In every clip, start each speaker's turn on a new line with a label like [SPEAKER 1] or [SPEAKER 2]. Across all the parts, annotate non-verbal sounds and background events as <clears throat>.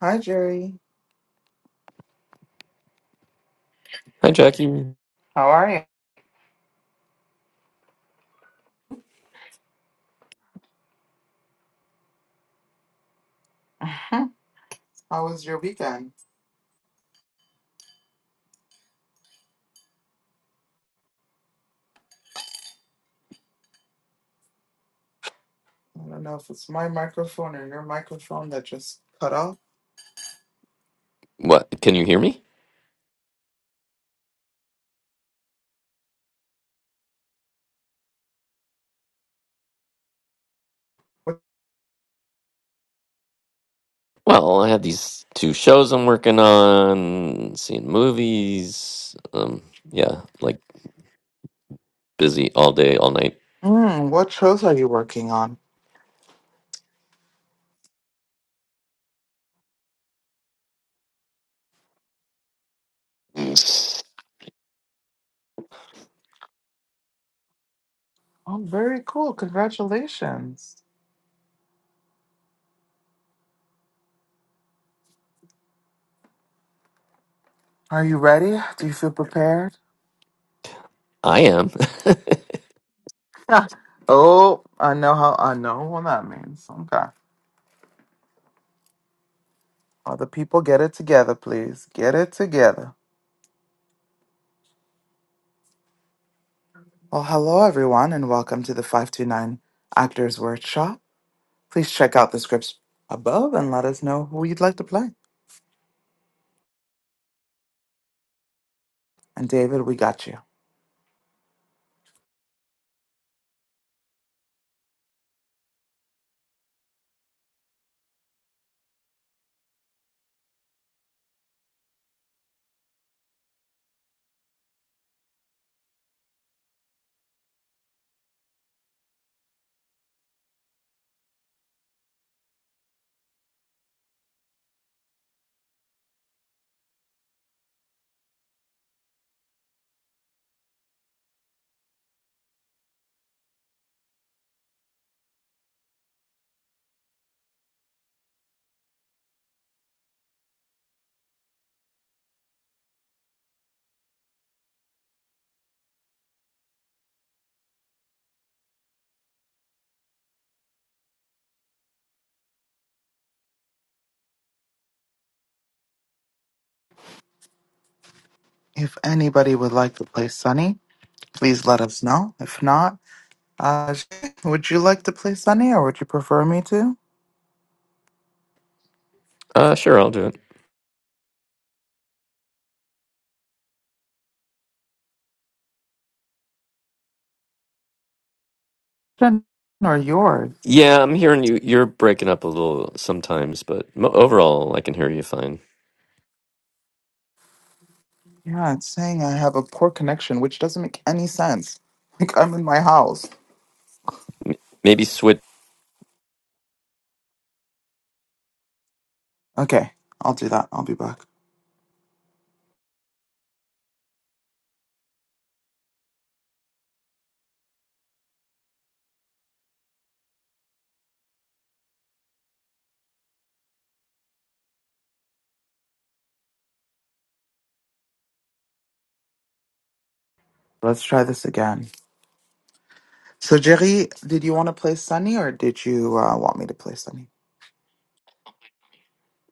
[SPEAKER 1] Hi, Jerry.
[SPEAKER 2] Hi, Jackie.
[SPEAKER 1] How are you? <laughs> How was your weekend? I don't know if it's my microphone or your microphone that just cut off.
[SPEAKER 2] What? Can you hear me?
[SPEAKER 1] What,
[SPEAKER 2] Well, I had these two shows I'm working on, seeing movies. Um, yeah, like busy all day, all night.
[SPEAKER 1] Mm, what shows are you working on? oh, very cool. Congratulations. Are you ready? Do you feel prepared?
[SPEAKER 2] I am.
[SPEAKER 1] <laughs> oh, I know how I know what that means. Okay. Other people get it together, please. Get it together. Well, hello everyone and welcome to the 529 Actors Workshop. Please check out the scripts above and let us know who you'd like to play. And David, we got you. If anybody would like to play Sunny, please let us know. If not, uh, <laughs> would you like to play Sunny or would you prefer me to?
[SPEAKER 2] <laughs> uh, sure, I'll do it.
[SPEAKER 1] Jen, Or yours?
[SPEAKER 2] Yeah, I'm hearing you. You're breaking up a little sometimes, but mo- overall, I can hear you fine.
[SPEAKER 1] Yeah, it's saying I have a poor connection, which doesn't make any sense. <laughs> Like I'm in my house.
[SPEAKER 2] M- maybe switch.
[SPEAKER 1] Okay, I'll do that. I'll be back. Let's try this again. So, Jerry, did you want to play Sunny or did you uh, want me to play Sunny?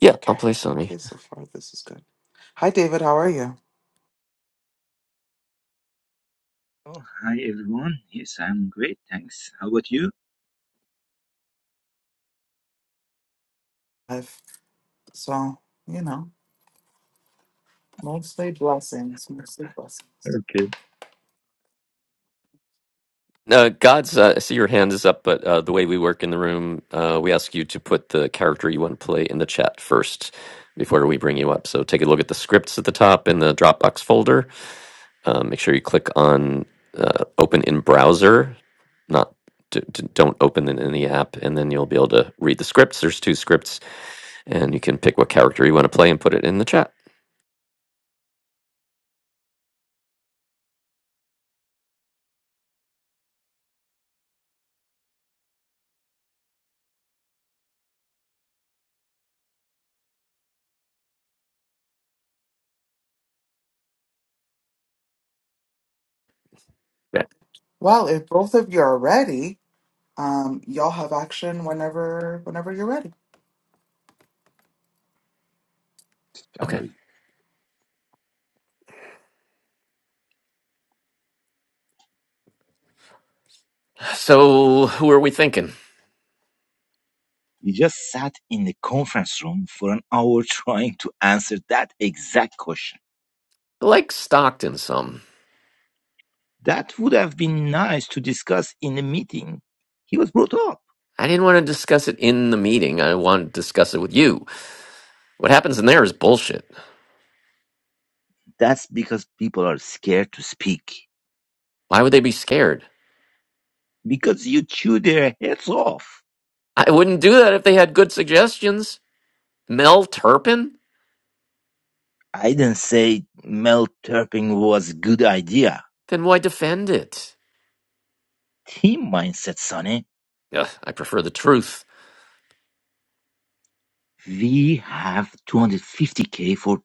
[SPEAKER 2] Yeah, I'll
[SPEAKER 1] Okay.
[SPEAKER 2] play Sony.
[SPEAKER 1] Okay, so far this is good. Hi, David. How are you?
[SPEAKER 3] Oh, hi everyone. Yes, I'm great. Thanks. How about you?
[SPEAKER 1] I've, so, you know, mostly blessings, mostly blessings.
[SPEAKER 3] Okay.
[SPEAKER 2] Uh, God's, uh, I see your hand is up, but uh, the way we work in the room, uh, we ask you to put the character you want to play in the chat first before we bring you up. So take a look at the scripts at the top in the Dropbox folder. Uh, make sure you click on uh, open in browser, not d d- don't open it in the app, and then you'll be able to read the scripts. There's two scripts, and you can pick what character you want to play and put it in the chat. Yeah.
[SPEAKER 1] Well, if both of you are ready, um, y'all have action whenever whenever you're ready.
[SPEAKER 3] I'm
[SPEAKER 2] Okay.
[SPEAKER 3] ready.
[SPEAKER 2] So who are we thinking?
[SPEAKER 3] We just sat in the conference room for an hour <laughs> trying to answer that exact question.
[SPEAKER 2] I Like Stockton some.
[SPEAKER 3] That would have been nice to discuss in a meeting. He was brought up.
[SPEAKER 2] I didn't want to discuss it in the meeting. I wanted to discuss it with you. What happens in there is bullshit.
[SPEAKER 3] That's because people are scared to speak.
[SPEAKER 2] Why would they be scared?
[SPEAKER 3] Because you chew their heads off.
[SPEAKER 2] I wouldn't do that if they had good suggestions. Mel Turpin?
[SPEAKER 3] I didn't say Mel Turpin was a good idea.
[SPEAKER 2] Then why defend it?
[SPEAKER 3] Team mindset, Sonny.
[SPEAKER 2] Ugh, I prefer the truth.
[SPEAKER 3] We have 250k for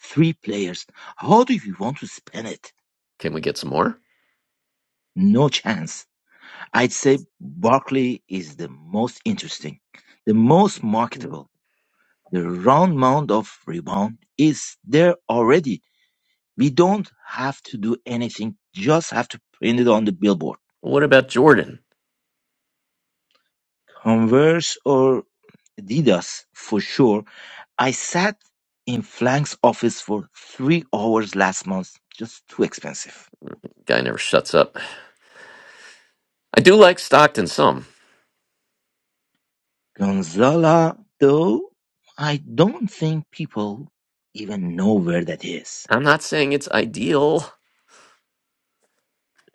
[SPEAKER 3] three players. How do you want to spend it?
[SPEAKER 2] Can we get some more?
[SPEAKER 3] No chance. I'd say Barkley is the most interesting, the most marketable. The round mound of rebound is there already. We don't have to do anything, just have to print it on the billboard.
[SPEAKER 2] What about Jordan?
[SPEAKER 3] Converse or Adidas for sure. I sat in Flank's office for three hours last month. Just too expensive.
[SPEAKER 2] Guy never shuts up. I do like Stockton some.
[SPEAKER 3] Gonzala, though, I don't think people even know where that is.
[SPEAKER 2] I'm not saying it's ideal. <laughs>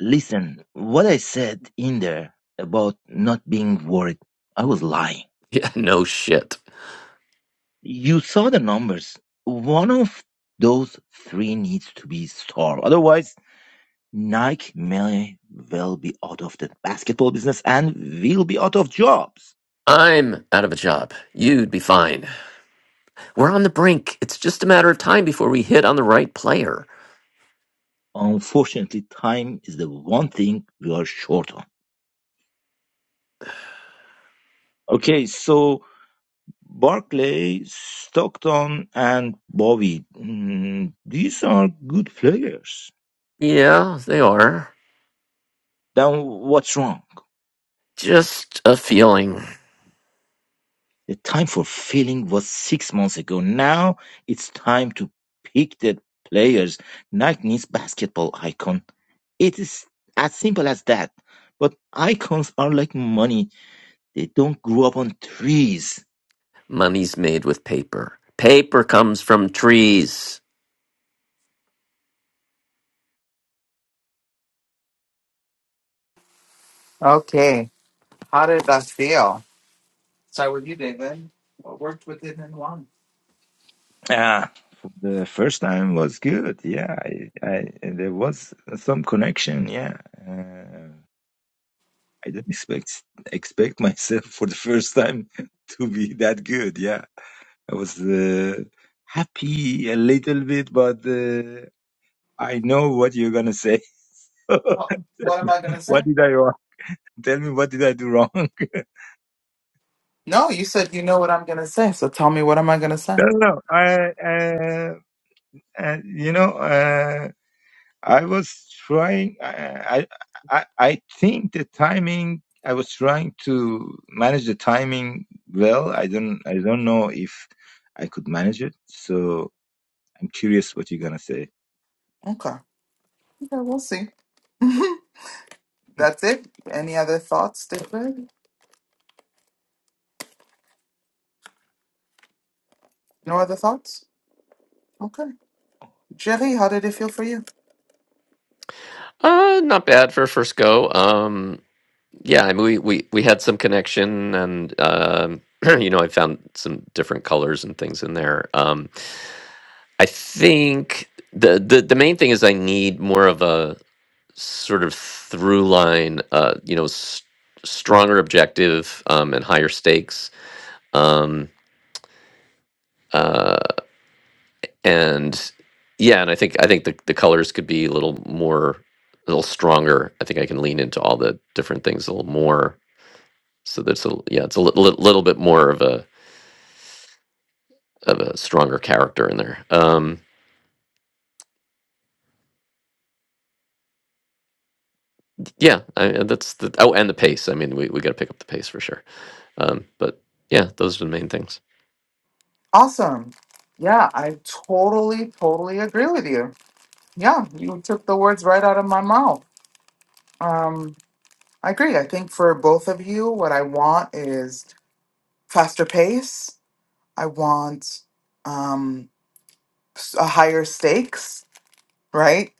[SPEAKER 3] Listen, what I said in there about not being worried, I was lying.
[SPEAKER 2] Yeah, no shit.
[SPEAKER 3] You saw the numbers. One of those three needs to be solved. Otherwise, Nike may well be out of the basketball business and will be out of jobs.
[SPEAKER 2] I'm out of a job. You'd be fine. We're on the brink. It's just a matter of time before we hit on the right player.
[SPEAKER 3] Unfortunately, time is the one thing we are short on. Okay, so Barclay, Stockton, and Bowie. Mm, these are good players.
[SPEAKER 2] Yeah, they are.
[SPEAKER 3] Then what's wrong?
[SPEAKER 2] Just a feeling.
[SPEAKER 3] The time for filling was six months ago. Now it's time to pick the players. Nike needs basketball icon. It is as simple as that. But icons are like money. They don't grow up on trees.
[SPEAKER 2] Money's made with paper. Paper comes from trees.
[SPEAKER 1] Okay. How did that feel? Start with you, David. What worked with it and why?
[SPEAKER 3] Ah, the first time was good. Yeah, I, I, there was some connection. Yeah. Uh, I didn't expect expect myself for the first time <laughs> to be that good. Yeah, I was uh, happy a little bit, but uh, I know what you're gonna say. <laughs> what
[SPEAKER 1] What what am I gonna say?
[SPEAKER 3] did I wrong? Tell me what did I do wrong? <laughs>
[SPEAKER 1] No, you said you know what I'm gonna say, so tell me what am I gonna say?
[SPEAKER 3] no, no. I, uh, uh, you know. Uh, I was trying. I, I I I think the timing. I was trying to manage the timing well. I don't. I don't know if I could manage it. So I'm curious what you're gonna say.
[SPEAKER 1] Okay. Okay, we'll see. <laughs> That's it. Any other thoughts, David? No other thoughts? Okay. Jerry, how did it feel for you?
[SPEAKER 2] Uh, not bad for a first go. Um, yeah, I mean, we, we, we had some connection and, um, <clears throat> you know, I found some different colors and things in there. Um, I think the, the, the main thing is I need more of a sort of through line, uh, you know, s- stronger objective, um, and higher stakes. Um, uh, and yeah and i think i think the, the colors could be a little more a little stronger i think i can lean into all the different things a little more so that's a yeah it's a little, little bit more of a of a stronger character in there um yeah I, and that's the oh and the pace i mean we, we got to pick up the pace for sure um but yeah those are the main things
[SPEAKER 1] Awesome. Yeah, I totally, totally agree with you. Yeah, you took the words right out of my mouth. Um, I agree. I think for both of you, what I want is faster pace. I want um, s- a higher stakes, right?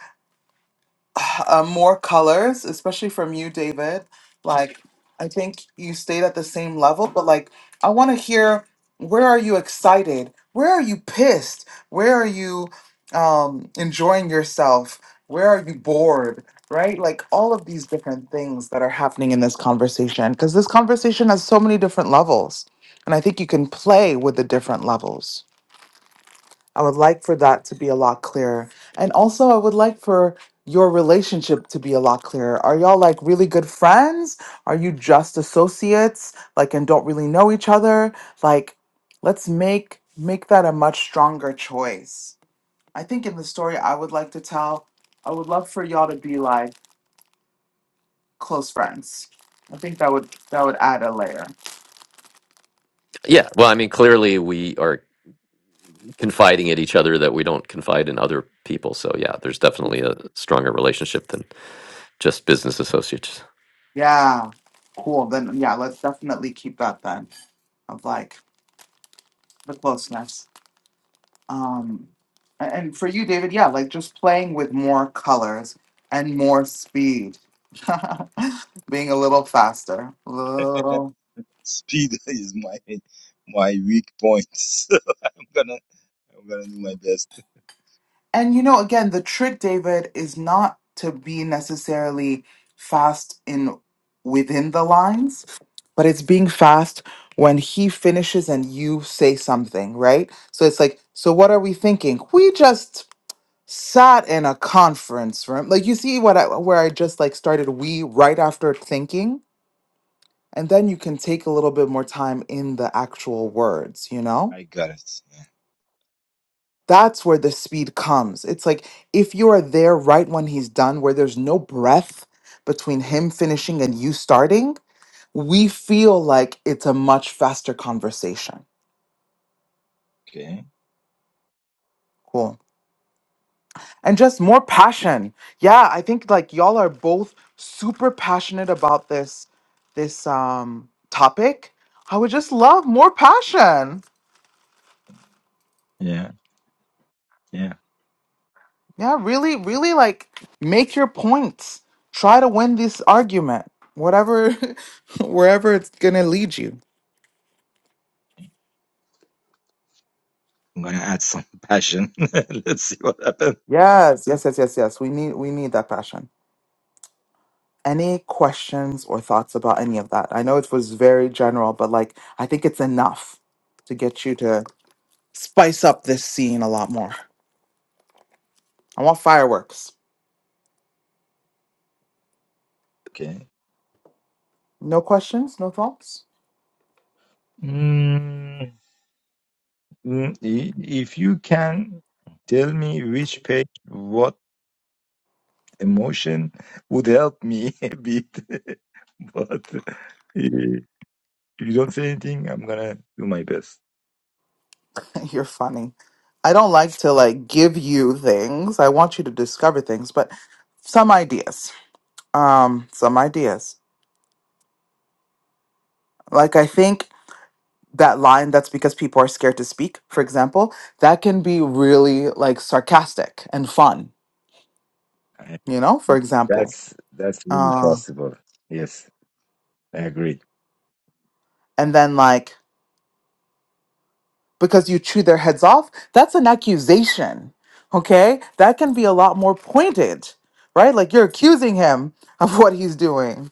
[SPEAKER 1] uh, more colors, especially from you, David. Like, I think you stayed at the same level, but like, I want to hear where are you excited? Where are you pissed? Where are you um, enjoying yourself? Where are you bored? Right? Like, all of these different things that are happening in this conversation, because this conversation has so many different levels. And I think you can play with the different levels. I would like for that to be a lot clearer. And also, I would like for your relationship to be a lot clearer. Are y'all like really good friends? Are you just associates like and don't really know each other? Like let's make make that a much stronger choice. I think in the story I would like to tell, I would love for y'all to be like close friends. I think that would that would add a layer.
[SPEAKER 2] yeah well i mean clearly we are confiding in each other that we don't confide in other people so yeah there's definitely a stronger relationship than just business associates
[SPEAKER 1] Yeah. Cool. Then yeah, let's definitely keep that then of like the closeness. um a- and for you david yeah like just playing with more colors and more speed <laughs> being a little faster little
[SPEAKER 3] Speed <laughs> is my my weak point. <laughs> So I'm gonna I'm gonna do my best.
[SPEAKER 1] and you know again the trick david is not to be necessarily fast in within the lines but it's being fast when he finishes and you say something right so it's like so what are we thinking we just sat in a conference room. Like you see what I where I just like started we right after thinking and then you can take a little bit more time in the actual words, you know?
[SPEAKER 3] I got it. Yeah.
[SPEAKER 1] That's where the speed comes. It's like if you are there right when he's done where there's no breath between him finishing and you starting, we feel like it's a much faster conversation.
[SPEAKER 3] Okay.
[SPEAKER 1] Cool. and just more passion. Yeah, I think like y'all are both super passionate about this this um topic. I would just love more passion.
[SPEAKER 3] Yeah. Yeah.
[SPEAKER 1] Yeah, really really like make your points. Try to win this argument. Whatever <laughs> wherever it's going to lead you.
[SPEAKER 3] I'm gonna add some passion. <laughs> Let's see what happens.
[SPEAKER 1] Yes, yes, yes, yes, yes. We need we need that passion. Any questions or thoughts about any of that? I know it was very general, but like I think it's enough to get you to spice up this scene a lot more. I want fireworks.
[SPEAKER 3] Okay.
[SPEAKER 1] No questions, no thoughts?
[SPEAKER 3] Mm. Mm, i- If you can tell me which page, what emotion would help me <laughs> a bit, <laughs> but uh, if you don't say anything, I'm gonna do my best.
[SPEAKER 1] <laughs> You're funny. I don't like to like give you things. I want you to discover things, but some ideas. Um some ideas. Like I think that line that's because people are scared to speak, for example, that can be really like sarcastic and fun,
[SPEAKER 3] I-
[SPEAKER 1] you know? For example.
[SPEAKER 3] That's that's really
[SPEAKER 1] Uh
[SPEAKER 3] possible. Yes, I agree.
[SPEAKER 1] and then like because you chew their heads off, that's an accusation. Okay? That can be a lot more pointed, right? Like you're accusing him <laughs> of what he's doing,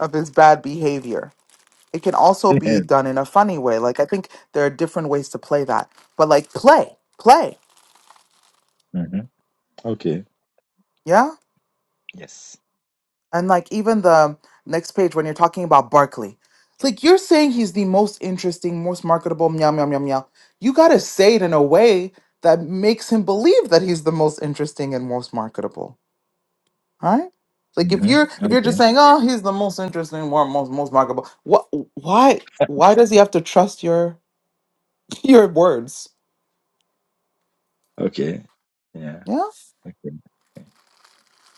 [SPEAKER 1] of his bad behavior. It can also
[SPEAKER 3] <laughs>
[SPEAKER 1] be
[SPEAKER 3] Yeah.
[SPEAKER 1] done in a funny way. Like I think there are different ways to play that. But like play, play.
[SPEAKER 3] Mhm. Okay.
[SPEAKER 1] yeah.
[SPEAKER 3] Yes.
[SPEAKER 1] And like even the next page when you're talking about Barkley, it's like you're saying he's the most interesting, most marketable, meow meow meow meow. You gotta say it in a way that makes him believe that he's the most interesting and most marketable. All right? Like if
[SPEAKER 3] hmm
[SPEAKER 1] you're if you're
[SPEAKER 3] Okay.
[SPEAKER 1] just saying, oh, he's the most interesting, more most most marketable, what why why does he have to trust your <laughs> your words?
[SPEAKER 3] Okay. Yeah.
[SPEAKER 1] Yeah.
[SPEAKER 3] Okay.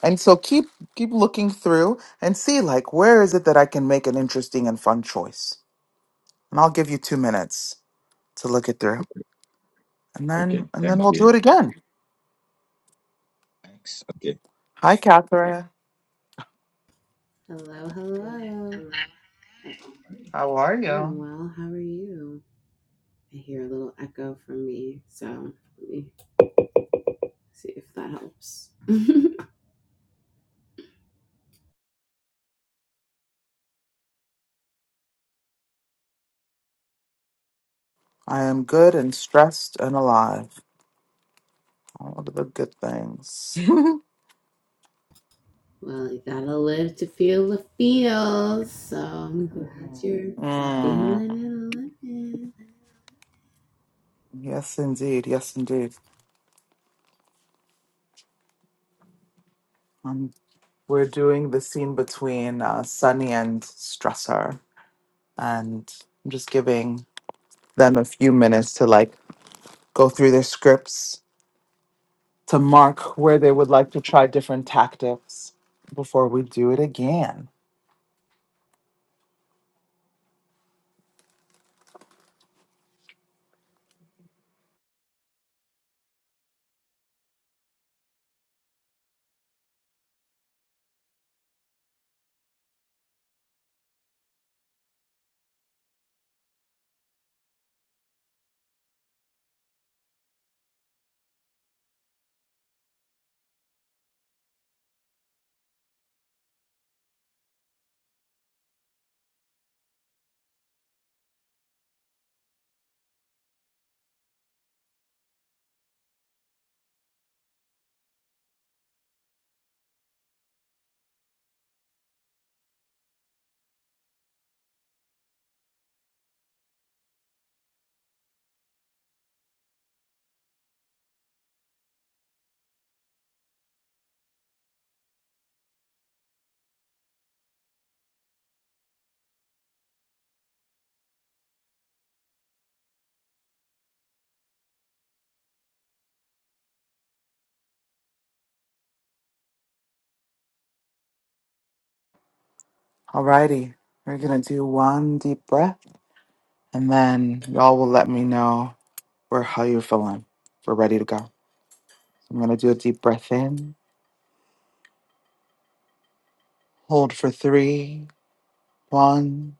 [SPEAKER 1] And so keep keep looking through and see like where is it that I can make an interesting and fun choice? And I'll give you two minutes. to look it through,
[SPEAKER 3] Okay.
[SPEAKER 1] and then
[SPEAKER 3] Okay.
[SPEAKER 1] and then
[SPEAKER 3] Thank
[SPEAKER 1] we'll do
[SPEAKER 3] you.
[SPEAKER 1] it again.
[SPEAKER 3] Thanks. Okay.
[SPEAKER 1] Hi, Catherine.
[SPEAKER 4] Hello, hello. Uh-oh.
[SPEAKER 1] How are you?
[SPEAKER 4] I'm well. How are you? I hear a little echo from me, so let me see if that helps. <laughs>
[SPEAKER 1] I am good and stressed and alive. All of the good things. <laughs>
[SPEAKER 4] well, you gotta live to feel the feels, so I'm glad you're
[SPEAKER 1] Mm,
[SPEAKER 4] feeling and living.
[SPEAKER 1] yes, indeed. Yes, indeed. Um, we're doing the scene between uh, Sunny and Stressor, and I'm just giving them a few minutes to like go through their scripts to mark where they would like to try different tactics before we do it again. Alrighty, we're gonna do one deep breath, and then y'all will let me know where how you're feeling. If we're ready to go. So I'm gonna do a deep breath in, hold for three, one,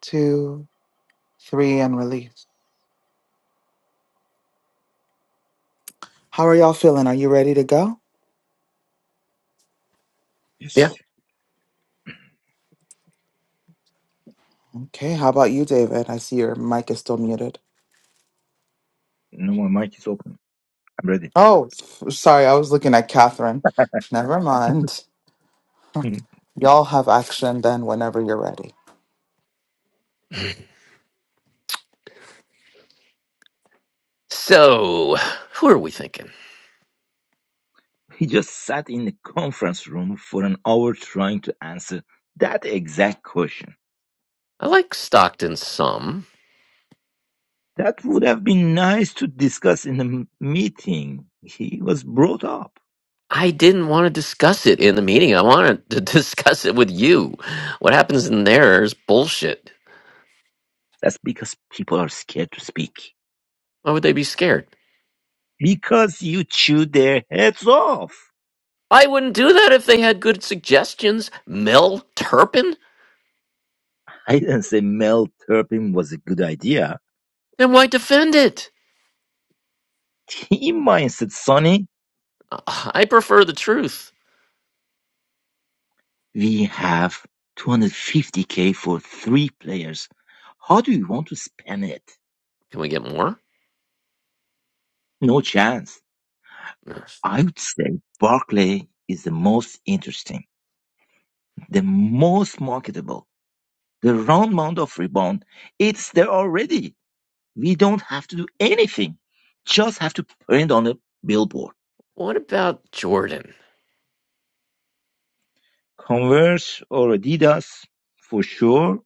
[SPEAKER 1] two, three, and release. How are y'all feeling? Are you ready to go?
[SPEAKER 3] Yes.
[SPEAKER 1] Okay. How about you, David? I see your mic is still muted.
[SPEAKER 3] No more mic is open. I'm ready.
[SPEAKER 1] Oh, f- sorry, I was looking at Catherine.
[SPEAKER 3] <laughs>
[SPEAKER 1] Never mind. Y'all have action then whenever you're ready.
[SPEAKER 2] So, who are we thinking?
[SPEAKER 3] He just sat in the conference room for an hour trying to answer that exact question.
[SPEAKER 2] I like Stockton some.
[SPEAKER 3] That would have been nice to discuss in a meeting. He was brought up.
[SPEAKER 2] I didn't want to discuss it in the meeting. I wanted to <laughs> discuss it with you. What happens in there is bullshit.
[SPEAKER 3] That's because people are scared to speak.
[SPEAKER 2] Why would they be scared?
[SPEAKER 3] Because you chew their heads off.
[SPEAKER 2] I wouldn't do that if they had good suggestions. Mel Turpin?
[SPEAKER 3] I didn't say Mel Turpin was a good idea.
[SPEAKER 2] Then why defend it? <sighs>
[SPEAKER 3] Team mindset, Sonny.
[SPEAKER 2] Uh, I prefer the truth.
[SPEAKER 3] We have 250k for three players. How do you want to spend it?
[SPEAKER 2] Can we get more?
[SPEAKER 3] No chance.
[SPEAKER 2] Yes.
[SPEAKER 3] I would say Barclay is the most interesting, the most marketable, the round mound of rebound. It's there already. We don't have to do anything. Just have to print on a billboard.
[SPEAKER 2] What about Jordan?
[SPEAKER 3] Converse or Adidas, for sure.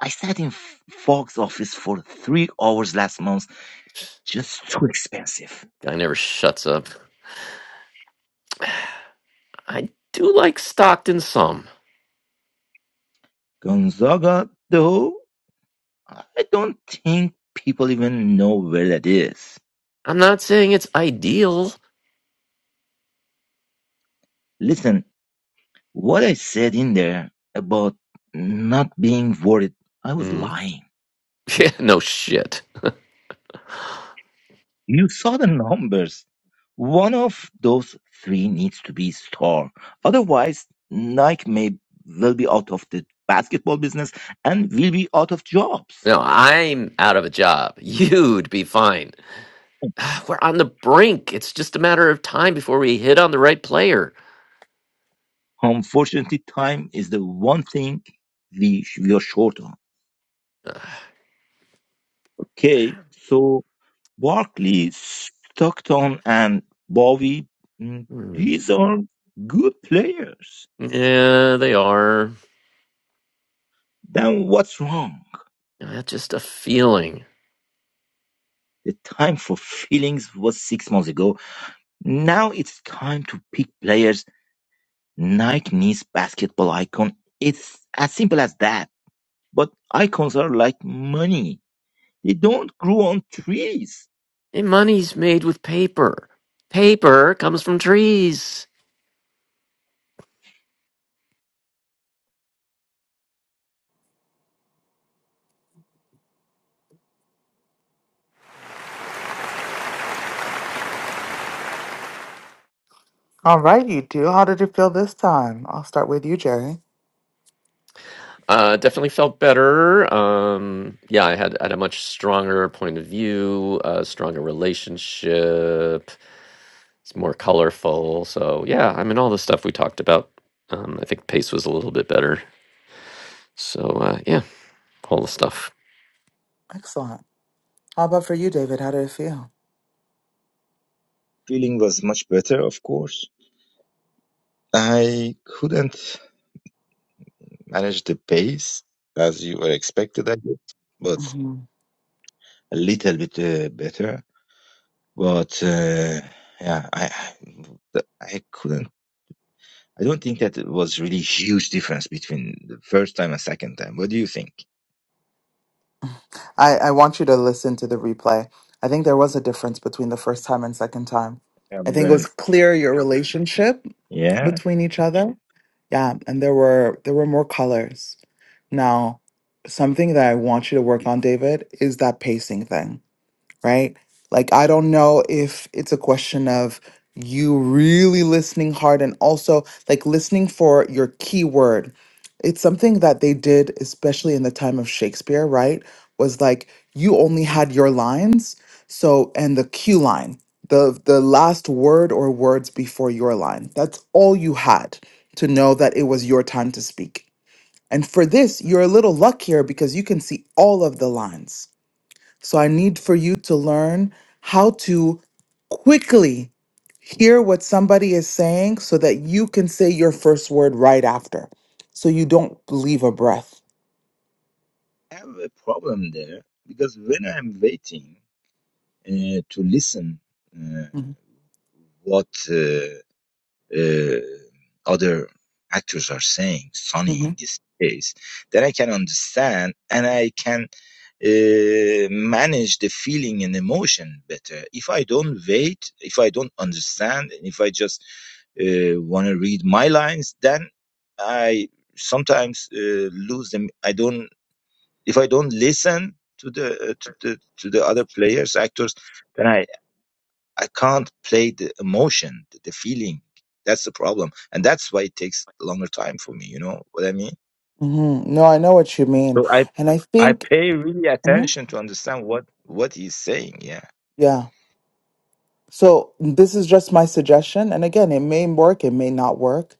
[SPEAKER 3] I sat in Fox office for three hours last month. Just too expensive.
[SPEAKER 2] Guy never shuts up. I do like Stockton some.
[SPEAKER 3] Gonzaga, though, I don't think people even know where that is.
[SPEAKER 2] I'm not saying it's ideal.
[SPEAKER 3] Listen, What I said in there about not being worried, I was
[SPEAKER 2] Hmm.
[SPEAKER 3] lying.
[SPEAKER 2] <laughs> Yeah, no shit.
[SPEAKER 3] You saw the <laughs> numbers. One of those three needs to be star. Otherwise, Nike may will be out of the basketball business and will be out of jobs.
[SPEAKER 2] No, I'm out of a job. You'd be fine. <sighs> We're on the brink. It's just a matter of time before we hit on the right player.
[SPEAKER 3] Unfortunately, time is the one thing we, we are short on. Okay, so Barkley, Stockton, and Bowie, mm,
[SPEAKER 2] Hmm.
[SPEAKER 3] these are good players
[SPEAKER 2] Yeah, they are.
[SPEAKER 3] Then what's wrong?
[SPEAKER 2] Yeah, That's just a feeling.
[SPEAKER 3] The time for feelings was six months ago. Now it's time to pick players. Nike needs basketball icon. It's as simple as that. But icons are like money. They don't grow on trees.
[SPEAKER 2] And money's made with paper. Paper comes from trees.
[SPEAKER 1] All right, you two. How did you feel this time? I'll start with you, Jerry.
[SPEAKER 2] Uh, definitely felt better. Um, yeah, I had, had a much stronger point of view, a stronger relationship. it's more colorful. So yeah, I mean all the stuff we talked about. Um, I think pace was a little bit better. So uh, yeah, all the stuff.
[SPEAKER 1] Excellent. How about for you, David? How did it feel?
[SPEAKER 3] Feeling was much better, of course. I couldn't manage the pace as you were expected, I guess, but
[SPEAKER 1] hmm
[SPEAKER 3] a little bit uh, better. But uh, yeah, I I I couldn't. I don't think that it was really huge difference between the first time and second time. What do you think?
[SPEAKER 1] I, I want you to listen to the replay. I think there was a difference between the first time and second time.
[SPEAKER 3] Um,
[SPEAKER 1] I think it
[SPEAKER 3] well,
[SPEAKER 1] was clear your relationship
[SPEAKER 3] yeah,
[SPEAKER 1] between each other. Yeah, and there were there were more colors. Now, something that I want you to work on, David, is that pacing thing. right? Like, I don't know if it's a question of you really listening hard and also like listening for your keyword. It's something that they did, especially in the time of Shakespeare, right? Was like you only had your lines, so and the cue line, the the last word or words before your line. That's all you had to know that it was your time to speak. And for this, you're a little luckier because you can see all of the lines so I need for you to learn how to quickly hear what somebody is saying so that you can say your first word right after. So you don't leave a breath.
[SPEAKER 3] I have a problem there because when I'm waiting uh, to listen uh,
[SPEAKER 1] hmm
[SPEAKER 3] what uh, uh, other actors are saying, Sonny
[SPEAKER 1] hmm
[SPEAKER 3] in this case, then I can understand and I can uh, manage the feeling and emotion better. If I don't wait, if I don't understand, and if I just uh, want to read my lines, then I sometimes uh, lose them. I don't if I don't listen to the uh, to the to the other players, actors, then I I can't play the emotion, the, feeling. That's the problem, and that's why it takes longer time for me. You know what I mean?
[SPEAKER 1] No, I know what you mean.
[SPEAKER 3] So I
[SPEAKER 1] And I
[SPEAKER 3] I
[SPEAKER 1] think,
[SPEAKER 3] pay really
[SPEAKER 1] Mhm.
[SPEAKER 3] attention to understand what what he's saying. Yeah,
[SPEAKER 1] yeah. So this is just my suggestion. And again, it may work, it may not work,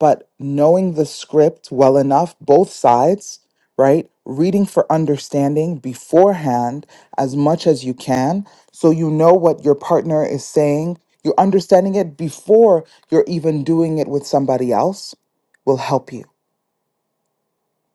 [SPEAKER 1] but knowing the script well enough, both sides, right? Reading for understanding beforehand as much as you can. So you know what your partner is saying. You're understanding it before you're even doing it with somebody else will help you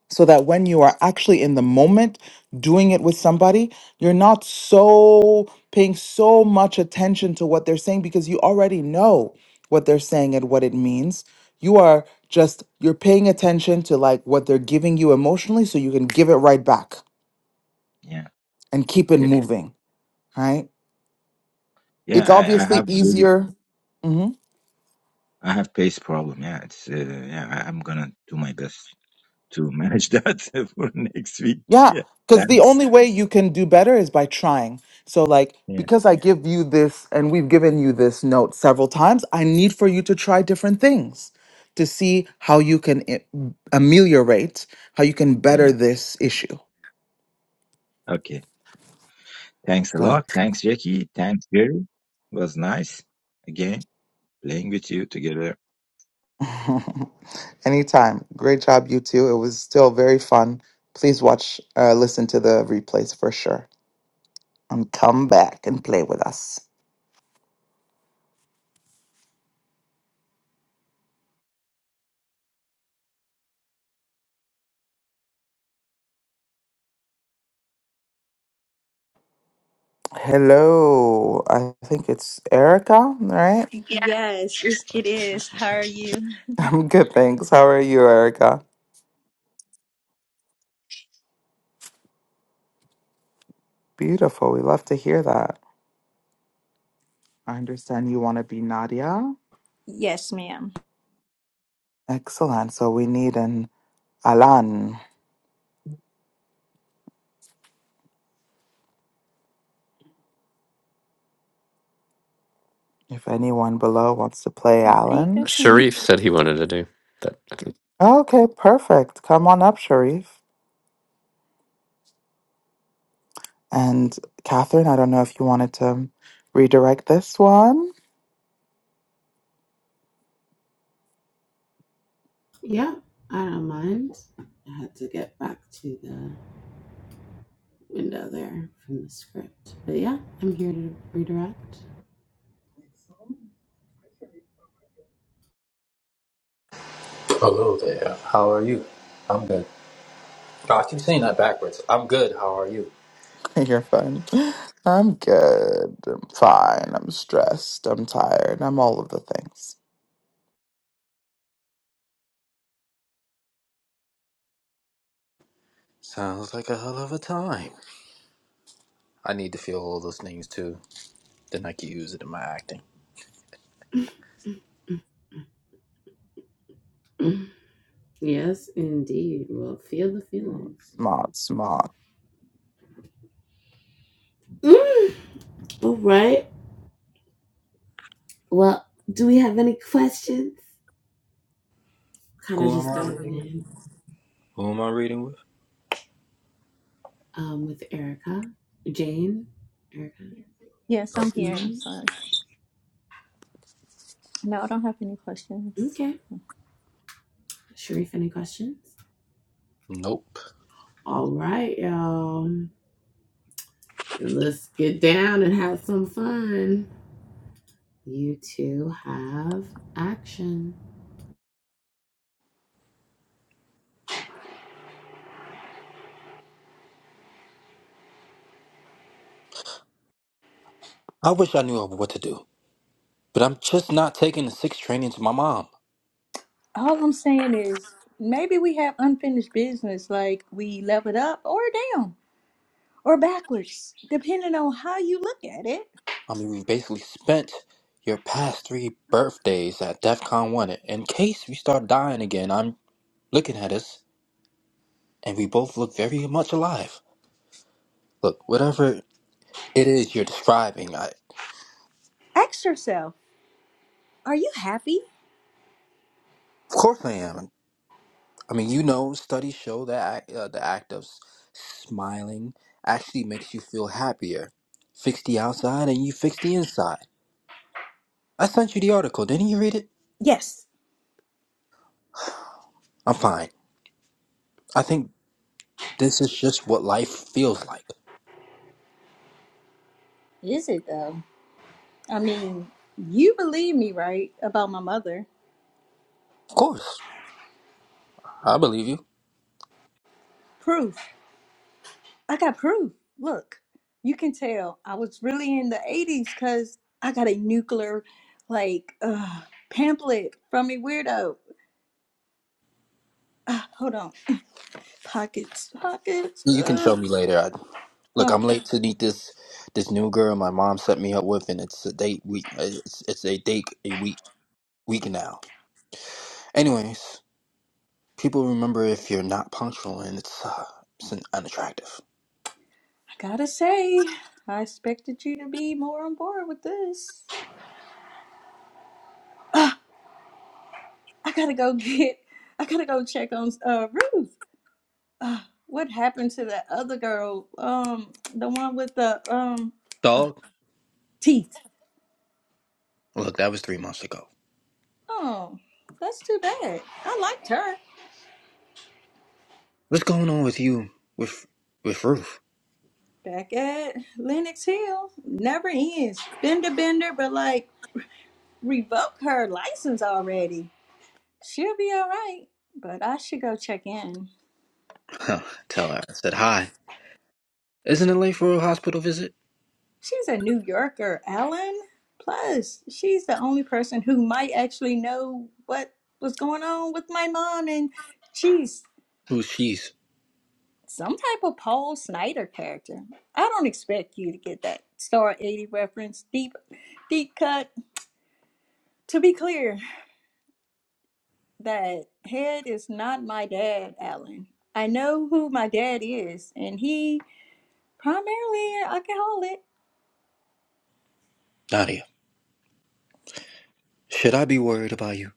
[SPEAKER 1] so that when you are actually in the moment doing it with somebody, you're not so paying so much attention to what they're saying because you already know what they're saying and what it means. You are just you're paying attention to like what they're giving you emotionally so you can give it right back
[SPEAKER 3] yeah,
[SPEAKER 1] and keep it
[SPEAKER 3] okay,
[SPEAKER 1] moving, right?
[SPEAKER 3] yeah.
[SPEAKER 1] It's
[SPEAKER 3] I I
[SPEAKER 1] obviously
[SPEAKER 3] have really
[SPEAKER 1] easier. Mm-hmm.
[SPEAKER 3] I have pace problem. Yeah, it's uh, yeah. I, I'm gonna do my best to manage <laughs> that for next week.
[SPEAKER 1] Yeah,
[SPEAKER 3] Yeah,
[SPEAKER 1] because the
[SPEAKER 3] thanks.
[SPEAKER 1] only way you can do better is by trying. So, like,
[SPEAKER 3] Yeah,
[SPEAKER 1] because I give you this and we've given you this note several times, I need for you to try different things to see how you can i- ameliorate, how you can better
[SPEAKER 3] yeah.
[SPEAKER 1] this issue.
[SPEAKER 3] Okay, thanks a
[SPEAKER 1] God.
[SPEAKER 3] lot. Thanks, Jackie. Thanks, Jerry. It was nice again playing with you together.
[SPEAKER 1] <laughs> Anytime. Great job, you two. It was still very fun. Please watch, uh, listen to the replays for sure. And come back and play with us. Hello. I think it's Erica, right?
[SPEAKER 5] Yes, it is. How are you?
[SPEAKER 1] I'm good, thanks. How are you, Erica? Beautiful. We love to hear that. I understand you want to be Nadia.
[SPEAKER 5] Yes, ma'am.
[SPEAKER 1] Excellent. So we need an Alan. If anyone below wants to play
[SPEAKER 5] I think I
[SPEAKER 1] Alan.
[SPEAKER 5] see
[SPEAKER 2] Sharif
[SPEAKER 5] you.
[SPEAKER 2] said he wanted to do that. I think
[SPEAKER 1] Okay, perfect. Come on up, Sharif. And Catherine, I don't know if you wanted to redirect this one.
[SPEAKER 4] Yeah, I don't mind. I had to get back to the window there from the script. But yeah, I'm here to redirect.
[SPEAKER 6] Hello there. How are you? I'm good. Oh, I keep saying that backwards. I'm good. How are you?
[SPEAKER 1] <laughs> You're fine. I'm good. I'm fine. I'm stressed. I'm tired. I'm all of the things.
[SPEAKER 6] Sounds like a hell of a time. I need to feel all those things too. Then I can use it in my acting.
[SPEAKER 4] <laughs> yes, indeed. Well, feel the feelings.
[SPEAKER 1] Smart, smart.
[SPEAKER 4] Mm, All right. Well, do we have any questions? Kind of
[SPEAKER 6] Who am
[SPEAKER 4] just
[SPEAKER 6] I
[SPEAKER 4] diving
[SPEAKER 6] reading? with?
[SPEAKER 4] in
[SPEAKER 6] Who am I reading with?
[SPEAKER 4] um, with Erica, Jane, Erica.
[SPEAKER 5] Yes,
[SPEAKER 6] Oh.
[SPEAKER 5] I'm here. I'm
[SPEAKER 4] mm
[SPEAKER 5] sorry. No, I don't have any questions.
[SPEAKER 4] Okay. Sharif, any questions?
[SPEAKER 6] Nope.
[SPEAKER 4] All right, y'all. Then Let's get down and have some fun. You two have action.
[SPEAKER 6] I wish I knew what to do, but I'm just not taking the six training to my mom.
[SPEAKER 5] All I'm saying is maybe we have unfinished business, like we level up or down or backwards, depending on how you look at it.
[SPEAKER 6] I mean, we basically spent your past three birthdays at DEF CON 1. In case we start dying again, I'm looking at us, and we both look very much alive. Look, whatever It is. You're describing. I, of
[SPEAKER 5] Ask yourself, are you happy?
[SPEAKER 6] course, I am. I mean, you know, studies show that ac- uh, the act of s- smiling actually makes you feel happier. Fix the outside, and you fix the inside. I sent you the article. Didn't you read it?
[SPEAKER 5] Yes.
[SPEAKER 6] I'm fine. I think this is just what life feels like.
[SPEAKER 5] Is it though? I mean, you believe me, right? About my mother.
[SPEAKER 6] Of course, I believe you.
[SPEAKER 5] Proof. I got proof. Look, you can tell I was really in the 80s because I got a nuclear like uh, pamphlet from a weirdo. Uh, hold on. Pockets, pockets.
[SPEAKER 6] You can show
[SPEAKER 5] Uh,
[SPEAKER 6] me later. I, look,
[SPEAKER 5] uh,
[SPEAKER 6] I'm
[SPEAKER 5] I
[SPEAKER 6] late to meet this this new girl my mom set me up with, and it's a date week. It's it's a date a week week now. Anyways. People remember if you're not punctual, and it's uh, it's un- unattractive.
[SPEAKER 5] gotta say, I expected you to be more on board with this. Uh, I gotta go <laughs> get, I gotta go check on uh, Ruth. Uh, what happened to that other girl? Um, the one with the um
[SPEAKER 6] Dog,
[SPEAKER 5] teeth.
[SPEAKER 6] look, that was three months ago.
[SPEAKER 5] Oh, that's too bad. I liked her.
[SPEAKER 6] What's going on with you with with Ruth? <laughs>
[SPEAKER 5] back at Lenox Hill. Never ends. Bender bender, but like revoke her license already. She'll be all right, but I should go check in.
[SPEAKER 6] Huh, Tell her I said hi. Isn't it late for a hospital visit?
[SPEAKER 5] She's a New Yorker, Ellen. Plus, she's the only person who might actually know what was going on with my mom, and she's
[SPEAKER 6] Who's she's?
[SPEAKER 5] some type of Paul Snyder character. I don't expect you to get that Star 80 reference, deep, deep cut. To be clear, that head is not my dad, Alan. I know who my dad is, and he, primarily an alcoholic,
[SPEAKER 6] Nadia. Should I be worried about you?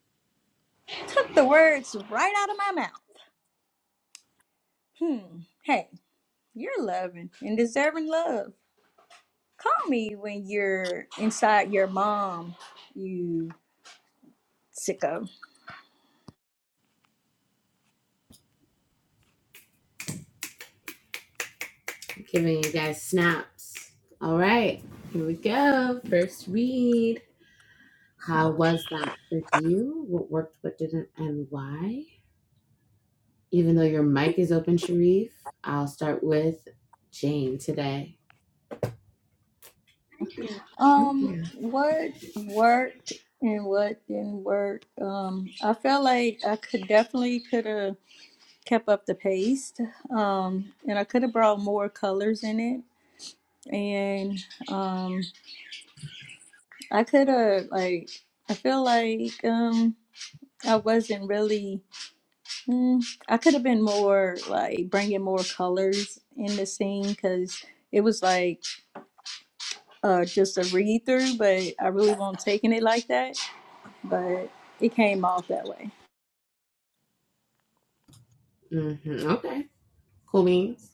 [SPEAKER 5] took the words right out of my mouth. Hmm. Hey, you're loving and deserving love. Call me when you're inside your mom, you sicko.
[SPEAKER 4] I'm Giving you guys snaps. All right, here we go. First read. How was that for you? What worked, what didn't, and why? Even though your mic is open, Sharif, I'll start with Jane today. hmm
[SPEAKER 5] Um, what worked and what didn't work? Um, I felt like I could definitely could have kept up the pace. Um, and I could have brought more colors in it. And um, I could have, like, I feel like um, I wasn't really, mm, I could have been more, like, bringing more colors in the scene because it was like uh, just a read through, but I really won't taking it like that. But it came off that way.
[SPEAKER 4] hmm Okay. Cool beans.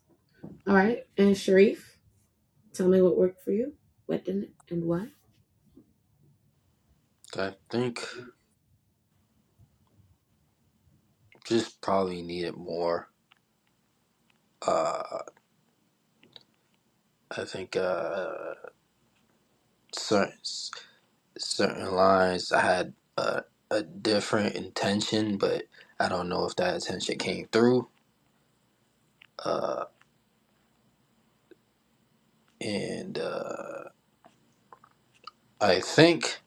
[SPEAKER 4] All right. And Sharif, tell me what worked for you. What didn't and why?
[SPEAKER 6] I think just probably needed more. Uh, I think uh, certain certain lines I had a, a different intention, but I don't know if that intention came through. And uh, I think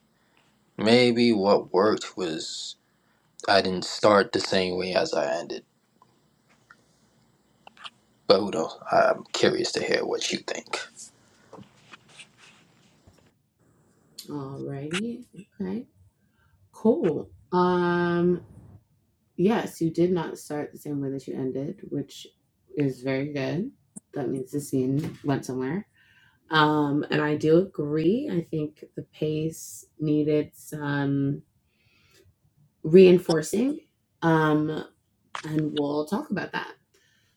[SPEAKER 6] maybe what worked was I didn't start the same way as I ended. But who knows? I'm curious to hear what you think.
[SPEAKER 4] Alrighty. Okay. Cool. Um, yes, you did not start the same way that you ended, which is very good. That means the scene went somewhere. Um, and I do agree. I think the pace needed some reinforcing. Um, and we'll talk about that.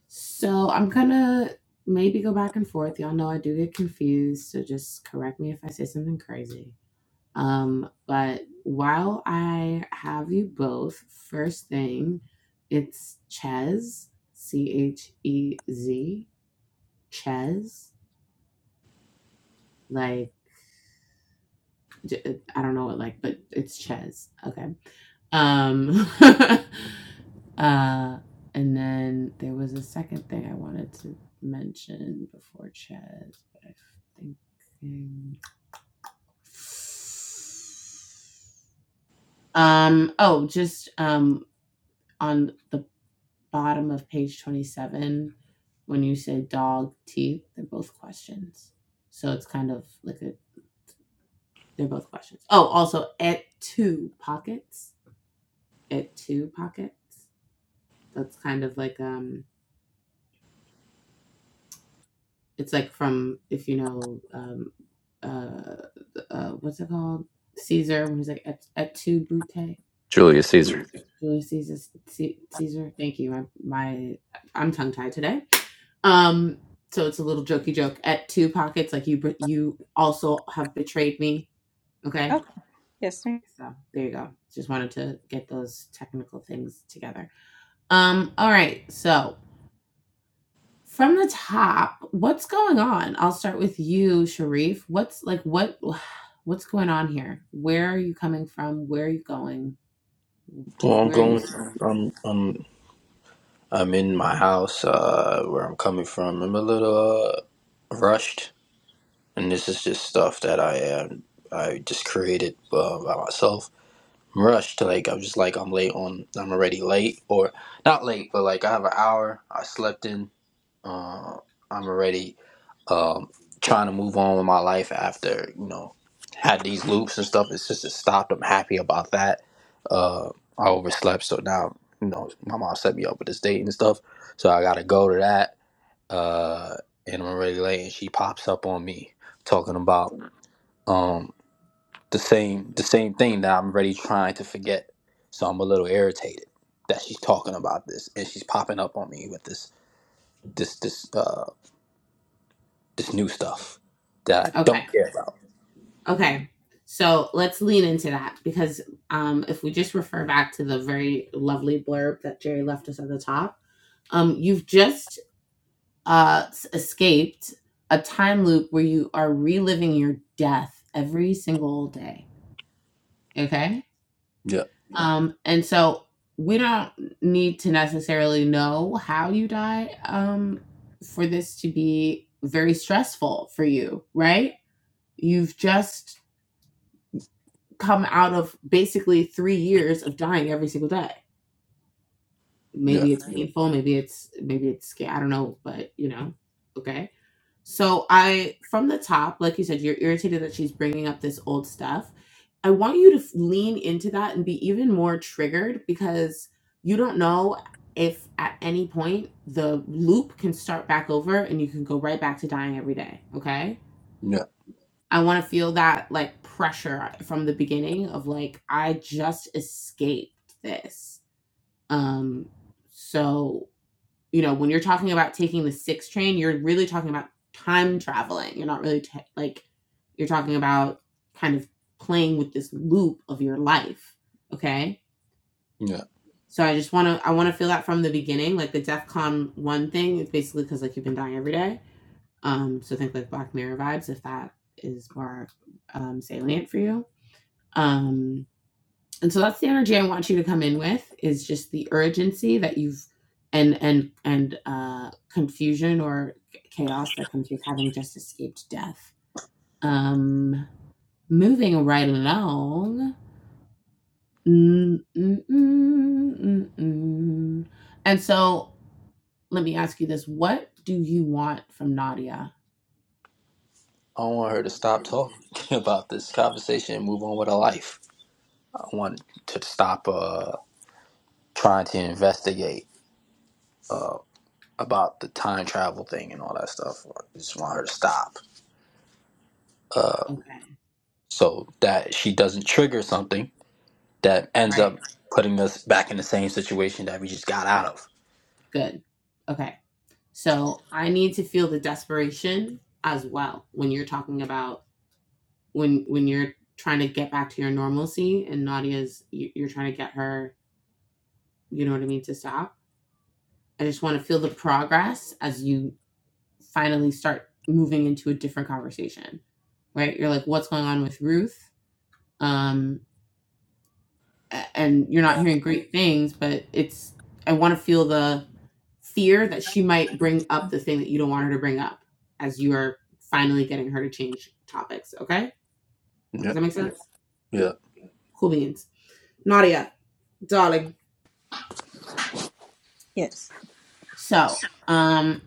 [SPEAKER 4] So I'm gonna maybe go back and forth. Y'all know I do get confused, so just correct me if I say something crazy. Um, but while I have you both, first thing, it's Chez, C H E Z, Chez. Like I I don't know what like, but it's Chez. Okay. Um, <laughs> uh, and then there was a second thing I wanted to mention before Chaz, but I think. Um, um oh, just um, on the bottom of page 27, when you say dog, teeth, they're both questions. So it's kind of like a, they're both questions. Oh, also, at two pockets. At two pockets. That's kind of like um It's like from if you know um, uh, uh, what's it called? Caesar when he's like et, et tu brute.
[SPEAKER 2] Julius Caesar.
[SPEAKER 4] Julius Caesar. Julius Caesar. C- Caesar. Thank you. My, my I'm tongue tied today. Um, so it's a little jokey joke Et two pockets. Like you, you also have betrayed me. Okay,
[SPEAKER 5] Okay. Yes, ma'am.
[SPEAKER 4] so there you go. Just wanted to get those technical things together. Um, all right. So From the top, what's going on? I'll start with you, Sharif. What's like what <sighs> what's going on here? Where are you coming from? Where are you going?
[SPEAKER 6] Well, I'm
[SPEAKER 4] Where are you
[SPEAKER 6] going.
[SPEAKER 4] starting?
[SPEAKER 6] I'm. I'm. I'm in my house, uh, where I'm coming from. I'm a little uh, rushed, and this is just stuff that I am. I just created uh, by myself. I'm rushed, like I'm just like I'm late on. I'm already late, or not late, but like I have an hour. I slept in. Uh, I'm already um, trying to move on with my life after you know had these loops and stuff. It's just it stopped. I'm happy about that. Uh, I overslept, so now you know my mom set me up with this date and stuff. So I gotta go to that. Uh, and I'm already late, and she pops up on me talking about um the same the same thing that I'm already trying to forget. So I'm a little irritated that she's talking about this and she's popping up on me with this this this. uh, this new stuff that I
[SPEAKER 4] Okay.
[SPEAKER 6] don't care about.
[SPEAKER 4] Okay. So let's lean into that because um, if we just refer back to the very lovely blurb that Jerry left us at the top, um, you've just uh, escaped a time loop where you are reliving your death every single day. Okay
[SPEAKER 6] Yeah,
[SPEAKER 4] Um, and so we don't need to necessarily know how you die um, for this to be very stressful for you, right? You've just come out of basically three years of dying every single day.
[SPEAKER 6] yeah,
[SPEAKER 4] Maybe it's painful, maybe it's maybe it's sca- I don't know, but you know, okay. So I, from the top, like you said, you're irritated that she's bringing up this old stuff. I want you to f- lean into that and be even more triggered because you don't know if at any point the loop can start back over and you can go right back to dying every day. Okay.
[SPEAKER 6] yeah,
[SPEAKER 4] I want to feel that like pressure from the beginning of like, I just escaped this. Um, so you know, when you're talking about taking the six train, you're really talking about time traveling. You're not really ta like, you're talking about kind of playing with this loop of your life. Okay.
[SPEAKER 6] yeah.
[SPEAKER 4] So I just want to, I want to feel that from the beginning. Like the DEF CON one thing is basically because like you've been dying every day. Um, so think like Black Mirror vibes if that is more um, salient for you. Um, and so that's the energy i want you to come in with is just the urgency that you've and and and uh confusion or chaos that comes with having just escaped death um moving right along Mm, mm, mm, mm, mm. and so let me ask you this what do you want from nadia
[SPEAKER 6] I want her to stop talking <laughs> about this conversation and move on with her life. I want to stop uh, trying to investigate uh, about the time travel thing and all that stuff. I just want her to stop uh,
[SPEAKER 4] okay
[SPEAKER 6] so that she doesn't trigger something that ends
[SPEAKER 4] right
[SPEAKER 6] up putting us back in the same situation that we just got out of.
[SPEAKER 4] good okay So I need to feel the desperation as well when you're talking about when when you're trying to get back to your normalcy and Nadia's you- you're trying to get her, you know what I mean, to stop. I just want to feel the progress as you finally start moving into a different conversation, right? You're like, what's going on with Ruth? Um, and you're not hearing great things, but it's I want to feel the fear that she might bring up the thing that you don't want her to bring up as you are finally getting her to change topics. Okay? Does
[SPEAKER 6] Yeah,
[SPEAKER 4] that make sense?
[SPEAKER 6] yeah.
[SPEAKER 4] Cool beans. Nadia, darling.
[SPEAKER 5] Yes.
[SPEAKER 4] So, um,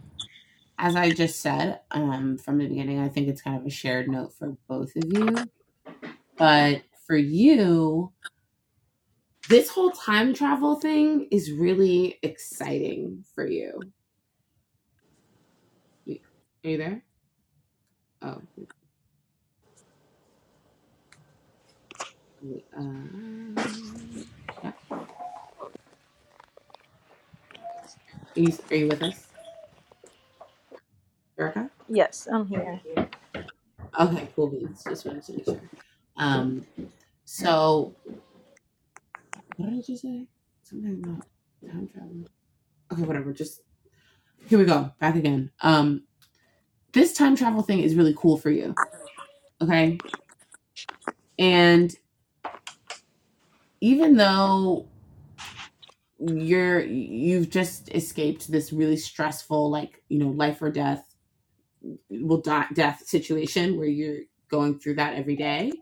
[SPEAKER 4] as I just said, um, from the beginning, I think it's kind of a shared note for both of you. But for you, this whole time travel thing is really exciting for you. Are you there? Oh, Uh, yeah. Are you, are you with us, Erica?
[SPEAKER 5] Yes, I'm here.
[SPEAKER 4] Okay, cool beans. Just wanted to make sure. Um, so what did you say? Something about time travel. Okay, whatever. Just here we go. Back again. Um, this time travel thing is really cool for you. Okay, and even though you're you've just escaped this really stressful, like you know, life or death, will die death situation where you're going through that every day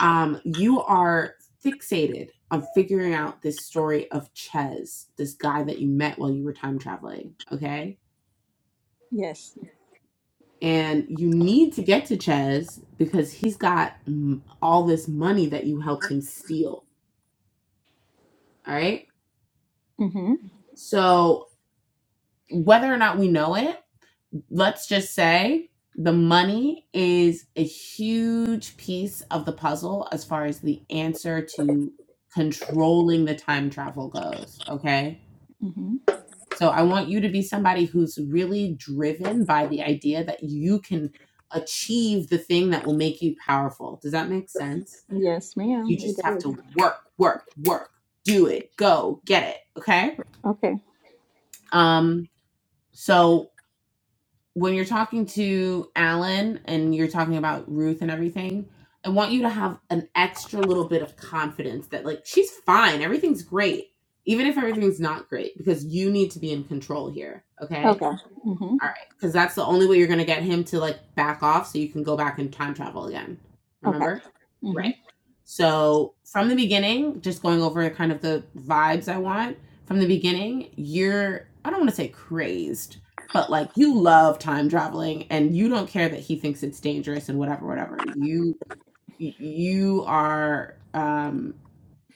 [SPEAKER 4] um, you are fixated on figuring out this story of Ches, this guy that you met while you were time traveling. Okay.
[SPEAKER 5] Yes.
[SPEAKER 4] Yes. And you need to get to Ches because he's got mm, all this money that you helped him steal. All right.
[SPEAKER 5] Mm-hmm.
[SPEAKER 4] So, whether or not we know it, let's just say the money is a huge piece of the puzzle as far as the answer to controlling the time travel goes. Okay
[SPEAKER 5] Mm-hmm.
[SPEAKER 4] So I want you to be somebody who's really driven by the idea that you can achieve the thing that will make you powerful. Does that make sense?
[SPEAKER 5] Yes, ma'am.
[SPEAKER 4] You
[SPEAKER 5] It
[SPEAKER 4] just have
[SPEAKER 5] does.
[SPEAKER 4] to work, work, work. Do it. Go. Get it. Okay?
[SPEAKER 5] Okay.
[SPEAKER 4] Um so when you're talking to Alan and you're talking about Ruth and everything, I want you to have an extra little bit of confidence that like she's fine, everything's great, even if everything's not great, because you need to be in control here. Okay.
[SPEAKER 5] Okay. Mhm.
[SPEAKER 4] All right. Because that's the only way you're going to get him to like back off so you can go back and time travel again.
[SPEAKER 5] Okay.
[SPEAKER 4] Remember? Right.
[SPEAKER 5] Mhm.
[SPEAKER 4] So from the beginning, just going over kind of the vibes I want from the beginning, you're, I don't want to say crazed but like you love time traveling and you don't care that he thinks it's dangerous and whatever whatever you you are um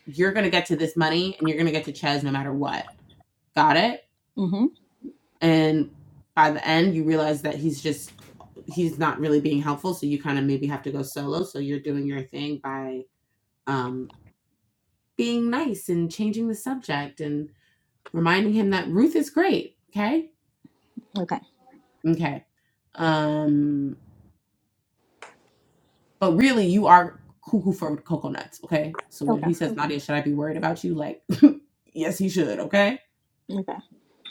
[SPEAKER 4] you're gonna get to this money and you're gonna get to Chaz no matter what got it
[SPEAKER 5] Mhm.
[SPEAKER 4] and by the end you realize that he's just he's not really being helpful so you kind of maybe have to go solo so you're doing your thing by um being nice and changing the subject and reminding him that ruth is great okay
[SPEAKER 5] Okay.
[SPEAKER 4] okay um But really, you are cuckoo for cocoa nuts. okay? So when
[SPEAKER 5] Okay.
[SPEAKER 4] he says, Nadia, should I be worried about you? Like, <laughs> yes, he should, okay?
[SPEAKER 5] Okay.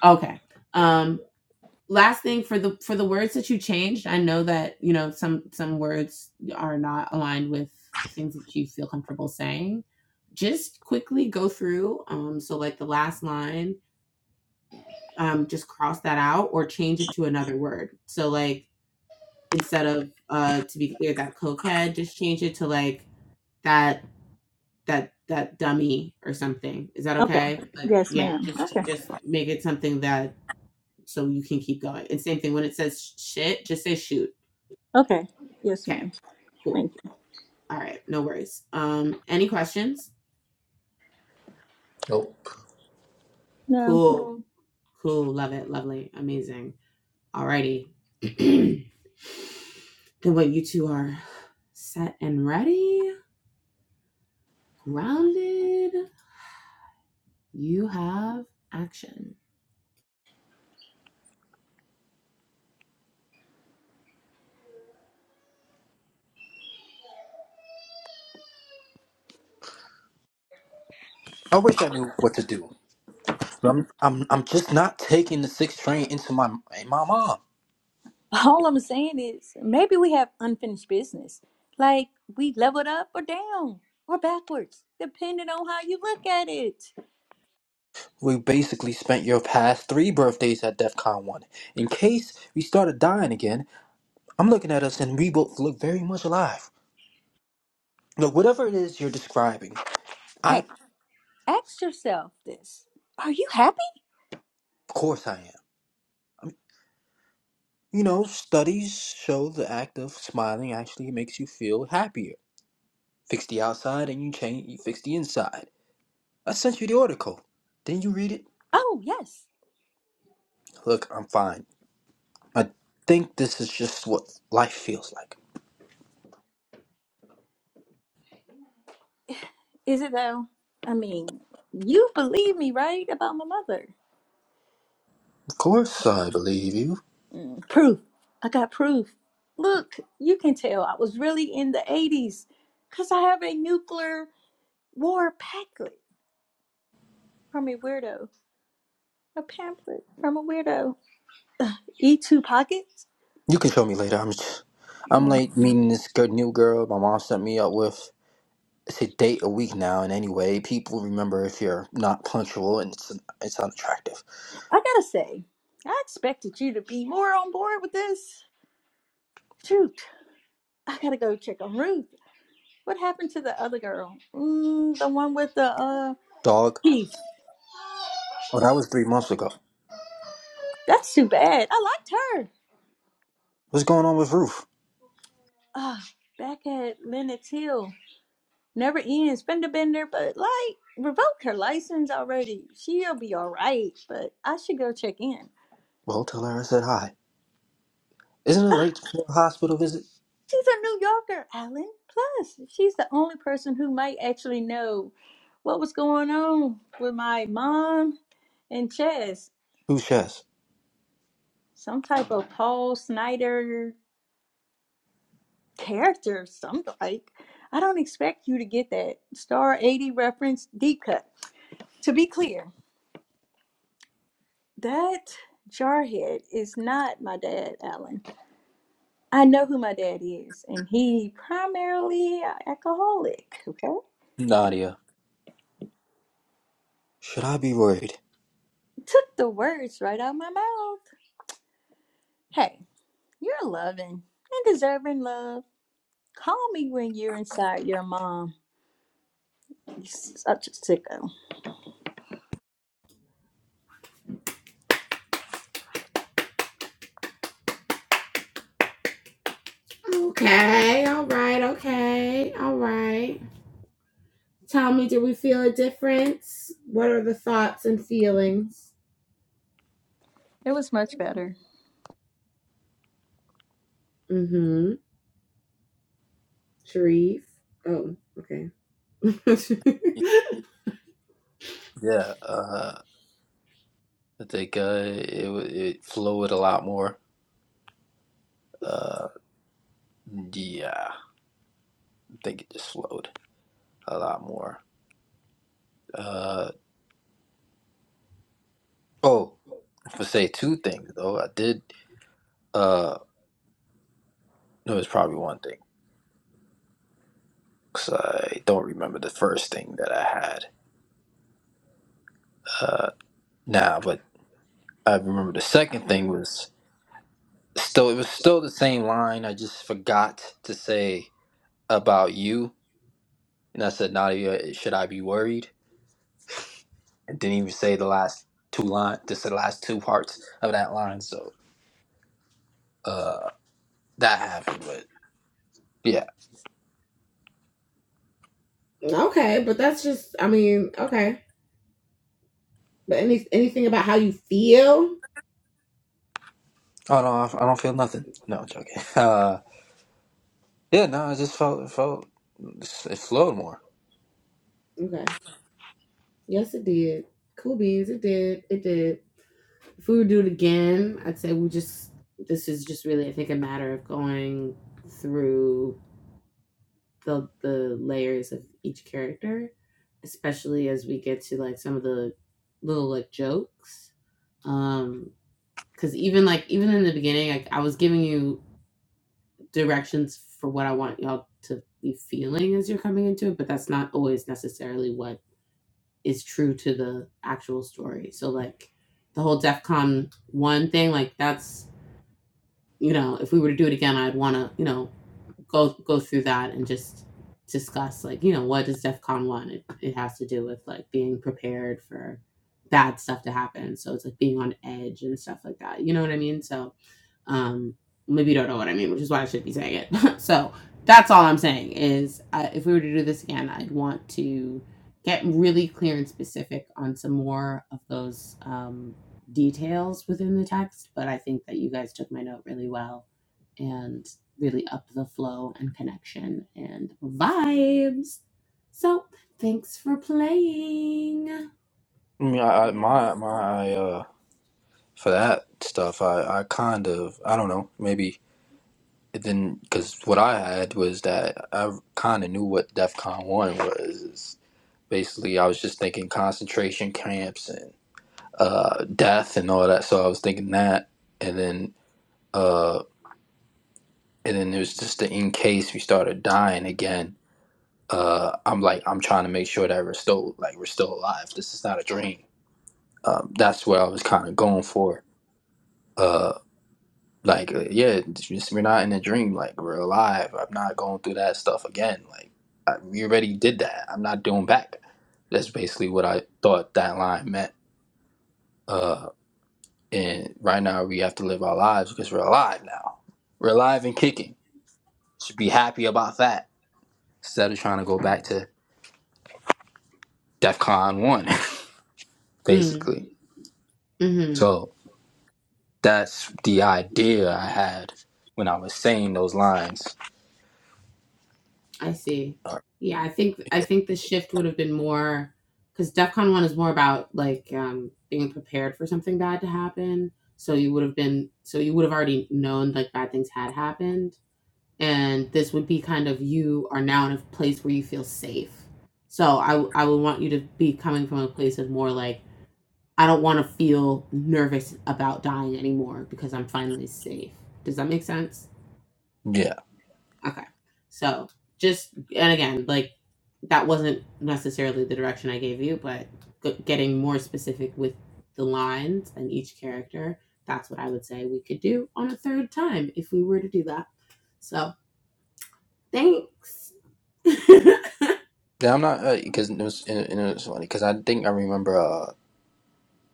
[SPEAKER 4] Okay. Um, last thing for the for the words that you changed, I know that, you know, some some words are not aligned with things that you feel comfortable saying. Just quickly go through. Um, so like the last line, um, just cross that out or change it to another word. So like instead of uh to be clear that cokehead, just change it to like that that that dummy or something. Is that
[SPEAKER 5] Okay.
[SPEAKER 4] okay? Like
[SPEAKER 5] Yes,
[SPEAKER 4] yeah,
[SPEAKER 5] ma'am.
[SPEAKER 4] just
[SPEAKER 5] Okay.
[SPEAKER 4] just make it something that so you can keep going. And same thing when it says shit, just say shoot.
[SPEAKER 5] Okay. Yes,
[SPEAKER 4] Okay.
[SPEAKER 5] ma'am.
[SPEAKER 4] Cool.
[SPEAKER 5] Thank you.
[SPEAKER 4] All right, no worries. Um any questions?
[SPEAKER 6] Nope.
[SPEAKER 5] No.
[SPEAKER 4] Cool. Cool. cool. Love it. Lovely. Amazing. Alrighty. <clears throat> then what you two are set and ready, grounded. You have action.
[SPEAKER 6] I wish I knew what to do. But I'm I'm I'm just not taking the six train into my my mom.
[SPEAKER 5] All I'm saying is maybe we have unfinished business. Like we leveled up or down or backwards, depending on how you look at it.
[SPEAKER 6] We basically spent your past three birthdays at DEF CON 1. In case we started dying again, I'm looking at us and we both look very much alive. Look, whatever it is you're describing, I
[SPEAKER 5] Hey,
[SPEAKER 6] of
[SPEAKER 5] ask yourself this. Are you happy?
[SPEAKER 6] course I am. I mean, you know, studies show the act of smiling actually makes you feel happier. Fix the outside and you change you fix the inside. I sent you the article. Didn't you read it?
[SPEAKER 5] Oh, yes.
[SPEAKER 6] Look, I'm fine. I think this is just what life feels like.
[SPEAKER 5] Is it though? I mean, you believe me, right? About my mother.
[SPEAKER 6] Of course, I believe you.
[SPEAKER 5] Mm, proof. I got proof. Look, you can tell I was really in the 80s because I have a nuclear war packet from a weirdo, a pamphlet from a weirdo. E2 pockets?
[SPEAKER 6] You can show me later. I'm just, I'm
[SPEAKER 5] Mm,
[SPEAKER 6] like meeting this good new girl my mom set me up with. It's a date a week now, and anyway, people remember if you're not punctual and it's it's unattractive.
[SPEAKER 5] I gotta say, I expected you to be more on board with this. Shoot, I gotta go check on Ruth. What happened to the other girl? Mm, the one with the uh
[SPEAKER 6] Dog.
[SPEAKER 5] teeth.
[SPEAKER 6] Oh, that was three months ago.
[SPEAKER 5] That's too bad. I liked her.
[SPEAKER 6] What's going on with Ruth?
[SPEAKER 5] Ah, back at Lenox Hill. Never even spender bender, but like revoke her license already. She'll be all right, but I should go check in.
[SPEAKER 6] Well, tell her I said hi. Isn't it late for a hospital visit?
[SPEAKER 5] She's a New Yorker, Alan. Plus, she's the only person who might actually know what was going on with my mom and Chess.
[SPEAKER 6] Who says?
[SPEAKER 5] Some type of Paul Snyder character, some like. I don't expect you to get that Star 80 reference deep cut. To be clear, that Jarhead is not my dad, Alan. I know who my dad is, and he primarily a alcoholic. Okay,
[SPEAKER 6] Nadia. Should I be worried?
[SPEAKER 5] took the words right out of my mouth. Hey, you're loving and deserving love. Call me when you're inside your mom. You're such a sicko.
[SPEAKER 4] Okay. All right. Okay. All right. Tell me, did we feel a difference? What are the thoughts and feelings?
[SPEAKER 5] It was much better.
[SPEAKER 4] Mm-hmm. Sharif. Oh, okay. <laughs> okay,
[SPEAKER 6] Yeah, uh, I think uh, it w- it flowed a lot more. Uh, yeah, I think it just flowed a lot more. Uh, oh, I'm gonna say two things though. I did. Uh, no, it's probably one thing because I don't remember the first thing that I had. Uh, now, but I remember the second thing was still. It was still the same line. I just forgot to say about you, and I said, "Nadia, should I be worried?" And didn't even say the last two line. Just the last two parts of that line. So, uh, that happened. But yeah,
[SPEAKER 4] but that's just I mean, okay. But any anything about how you feel?
[SPEAKER 6] oh no, I don't I don't feel nothing. No, I'm joking. <laughs> Uh. Yeah, no, I just felt felt. it flowed more.
[SPEAKER 4] Okay. Yes, it did. Cool beans, it did. It did. If we would do it again, I'd say we just this is just really I think a matter of going through the the layers of each character, especially as we get to like some of the little like jokes. Um, because even like even in the beginning, like I was giving you directions for what I want y'all to be feeling as you're coming into it, but that's not always necessarily what is true to the actual story. So like the whole DefCon one thing, like that's you know, if we were to do it again, I'd want to, you know, go go through that and just discuss like you know what does DEFCON CON one? It, it has to do with like being prepared for bad stuff to happen. So it's like being on edge and stuff like that. You know what I mean? So um, maybe you don't know what I mean, which is why I should be saying it. <laughs> so that's all I'm saying is uh, if we were to do this again, I'd want to get really clear and specific on some more of those um, details within the text. But I think that you guys took my note really well and really up the flow and connection and vibes. So thanks for playing.
[SPEAKER 6] I mean, I, I my my uh for that stuff, I I kind of I don't know maybe it didn't because what I had was that I kind of knew what DEF CON one was. It's basically, I was just thinking concentration camps and uh death and all that. So I was thinking that, and then uh and then there's just the in case we started dying again. Uh, I'm like I'm trying to make sure that we're still like we're still alive. This is not a dream. Um, that's what I was kind of going for uh like uh, yeah just, we're not in a dream like we're alive i'm not going through that stuff again like I, we already did that i'm not doing back that's basically what i thought that line meant uh and right now we have to live our lives because we're alive now we're alive and kicking should be happy about that instead of trying to go back to defcon 1 <laughs>
[SPEAKER 4] Mm,
[SPEAKER 6] basically
[SPEAKER 4] mhm.
[SPEAKER 6] so that's the idea i had when i was saying those lines
[SPEAKER 4] I see.
[SPEAKER 6] Uh,
[SPEAKER 4] Yeah, I think I think the shift would have been more because DEFCON one is more about like um, being prepared for something bad to happen. So you would have been so you would have already known like bad things had happened, and this would be kind of you are now in a place where you feel safe. So I w- I would want you to be coming from a place of more like I don't want to feel nervous about dying anymore because I'm finally safe. Does that make sense?
[SPEAKER 6] yeah
[SPEAKER 4] Okay. So just and again, like that wasn't necessarily the direction I gave you, but g- getting more specific with the lines and each character, that's what I would say we could do on a third time if we were to do that. So thanks, <laughs> Shaq.
[SPEAKER 6] Yeah, I'm not because it was and it was funny because I think I remember uh,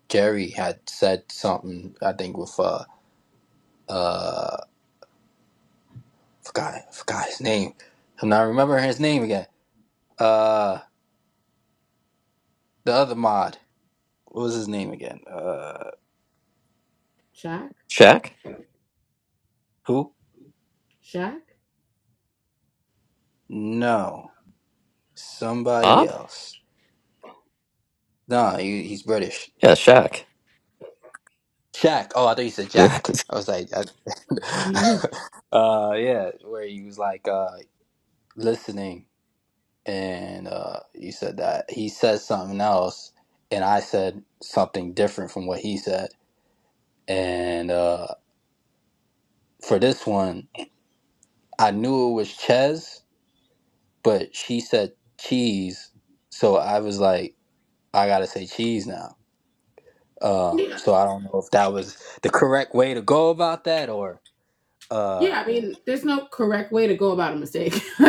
[SPEAKER 6] Jerry had said something. I think with uh uh forgot forgot his name. I'm not remembering his name again. Uh, the other mod. What was his name again? Uh,
[SPEAKER 2] Shaq?
[SPEAKER 6] who?
[SPEAKER 4] Shaq.
[SPEAKER 6] No, somebody
[SPEAKER 2] Bob?
[SPEAKER 6] else. No, he, he's British.
[SPEAKER 2] Yeah, Shaq.
[SPEAKER 6] Jack. Oh, I thought you said
[SPEAKER 2] Yeah.
[SPEAKER 6] Jack. I was like, I-
[SPEAKER 4] Mm-hmm.
[SPEAKER 6] <laughs> uh, yeah, where he was like uh listening and uh, you said that he said something else, and I said something different from what he said. And uh, for this one, I knew it was Ches, but she said cheese, so I was like, I gotta say cheese now. Uh,
[SPEAKER 4] yeah.
[SPEAKER 6] so I don't know if that was the correct way to go about that or uh,
[SPEAKER 4] Yeah, I mean, there's no correct way to go about a mistake. <laughs>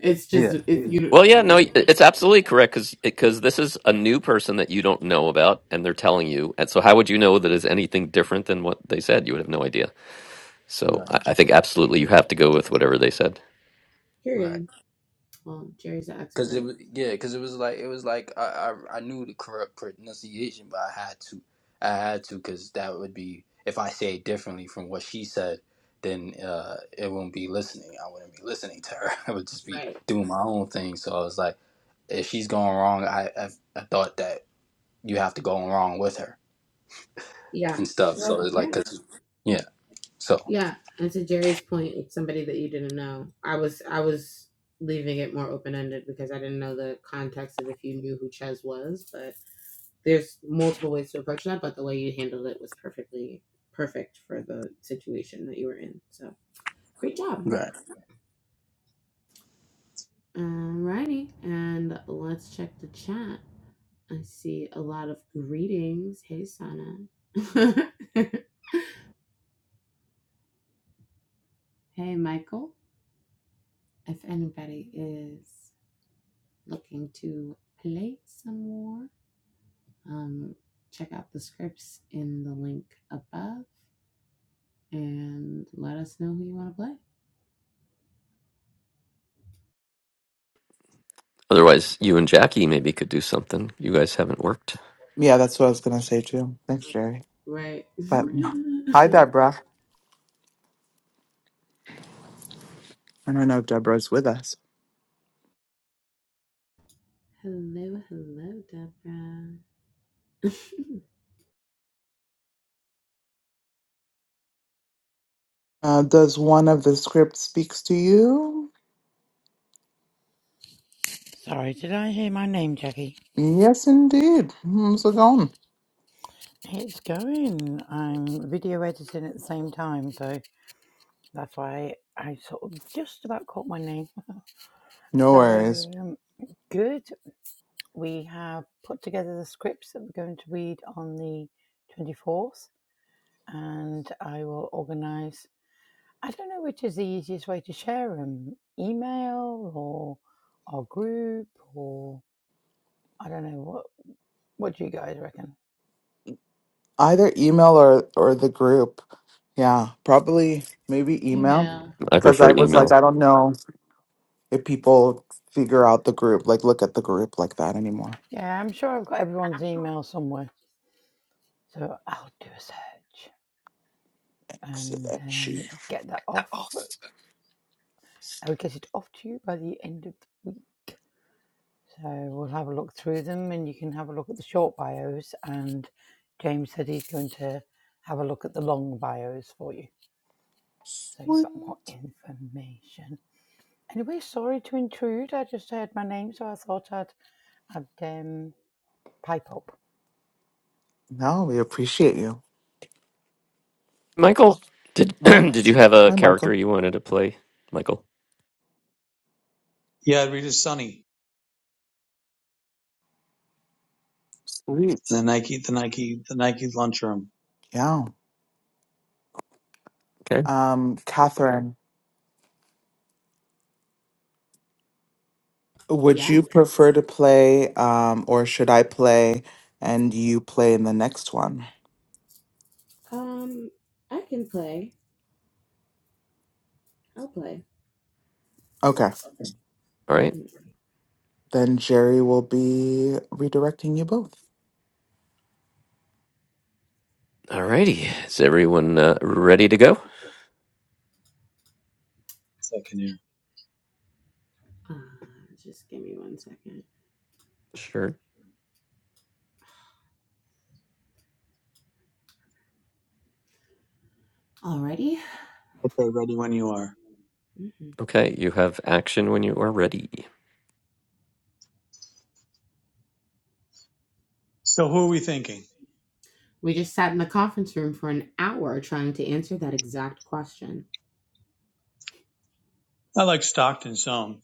[SPEAKER 4] it's
[SPEAKER 6] yeah,
[SPEAKER 4] just it,
[SPEAKER 2] <laughs>
[SPEAKER 4] you,
[SPEAKER 2] well, yeah, no,
[SPEAKER 4] you.
[SPEAKER 2] it's absolutely correct because because this is a new person that you don't know about, and they're telling you. And so, how would you know that is anything different than what they said? You would have no idea. So,
[SPEAKER 6] right.
[SPEAKER 2] I, I think absolutely you have to go with whatever they said.
[SPEAKER 6] right.
[SPEAKER 4] Period. Well, Jerry's an
[SPEAKER 6] Cause it
[SPEAKER 4] expert.
[SPEAKER 6] was yeah, cause it was like it was like I, I I knew the correct pronunciation, but I had to I had to because that would be if I say it differently from what she said, then uh it wouldn't be listening. I wouldn't be listening to her. <laughs> I would just be
[SPEAKER 4] Right.
[SPEAKER 6] doing my own thing. So I was like, if she's going wrong, I I, I thought that you have to go wrong with her
[SPEAKER 4] Yeah.
[SPEAKER 6] and stuff. So
[SPEAKER 4] Well,
[SPEAKER 6] it's
[SPEAKER 4] Yeah.
[SPEAKER 6] like, cause yeah, so.
[SPEAKER 4] Yeah, and to Jerry's point, somebody that you didn't know. I was I was leaving it more open ended because I didn't know the context of if you knew who Ches was, but there's multiple ways to approach that, but the way you handled it was perfectly perfect for the situation that you were in. So great job.
[SPEAKER 6] Right.
[SPEAKER 4] Alrighty, and let's check the chat. I see a lot of greetings. Hey, Sana. <laughs> hey, Michael. If anybody is looking to play some more, um, check out the scripts in the link above and let us know who you want to play.
[SPEAKER 2] Otherwise, you and Jackie maybe could do something. You guys haven't worked.
[SPEAKER 1] Yeah, that's what I was going to say too. Thanks, Jerry.
[SPEAKER 4] Right. <laughs>
[SPEAKER 1] But hi, Deborah. I don't know if Deborah's with us.
[SPEAKER 4] hello, hello, Deborah. <laughs>
[SPEAKER 1] Uh, does one of the scripts speaks to you?
[SPEAKER 7] Sorry, did I hear my name, Jackie?
[SPEAKER 1] Yes, indeed. Mm, So gone.
[SPEAKER 7] It's going. I'm video editing at the same time, so that's why I sort of just about caught my name.
[SPEAKER 1] No worries.
[SPEAKER 7] So, um, good. We have put together the scripts that we're going to read on the 24th, and I will organise. I don't know which is the easiest way to share them email or our group, or I don't know. What, what do you guys reckon?
[SPEAKER 1] Either email or or the group. Yeah, probably maybe email
[SPEAKER 4] Email.
[SPEAKER 2] I
[SPEAKER 1] because
[SPEAKER 2] prefer
[SPEAKER 1] I was like,
[SPEAKER 2] email.
[SPEAKER 1] I don't know if people figure out the group, like look at the group like that anymore.
[SPEAKER 7] Yeah, I'm sure I've got everyone's email somewhere. So I'll do a search and
[SPEAKER 1] Excellent.
[SPEAKER 7] um,
[SPEAKER 1] She.
[SPEAKER 7] get that off. I'll get it off to you by the end of the week. So we'll have a look through them and you can have a look at the short bios. And James said he's going to have a look at the long bios for you. So you
[SPEAKER 1] Sweet.
[SPEAKER 7] got more information. Anyway, sorry to intrude. I just heard my name, so I thought I'd, I'd um, pipe up.
[SPEAKER 1] No, we appreciate you.
[SPEAKER 2] Michael, did <clears throat>
[SPEAKER 1] Oh,
[SPEAKER 2] did you have a
[SPEAKER 1] hi,
[SPEAKER 2] character
[SPEAKER 1] Michael.
[SPEAKER 2] you wanted to play? Michael.
[SPEAKER 8] Yeah, I read is Sunny
[SPEAKER 1] Sweet.
[SPEAKER 8] in the Nike, the Nike, the Nike lunchroom
[SPEAKER 1] Yeah.
[SPEAKER 2] Okay.
[SPEAKER 1] Um, Catherine, would
[SPEAKER 4] Yes.
[SPEAKER 1] you prefer to play, um, or should I play and you play in the next one?
[SPEAKER 4] Um, I can play. I'll play.
[SPEAKER 1] Okay,
[SPEAKER 2] All
[SPEAKER 4] hmm
[SPEAKER 2] right.
[SPEAKER 1] then Jerry will be redirecting you both.
[SPEAKER 2] All righty. Is everyone uh, ready to go?
[SPEAKER 8] second year.
[SPEAKER 4] Uh, just give me one second.
[SPEAKER 2] Sure.
[SPEAKER 4] Alrighty.
[SPEAKER 8] Okay, ready when you are.
[SPEAKER 4] Mhm.
[SPEAKER 2] Okay. You have action when you are ready.
[SPEAKER 8] So who are we thinking?
[SPEAKER 4] We just sat in the conference room for an hour trying to answer that exact question.
[SPEAKER 8] I like Stockton some.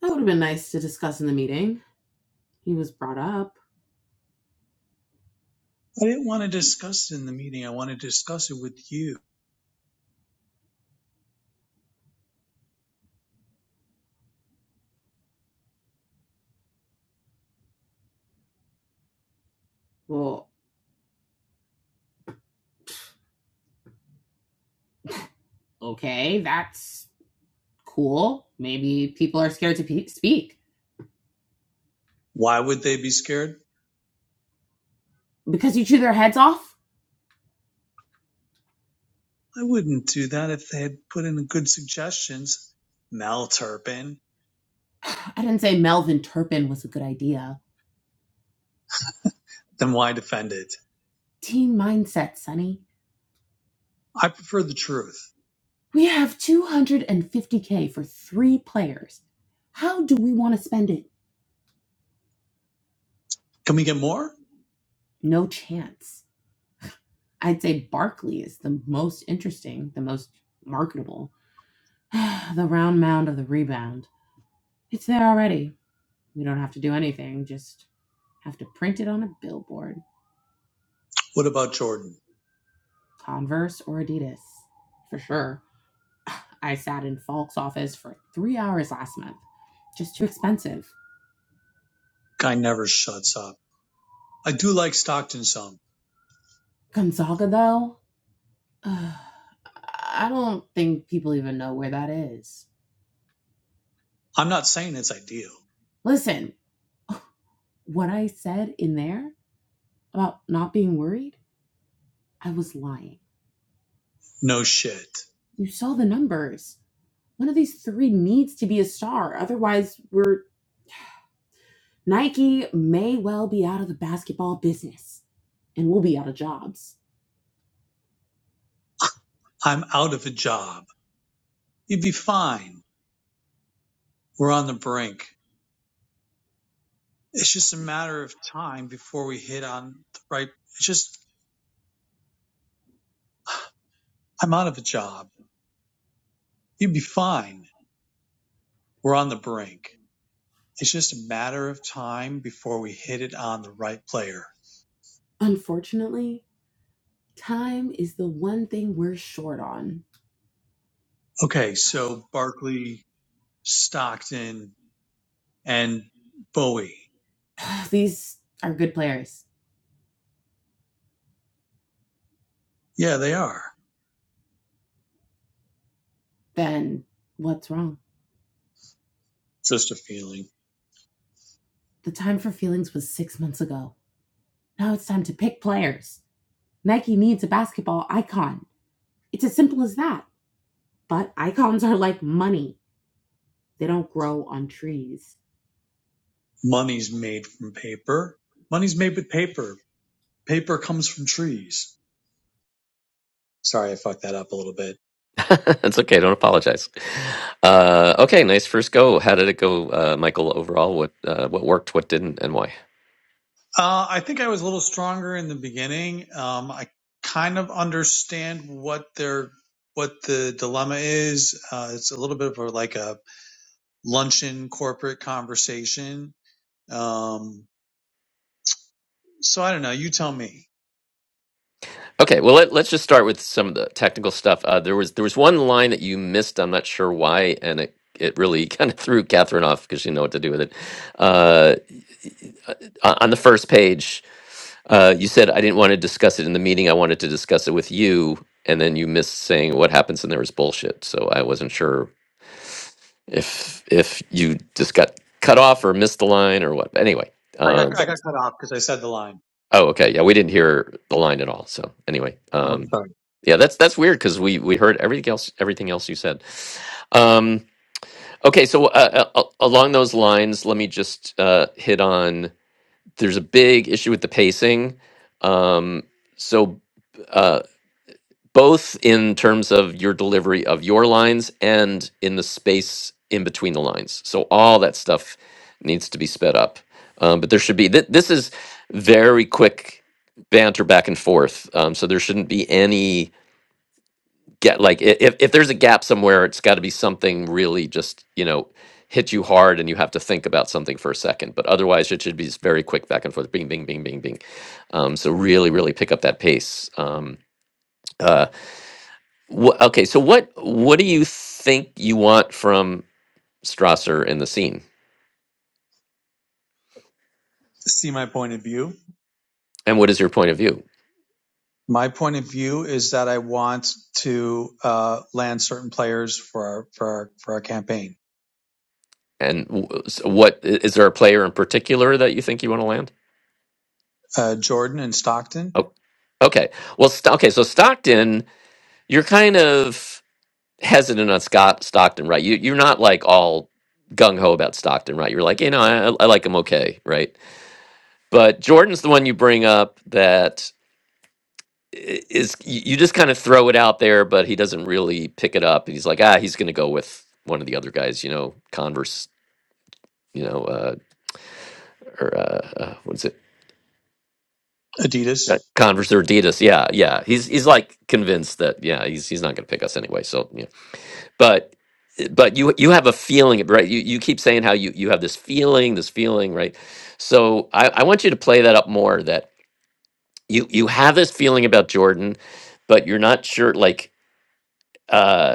[SPEAKER 4] That would have been nice to discuss in the meeting. He was brought up.
[SPEAKER 8] I didn't want to discuss it in the meeting. I want to discuss it with you.
[SPEAKER 4] Well, okay, that's cool. Maybe people are scared to pe- speak
[SPEAKER 8] Why would they be scared?
[SPEAKER 4] because you chew their heads off.
[SPEAKER 8] I wouldn't do that if they had put in good suggestions. Mel Turpin.
[SPEAKER 4] <sighs> I didn't say Melvin Turpin was a good idea.
[SPEAKER 8] Then why defend it?
[SPEAKER 4] Team mindset, Sonny.
[SPEAKER 8] I prefer the truth.
[SPEAKER 4] We have 250K for three players. How do we want to spend it?
[SPEAKER 8] Can we get more?
[SPEAKER 4] No chance. I'd say Barkley is the most interesting, the most marketable. <sighs> the round mound of the rebound. It's there already. We don't have to do anything, just have to print it on a billboard.
[SPEAKER 8] What about Jordan?
[SPEAKER 4] Converse or Adidas, for sure. <sighs> I sat in Falk's office for three hours last month. Just too expensive.
[SPEAKER 8] Guy never shuts up. I do like Stockton some.
[SPEAKER 4] Gonzaga, though? <sighs> Ugh, I don't think people even know where that is.
[SPEAKER 8] I'm not saying it's ideal.
[SPEAKER 4] Listen, what I said in there about not being worried, I was lying.
[SPEAKER 8] No shit.
[SPEAKER 4] You saw the numbers. One of these three needs to be a star, otherwise, we're Nike may well be out of the basketball business and we'll be out of jobs.
[SPEAKER 8] I'm out of a job. You'd be fine. We're on the brink. It's just a matter of time before we hit on the right. It's just, I'm out of a job. You'd be fine. We're on the brink. It's just a matter of time before we hit it on the right player.
[SPEAKER 4] Unfortunately, time is the one thing we're short on.
[SPEAKER 8] Okay. So Barkley, Stockton, and Bowie.
[SPEAKER 4] <sighs> These are good players.
[SPEAKER 8] Yeah, they are.
[SPEAKER 4] Then what's wrong?
[SPEAKER 8] Just a feeling.
[SPEAKER 4] The time for feelings was six months ago. Now it's time to pick players. Nike needs a basketball icon. It's as simple as that. But icons are like money, they don't grow on trees.
[SPEAKER 8] Money's made from paper. Money's made with paper. Paper comes from trees. Sorry, I fucked that up a little bit
[SPEAKER 2] <laughs> That's okay. Don't apologize. Uh, okay. Nice first go. How did it go, uh, Michael? Overall, what uh, what worked, what didn't, and why?
[SPEAKER 8] Uh, I think I was a little stronger in the beginning. Um, I kind of understand what their what the dilemma is. Uh, it's a little bit of a, like a luncheon corporate conversation. Um, so I don't know. You tell me.
[SPEAKER 2] Okay, well let, let's just start with some of the technical stuff. Uh, there was there was one line that you missed. I'm not sure why, and it it really <laughs> kind of threw Catherine off because she didn't know what to do with it. Uh, o- on the first page, uh, you said I didn't want to discuss it in the meeting. I wanted to discuss it with you, and then you missed saying what happens and there was bullshit. So I wasn't sure if if you just got cut off or missed the line or what. But anyway,
[SPEAKER 8] I
[SPEAKER 2] uh,
[SPEAKER 8] got I got cut off because I said the line.
[SPEAKER 2] Oh, okay. Yeah, we didn't hear the line at all. So anyway,
[SPEAKER 8] Oh,
[SPEAKER 2] um,
[SPEAKER 8] sorry.
[SPEAKER 2] yeah, that's that's weird because we we heard everything else everything else you said. Um, okay, so uh, uh, along those lines, let me just uh, hit on. There's a big issue with the pacing. Um, so. uh, both in terms of your delivery of your lines and in the space in between the lines. So all that stuff needs to be sped up. Um, but there should be th- this is very quick banter back and forth. Um, so there shouldn't be any get like i- if if there's a gap somewhere, it's got to be something really just you know hit you hard and you have to think about something for a second. But otherwise, it should be just very quick back and forth, bing, bing, bing, bing, bing. Um, so really, really pick up that pace. Um, uh, Wh- okay, so what what do you think you want from Strasser in the scene,
[SPEAKER 8] See my point of view.
[SPEAKER 2] and what is your point of view?
[SPEAKER 8] My point of view is that I want to uh, land certain players for our for our, for our campaign.
[SPEAKER 2] And w- so what i- is there a player in particular that you think you want to land?
[SPEAKER 8] Uh, Jordan and Stockton,
[SPEAKER 2] Oh, okay. Well, St- okay. So Stockton, you're kind of hesitant on Scott Stockton, right? You you're not like all gung ho about Stockton, right? You're like, you know, I, I like him okay, right? But Jordan's the one you bring up that i- is y- you just kind of throw it out there, but he doesn't really pick it up. He's like, ah, he's going to go with one of the other guys, you know, Converse, you know, uh, or uh, uh, what is it?
[SPEAKER 8] Adidas.
[SPEAKER 2] Uh, Converse or Adidas, yeah, yeah. He's he's like convinced that yeah, he's he's not going to pick us anyway. So yeah, but but you you have a feeling, right? You you keep saying how you you have this feeling, this feeling, right? So I, I want you to play that up more. That you you have this feeling about Jordan, but you're not sure, like. uh,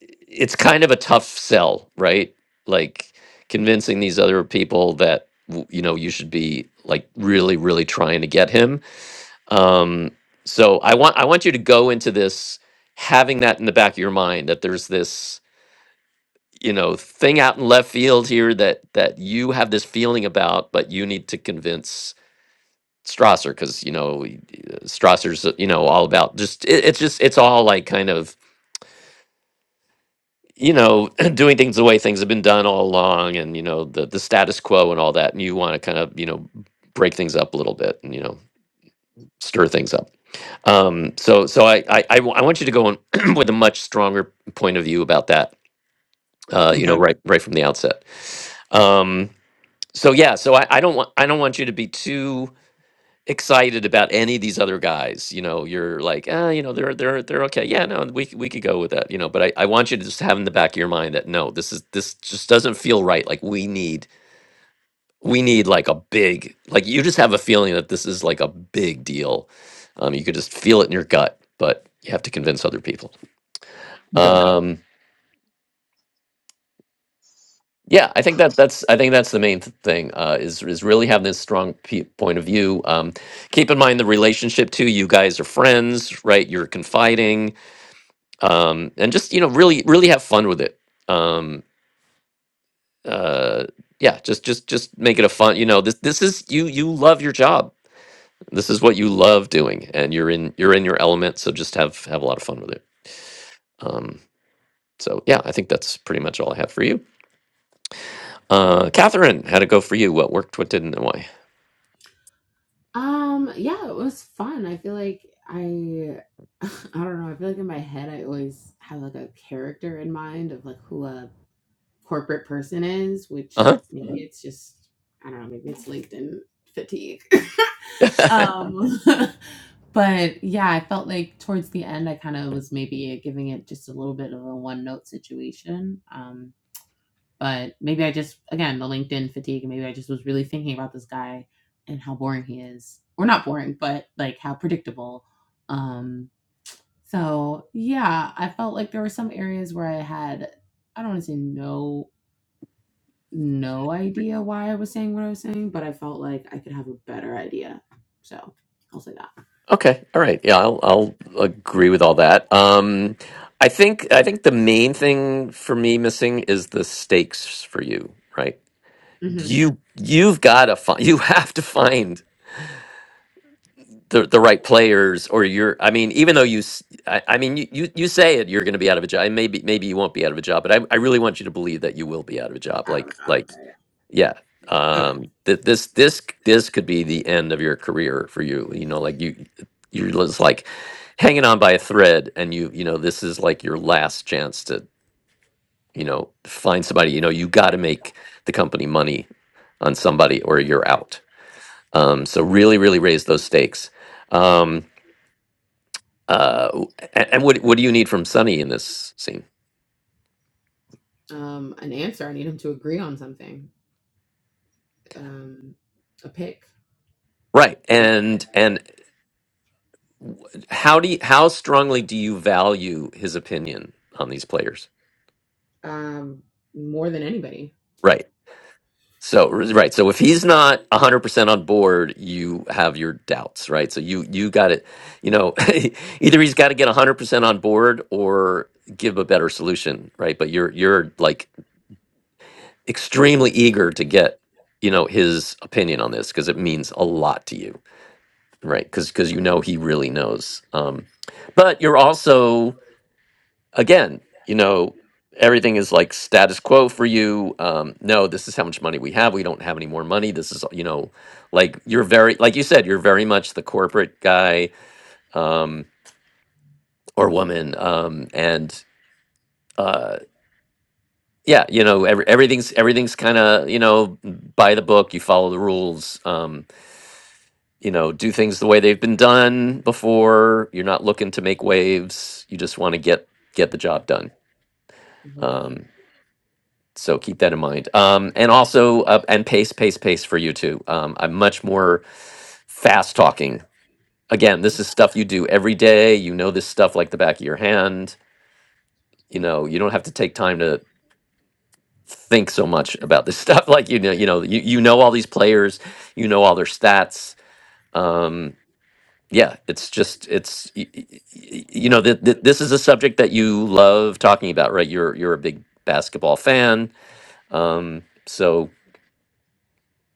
[SPEAKER 2] it's kind of a tough sell, right? Like convincing these other people that w- you know you should be like really, really trying to get him. Um, so I want I want you to go into this having that in the back of your mind that there's this you know thing out in left field here that that you have this feeling about, but you need to convince Strasser because you know Strasser's uh, you know all about just it, it's just it's all like kind of you know, <clears throat> doing things the way things have been done all along and, you know, the, the status quo and all that. And you want to kind of, you know, break things up a little bit and, you know, stir things up. Um, so, so I, I, I w- I want you to go in <clears throat> with a much stronger point of view about that, uh, you know,
[SPEAKER 8] Okay.
[SPEAKER 2] right, right from the outset. Um, so yeah, so I, I don't want, I don't want you to be too, excited about any of these other guys. You know, you're like, ah, you know, they're they're they're okay. Yeah, no, we c- we could go with that. You know, but I I want you to just have in the back of your mind that no, this is this just doesn't feel right. Like we need we need like a big like you just have a feeling that this is like a big deal. Um, you could just feel it in your gut, but you have to convince other people.
[SPEAKER 8] Okay.
[SPEAKER 2] Um. Yeah, I think that that's I think that's the main th- thing uh, is is really having this strong pe- point of view. Um, keep in mind the relationship too. You guys are friends, right? You're confiding um, and just you know really really have fun with it um, uh, yeah just just just make it a fun you know this this is you you love your job this is what you love doing and you're in you're in your element so just have have a lot of fun with it um, so yeah i think that's pretty much all i have for you uh, catherine how'd it go for you what worked what didn't and why
[SPEAKER 4] Um, yeah, it was fun. I feel like I <laughs> I don't know, I feel like in my head I always have like a character in mind of like who a corporate person is,
[SPEAKER 2] uh-huh
[SPEAKER 4] which maybe Mhm. it's just I don't know, maybe it's LinkedIn fatigue. <laughs> Um <laughs> but yeah, I felt like towards the end I kind of was maybe giving it just a little bit of a one note situation. Um But maybe I just again the LinkedIn fatigue, and maybe I just was really thinking about this guy and how boring he is, or not boring, but like how predictable. Um, so yeah, I felt like there were some areas where I had I don't want to say no no idea why I was saying what I was saying, but I felt like I could have a better idea. So I'll say that.
[SPEAKER 2] okay all right yeah i'll, I'll agree with all that um, I think I think the main thing for me missing is the stakes for you, right?
[SPEAKER 4] Mm-hmm.
[SPEAKER 2] you you've got to find you have to find the, the right players or you're i mean even though you s- i, I mean you, you you say it you're going to be out of a job maybe maybe you won't be out of a job but I, I really want you to believe that you will be out of a job
[SPEAKER 4] Out of a
[SPEAKER 2] like
[SPEAKER 4] job.
[SPEAKER 2] like
[SPEAKER 4] Okay,
[SPEAKER 2] yeah um that this this c- this could be the end of your career for you you know like you you're just like hanging on by a thread and you you know this is like your last chance to you know find somebody you know you got to make the company money on somebody or you're out Um, so really, really raise those stakes. Um, uh, w- a- and what what do you need from Sonny in this scene?
[SPEAKER 4] yeah. Um, an answer. I need him to agree on something. Um, a pick.
[SPEAKER 2] Right. And and w- how do you, how strongly do you value his opinion on these players?
[SPEAKER 4] Um, more than anybody.
[SPEAKER 2] Right. So right. So if he's not a hundred percent on board, you have your doubts, right? So you you got to You know, <laughs> either he's got to get a hundred percent on board or give a better solution, right? But you're you're like extremely eager to get you know his opinion on this because it means a lot to you right because because you know he really knows um but you're also again you know everything is like status quo for you um no this is how much money we have we don't have any more money this is you know like you're very like you said you're very much the corporate guy um or woman um and uh yeah you
[SPEAKER 4] Yeah,
[SPEAKER 2] know
[SPEAKER 4] you
[SPEAKER 2] every,
[SPEAKER 4] know,
[SPEAKER 2] everything's
[SPEAKER 4] everything's
[SPEAKER 2] everything's kind
[SPEAKER 4] doing,
[SPEAKER 2] of you know by the book you follow the rules um you know, do
[SPEAKER 4] you know,
[SPEAKER 2] things the way they've been
[SPEAKER 4] when it's
[SPEAKER 2] done
[SPEAKER 4] done,
[SPEAKER 2] before. You're not looking to make waves. You just want to get get the job done. Um, so keep that in mind. Um, and also, uh, and pace, pace, pace for you too. Um, I'm much more fast talking. Again, this is stuff you do every day. You know this stuff like the back of your hand. You know, you don't have to take time to think so much about this <laughs> stuff. Like you know, you know, you, you know all these players. You know all their stats. Um, yeah it's just it's y- y- y- you know th- th- this is a subject that you love talking about right you're you're a big basketball fan um so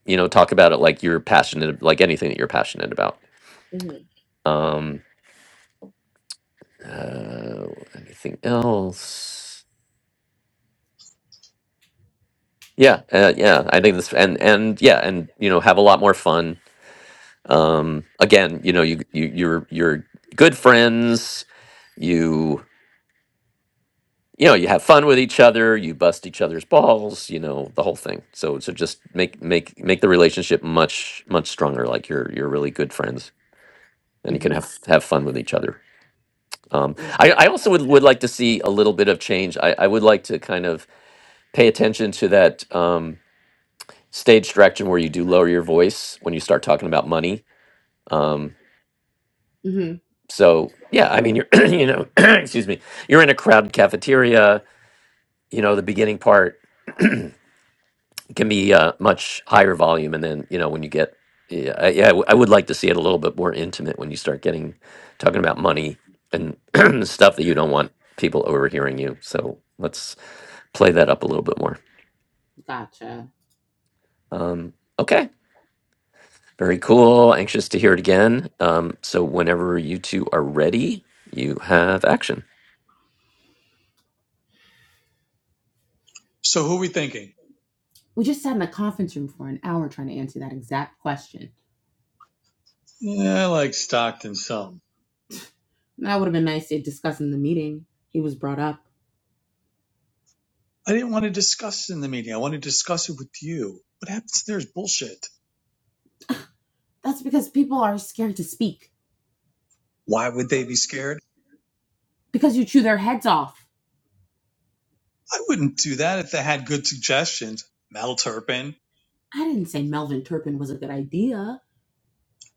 [SPEAKER 2] you know talk about it like you're passionate like anything that you're passionate about
[SPEAKER 4] Mm-hmm. Mm-hmm.
[SPEAKER 2] um uh, anything else yeah uh, yeah i think this and and yeah and you know have a lot more fun um again you know you, you you're you're good friends You. you know you have fun with each other you bust each other's balls you know the whole thing so so just make make make the relationship much much stronger like you're you're really good friends and you can
[SPEAKER 4] Mm-hmm.
[SPEAKER 2] have have fun with each other um
[SPEAKER 4] Okay.
[SPEAKER 2] i i also would, would like to see a little bit of change i i would like to kind of pay attention to that um stage direction where you do lower your voice when you start talking about money um
[SPEAKER 4] Mm-hmm.
[SPEAKER 2] so yeah i mean you're <clears throat> you know <clears throat> excuse me you're in a crowded cafeteria you know the beginning part can be uh, much higher volume and then you know when you get yeah I, yeah I w- I would like to see it a little bit more intimate when you start getting talking about money and <clears throat> stuff that you don't want people overhearing you so let's play that up a little bit more
[SPEAKER 4] Gotcha.
[SPEAKER 2] um, okay very cool anxious to hear it again um, so whenever you two are ready you have action
[SPEAKER 8] So who are we thinking?
[SPEAKER 4] We just sat in the conference room for an hour trying to answer that exact question.
[SPEAKER 8] Yeah, I like Stockton some.
[SPEAKER 4] That would have been nice to discuss in the meeting. He was brought up.
[SPEAKER 8] I didn't want to discuss in the meeting. I want to discuss it with you. What happens there is bullshit.
[SPEAKER 4] That's because people are scared to speak
[SPEAKER 8] Why would they be scared?
[SPEAKER 4] because you chew their heads off.
[SPEAKER 8] I wouldn't do that if they had good suggestions. Mel Turpin.
[SPEAKER 4] I didn't say Melvin Turpin was a good idea.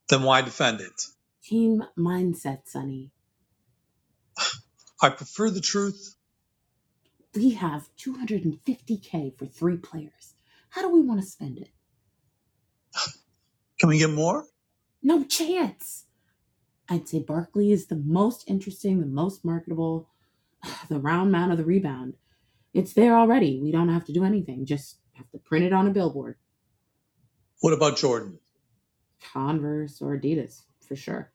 [SPEAKER 8] Then why defend it?
[SPEAKER 4] Team mindset, Sonny.
[SPEAKER 8] I prefer the truth.
[SPEAKER 4] We have 250K for three players. How do we want to spend it?
[SPEAKER 8] Can we get more?
[SPEAKER 4] No chance. I'd say Barkley is the most interesting, the most marketable, <sighs> the round man of the rebound. It's there already. We don't have to do anything. Just have to print it on a billboard.
[SPEAKER 8] What about Jordan?
[SPEAKER 4] Converse or Adidas, for sure.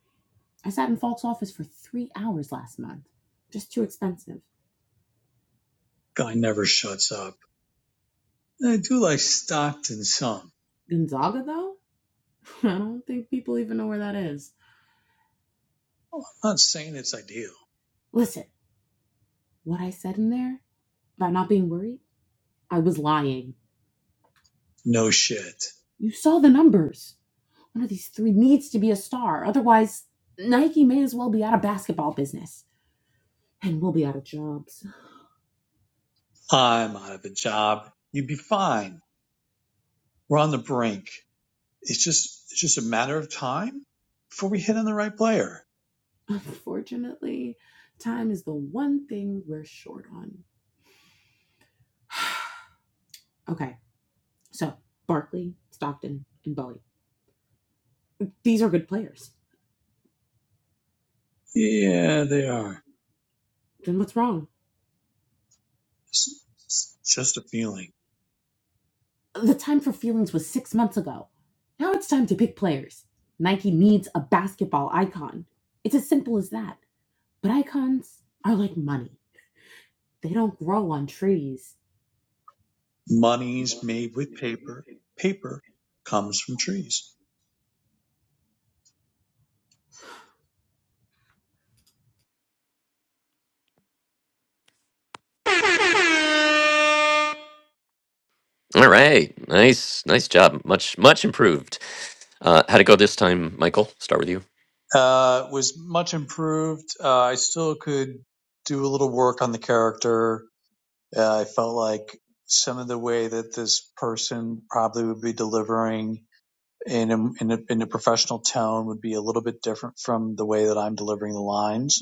[SPEAKER 4] I sat in Falk's office for three hours last month. Just too expensive.
[SPEAKER 8] Guy never shuts up. And I do like Stockton some.
[SPEAKER 4] Gonzaga, though? <laughs> I don't think people even know where that is.
[SPEAKER 8] Well, I'm not saying it's ideal.
[SPEAKER 4] Listen. What I said in there about not being worried, I was lying.
[SPEAKER 8] No shit.
[SPEAKER 4] You saw the numbers. One of these three needs to be a star. Otherwise, Nike may as well be out of basketball business. And we'll be out of jobs.
[SPEAKER 8] I'm out of a job. You'd be fine. We're on the brink. It's just it's just a matter of time before we hit on the right player.
[SPEAKER 4] Unfortunately, time is the one thing we're short on. <sighs> Okay, so Barkley, Stockton, and Bowie. These are good players.
[SPEAKER 8] Yeah, they are.
[SPEAKER 4] Then what's wrong?
[SPEAKER 8] It's, it's just a feeling.
[SPEAKER 4] The time for feelings was six months ago. Now it's time to pick players. Nike needs a basketball icon. It's as simple as that. But icons are like money. They don't grow on trees.
[SPEAKER 8] Money's made with paper. Paper comes from trees.
[SPEAKER 2] all right nice nice job much much improved uh, how'd it go this time michael start with you
[SPEAKER 8] Uh, was much improved. Uh, I still could do a little work on the character. Uh, I felt like some of the way that this person probably would be delivering in a, in, a, in a professional tone would be a little bit different from the way that I'm delivering the lines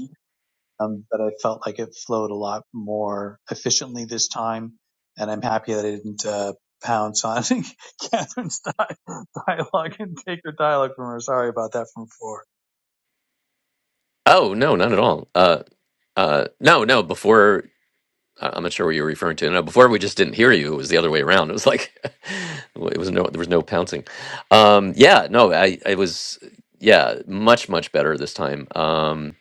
[SPEAKER 8] um, but I felt like it flowed a lot more efficiently this time. And I'm happy that I didn't uh, pounce on <laughs> Catherine's di- dialogue and take her dialogue from her. Sorry about that from four.
[SPEAKER 2] Oh no, not at all. Uh, uh, no, no. Before I- I'm not sure what you were referring to. No, before we just didn't hear you. It was the other way around. It was like <laughs> it was no, there was no pouncing. Um, yeah, no, I, I was, yeah, much much better this time. Um,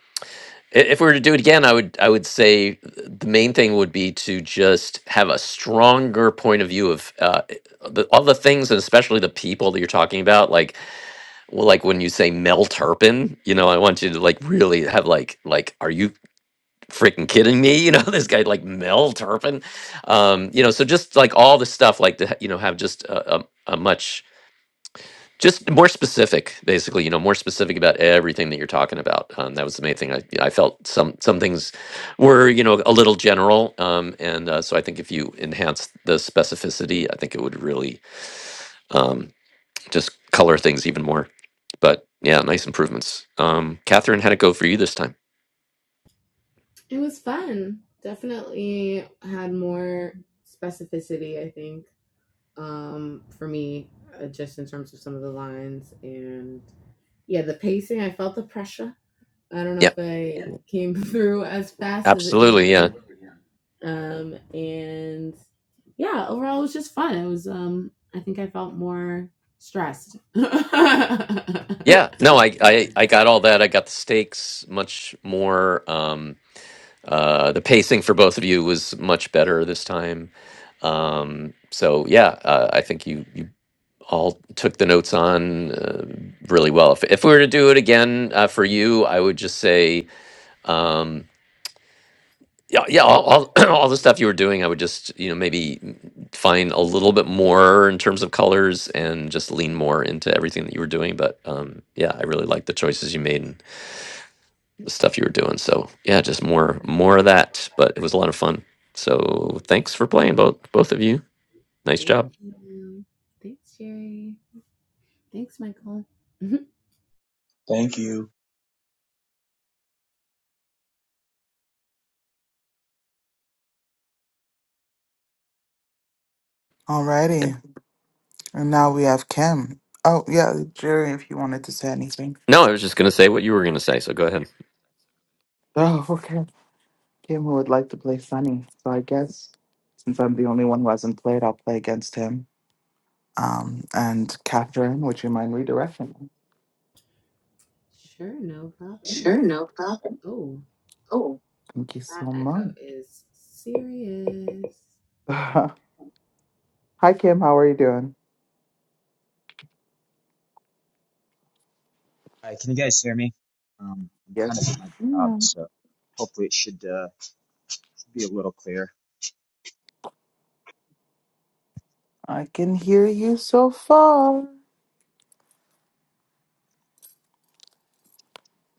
[SPEAKER 2] i- if we were to do it again, I would, I would say the main thing would be to just have a stronger point of view of uh, the, all the things, and especially the people that you're talking about. Like well, like when you say Mel Turpin, you know, I want you to like really have like like are you freaking kidding me you know <laughs> this guy like mel turpin um you know so just like all the stuff like to ha- you know have just a, a, a much just more specific basically you know more specific about everything that you're talking about um, that was the main thing I, I felt some some things were you know a little general um, and uh, so i think if you enhance the specificity i think it would really um, just color things even more but yeah nice improvements um, catherine how'd it go for you this time
[SPEAKER 4] It was fun. Definitely had more specificity, I think, um, for me, uh, just in terms of some of the lines and yeah, the pacing. I felt the pressure I don't know
[SPEAKER 2] yeah
[SPEAKER 4] if I yeah. came <laughs> through as fast as it needed to
[SPEAKER 2] absolutely Yeah.
[SPEAKER 4] be. Yeah. Um, and yeah, overall it was just fun. It was um I think I felt more stressed. <laughs>
[SPEAKER 2] Yeah, no,
[SPEAKER 4] Yeah.
[SPEAKER 2] I,
[SPEAKER 4] No, I,
[SPEAKER 2] I I
[SPEAKER 4] I,
[SPEAKER 2] got
[SPEAKER 4] I
[SPEAKER 2] all that. I got the stakes much more. Um, uh, the pacing for both of you was much better this time. Um, so yeah, uh, I think you you all took the notes on uh, really well. If if we were to do it again uh, for you, I would just say. Um, yeah, yeah, all, all, <clears throat> all the stuff you were doing, I would just, you know, maybe find a little bit more in terms of colors and just lean more into everything that you were doing. But um, yeah, I really like the choices you made the stuff you were doing. So yeah, just more more of that. But it was a lot of fun. So thanks for playing both both of you. Nice
[SPEAKER 4] Thank
[SPEAKER 2] job.
[SPEAKER 4] you. Thank you. Thanks, Michael. <laughs>
[SPEAKER 8] Thank you.
[SPEAKER 1] Alrighty, and now we have Kim. Oh, yeah, Jerry, if you wanted to say anything.
[SPEAKER 2] No, I was just going to say what you were going to say. So go ahead.
[SPEAKER 1] Oh, <laughs> okay. Kim who would like to play Sunny. So I guess since I'm the only one who hasn't played, I'll play against him. Um, and Catherine, would you mind redirecting?
[SPEAKER 4] sure, no problem. Oh,
[SPEAKER 1] Cool. Thank you so
[SPEAKER 4] that
[SPEAKER 1] much.
[SPEAKER 4] echo is serious.
[SPEAKER 1] <laughs> Hi, Kim. How are you doing?
[SPEAKER 9] Hi, can you guys hear me? Um, I'm
[SPEAKER 1] Yes,
[SPEAKER 9] kind of at my job,
[SPEAKER 1] yeah,
[SPEAKER 9] so hopefully it should uh, should be a little clear.
[SPEAKER 1] I can hear you so far.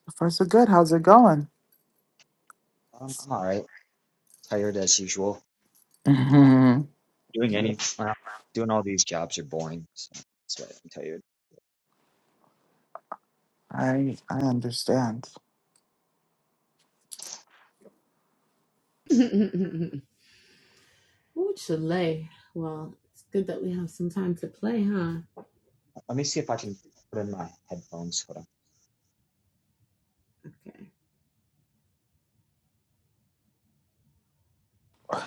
[SPEAKER 1] So far, so good. How's it going?
[SPEAKER 9] Um, I'm all right. Tired as usual.
[SPEAKER 1] Mhm.
[SPEAKER 9] Doing
[SPEAKER 1] Yeah,
[SPEAKER 9] any well, doing all these jobs are boring, so that's why I'm tired.
[SPEAKER 1] I I understand.
[SPEAKER 4] <laughs> Ooh, Chile. Well, it's good that we have some time to play, huh?
[SPEAKER 9] Let me see if I can put in my headphones. Hold on.
[SPEAKER 4] Okay.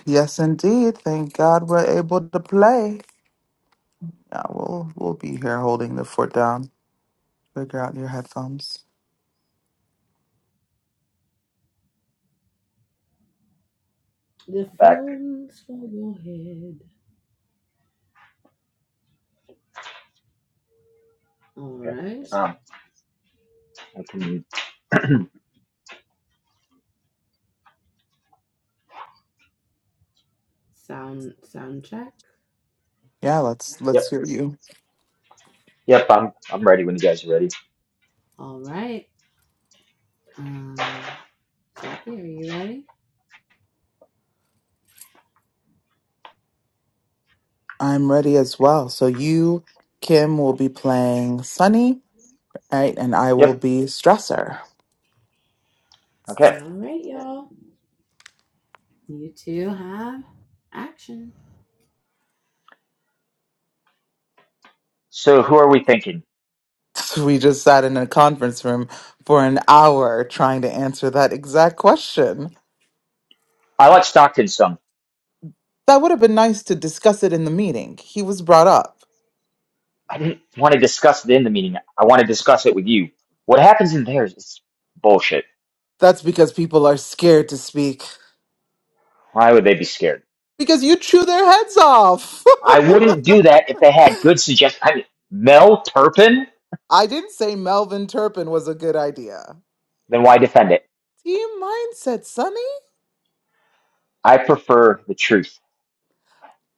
[SPEAKER 1] Yes, indeed. Thank God we're able to play. Yeah, we'll we'll be here holding the fort down. Figure out your headphones.
[SPEAKER 4] The
[SPEAKER 9] I'm back.
[SPEAKER 4] phone's for your head. All
[SPEAKER 9] Okay.
[SPEAKER 4] right.
[SPEAKER 9] Um, I can. <clears throat>
[SPEAKER 4] Sound sound check.
[SPEAKER 1] Yeah, let's let's
[SPEAKER 9] yep.
[SPEAKER 1] hear you.
[SPEAKER 9] Yep. I'm I'm ready when you guys are ready.
[SPEAKER 4] All right. Um, Jackie, are you ready?
[SPEAKER 1] I'm ready as well. So you, Kim, will be playing Sunny, right? And I will
[SPEAKER 9] Yep.
[SPEAKER 1] be Stressor.
[SPEAKER 9] Okay.
[SPEAKER 4] All right, y'all. You two have action.
[SPEAKER 9] So who are we thinking?
[SPEAKER 1] <laughs> So we just sat in a conference room for an hour trying to answer that exact question.
[SPEAKER 9] I like Stockton some.
[SPEAKER 1] That would have been nice to discuss it in the meeting. He was brought up.
[SPEAKER 9] I didn't want to discuss it in the meeting. I want to discuss it with you. What happens in there is bullshit
[SPEAKER 1] That's because people are scared to speak.
[SPEAKER 9] Why would they be scared?
[SPEAKER 1] Because you chew their heads off.
[SPEAKER 9] I wouldn't do that if they had good suggestions. I mean, Mel Turpin?
[SPEAKER 1] <laughs> I didn't say Melvin Turpin was a good idea.
[SPEAKER 9] Then why defend it?
[SPEAKER 1] Team mindset, Sonny.
[SPEAKER 9] I prefer the truth.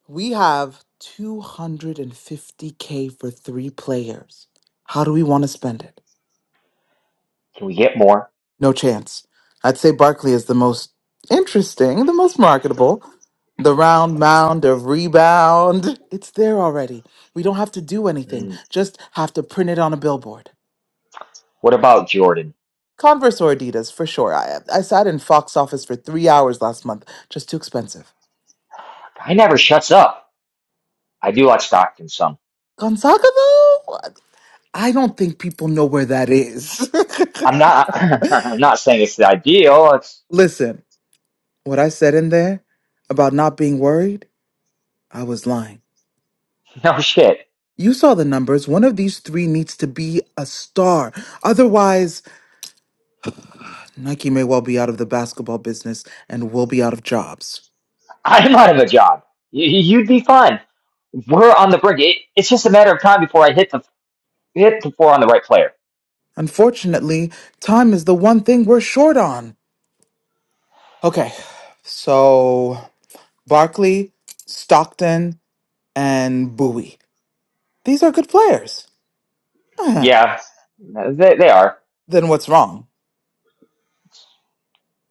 [SPEAKER 1] We have 250K for three players. How do we want to spend it?
[SPEAKER 9] Can we get more?
[SPEAKER 1] No chance. I'd say Barkley is the most interesting, the most marketable. The round mound of rebound. It's there already. We don't have to do anything,
[SPEAKER 9] Hmm.
[SPEAKER 1] just have to print it on a billboard.
[SPEAKER 9] What about Jordan?
[SPEAKER 1] Converse or Adidas, for sure. I, I sat in Fox office for three hours last month. Just too expensive.
[SPEAKER 9] I never shuts up. I do like Stockton some.
[SPEAKER 1] Gonzaga, though? I don't think people know where that is.
[SPEAKER 9] I'm not. <laughs> I'm not saying it's the ideal. It's
[SPEAKER 1] <laughs> Listen, what I said in there about not being worried, I was lying.
[SPEAKER 9] <laughs> no shit.
[SPEAKER 1] You saw the numbers. One of these three needs to be a star. Otherwise, Nike may well be out of the basketball business and we'll be out of jobs.
[SPEAKER 9] I'm out of a job. You, you'd be fine. We're on the brink. It, it's just a matter of time before I hit the hit the four on the right player.
[SPEAKER 1] Unfortunately, time is the one thing we're short on. Okay, so Barkley, Stockton, and Bowie. These are good players. Huh,
[SPEAKER 9] Yeah, they, they are.
[SPEAKER 1] Then what's wrong?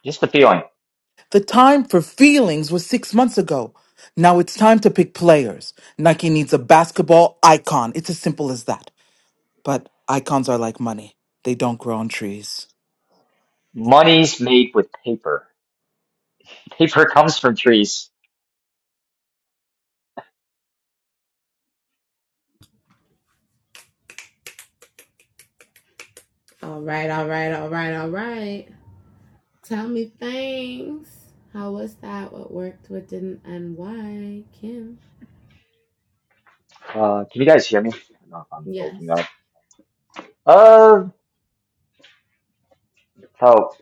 [SPEAKER 9] Just the feeling.
[SPEAKER 1] The time for feelings was six months ago. Now it's time to pick players. Nike needs a basketball icon. It's as simple as that. But icons are like money, they don't grow on trees.
[SPEAKER 9] Money is made with paper. Paper <laughs> comes from trees.
[SPEAKER 4] All right, all right, all right, all right. Tell me things. How was that? What worked? What didn't? And why? Kim.
[SPEAKER 9] Uh, can you guys hear me? I don't know if I'm
[SPEAKER 4] Yes.
[SPEAKER 9] waking up. Uh, so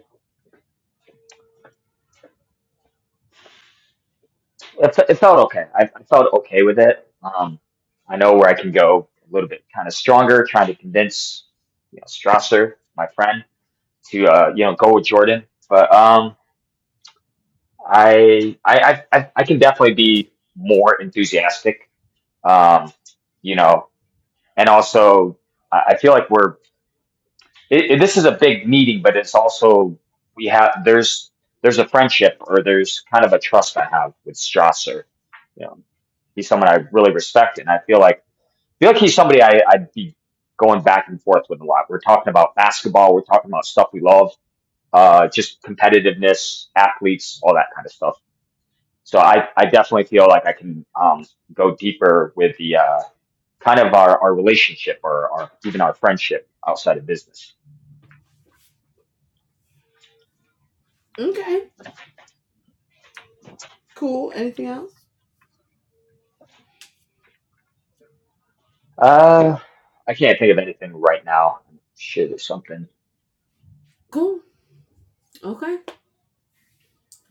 [SPEAKER 9] it, fe- it felt okay. I, I felt okay with it. Um, I know where I can go a little bit kind of stronger, trying to convince you know, Strasser, my friend, to uh, you know go with Jordan. But um, I I I I I can definitely be more enthusiastic. Um, you know, and also I I feel like we're it, it- this is a big meeting, but it's also we have there's there's a friendship or there's kind of a trust I have with Strasser. You know, he's someone I really respect, and I feel like feel like he's somebody I, I'd be going back and forth with a lot. We're talking about basketball, we're talking about stuff we love, uh, just competitiveness, athletes, all that kind of stuff. So I, I definitely feel like I can um, go deeper with the uh, kind of our, our relationship or our, even our friendship outside of business.
[SPEAKER 4] Okay. Cool. Anything else?
[SPEAKER 9] Uh, I can't think of anything right now. Shit, or something.
[SPEAKER 4] Cool. Okay.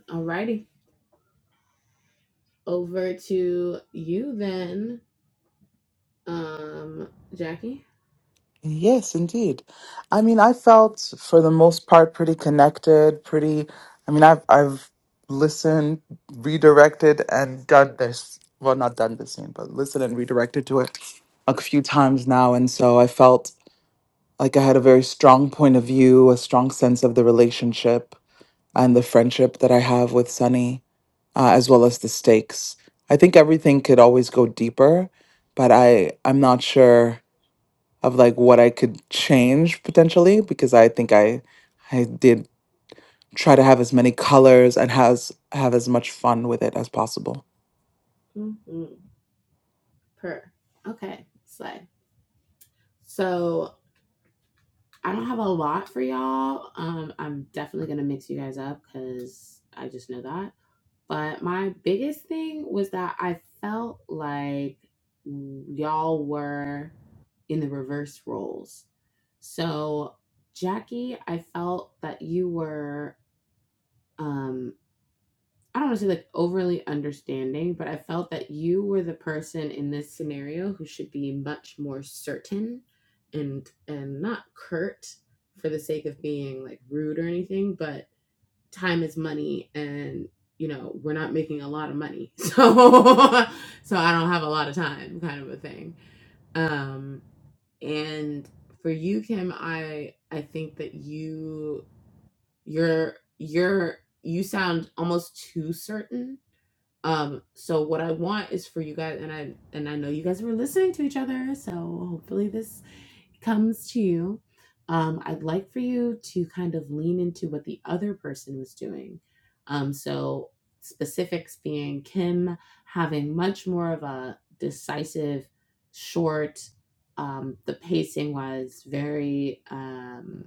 [SPEAKER 4] Alrighty. Over to you then, um, Jackie.
[SPEAKER 1] Yes, indeed. I mean, I felt for the most part pretty connected, pretty I mean, I've I've listened, redirected and done this. Well, not done the scene, but listened and redirected to it a few times now and so I felt like I had a very strong point of view, a strong sense of the relationship and the friendship that I have with Sunny uh, as well as the stakes. I think everything could always go deeper, but I I'm not sure of like what I could change potentially because I think I I did try to have as many colors and has have as much fun with it as possible.
[SPEAKER 4] Mm-hmm. Per. Okay. Slay. So I don't have a lot for y'all. Um, I'm definitely gonna mix you guys up because I just know that. But my biggest thing was that I felt like y'all were in the reverse roles. So Jackie, I felt that you were um I don't want to say like overly understanding, but I felt that you were the person in this scenario who should be much more certain and and not curt for the sake of being like rude or anything, but time is money and you know, we're not making a lot of money. So <laughs> so I don't have a lot of time kind of a thing. Um and for you Kim, I I think that you you're you're you sound almost too certain um, so what I want is for you guys and I and I know you guys were listening to each other, so hopefully this comes to you. Um, I'd like for you to kind of lean into what the other person was doing. Um, so specifics being Kim having much more of a decisive, short, um, the pacing was very um,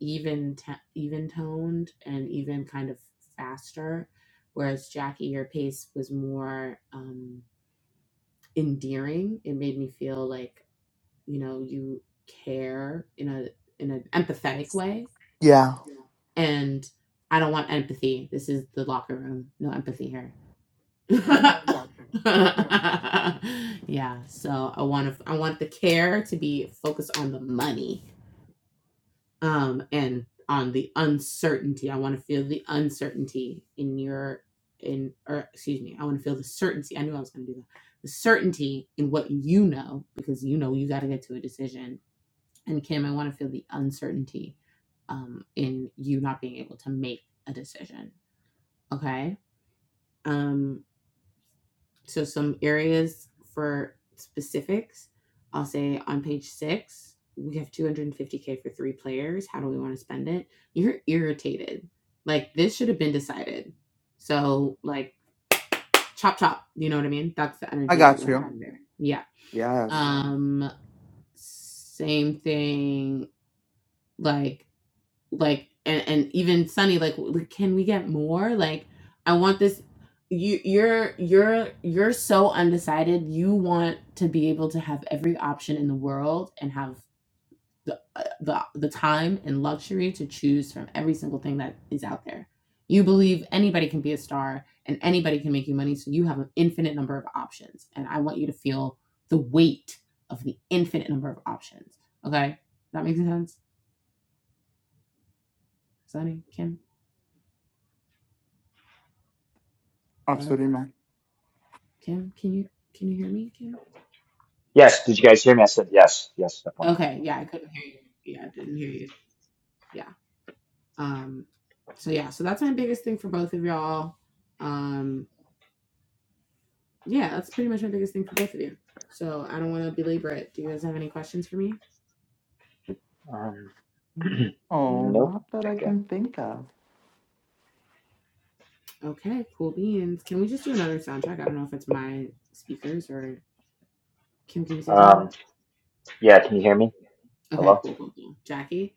[SPEAKER 4] even t- even toned and even kind of faster whereas jackie your pace was more um endearing it made me feel like you know you care in a in an empathetic way
[SPEAKER 1] Yeah,
[SPEAKER 4] and i don't want empathy this is the locker room no empathy here <laughs> yeah so i want to i want the care to be focused on the money um, and on the uncertainty. I want to feel the uncertainty in your in or excuse me, I want to feel the certainty. I knew I was going to do that. The certainty in what you know because you know you got to get to a decision. And Kim, I want to feel the uncertainty um, in you not being able to make a decision. Okay. Um, so some areas for specifics, I'll say on page six, we have 250k for three players. How do we want to spend it? You're irritated. Like this should have been decided. So like chop chop. You know what I mean? That's the
[SPEAKER 1] I
[SPEAKER 4] energy that
[SPEAKER 1] got
[SPEAKER 4] we're
[SPEAKER 1] you.
[SPEAKER 4] having there. Yeah.
[SPEAKER 1] Yes,
[SPEAKER 4] Um. Same thing. Like like and, and even Sunny like can we get more like I want this you you're you're you're so undecided you want to be able to have every option in the world and have the uh, the, the time and luxury to choose from every single thing that is out there you believe anybody can be a star and anybody can make you money so you have an infinite number of options and I want you to feel the weight of the infinite number of options okay that makes sense Sunny Kim hello
[SPEAKER 1] absolutely. man.
[SPEAKER 4] Kim, can you can you hear me, Kim?
[SPEAKER 9] Yes, did you guys hear me? I said yes, yes, definitely.
[SPEAKER 4] Okay, yeah, I couldn't hear you. Yeah, I didn't hear you. Yeah. Um so yeah, so that's my biggest thing for both of y'all. Um yeah, that's pretty much my biggest thing for both of you. So I don't want to belabor it. Do you guys have any questions for me?
[SPEAKER 9] Um,
[SPEAKER 1] Mhm.
[SPEAKER 9] <clears throat>
[SPEAKER 1] Oh,
[SPEAKER 9] nope.
[SPEAKER 1] not that I
[SPEAKER 9] Okay.
[SPEAKER 1] can think of.
[SPEAKER 4] Okay, cool beans. Can we just do another soundtrack? I don't know if it's my speakers or Kim, can you say something?
[SPEAKER 9] Um, yeah, can you hear me? Hello?
[SPEAKER 4] Okay, cool, cool, cool. Jackie?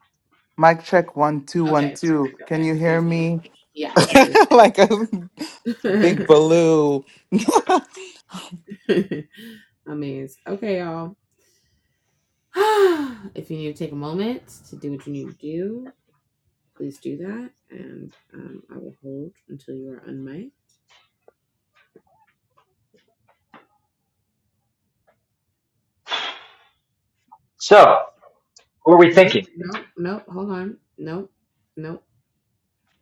[SPEAKER 1] Mic check one two one
[SPEAKER 4] Okay,
[SPEAKER 1] two.
[SPEAKER 4] perfect.
[SPEAKER 1] Can
[SPEAKER 4] Okay.
[SPEAKER 1] you
[SPEAKER 4] It
[SPEAKER 1] hear
[SPEAKER 4] was me.
[SPEAKER 1] me?
[SPEAKER 4] Yes, it
[SPEAKER 1] <laughs> like a big <laughs>
[SPEAKER 4] was
[SPEAKER 1] baloo. <laughs>
[SPEAKER 4] <laughs> amazed. Okay, y'all. <sighs> if you need to take a moment to do what you need to do, please do that. And um, I will hold until you are unmiked.
[SPEAKER 9] So, who are we
[SPEAKER 4] Wait,
[SPEAKER 9] thinking?
[SPEAKER 4] no, no, hold on. No, no.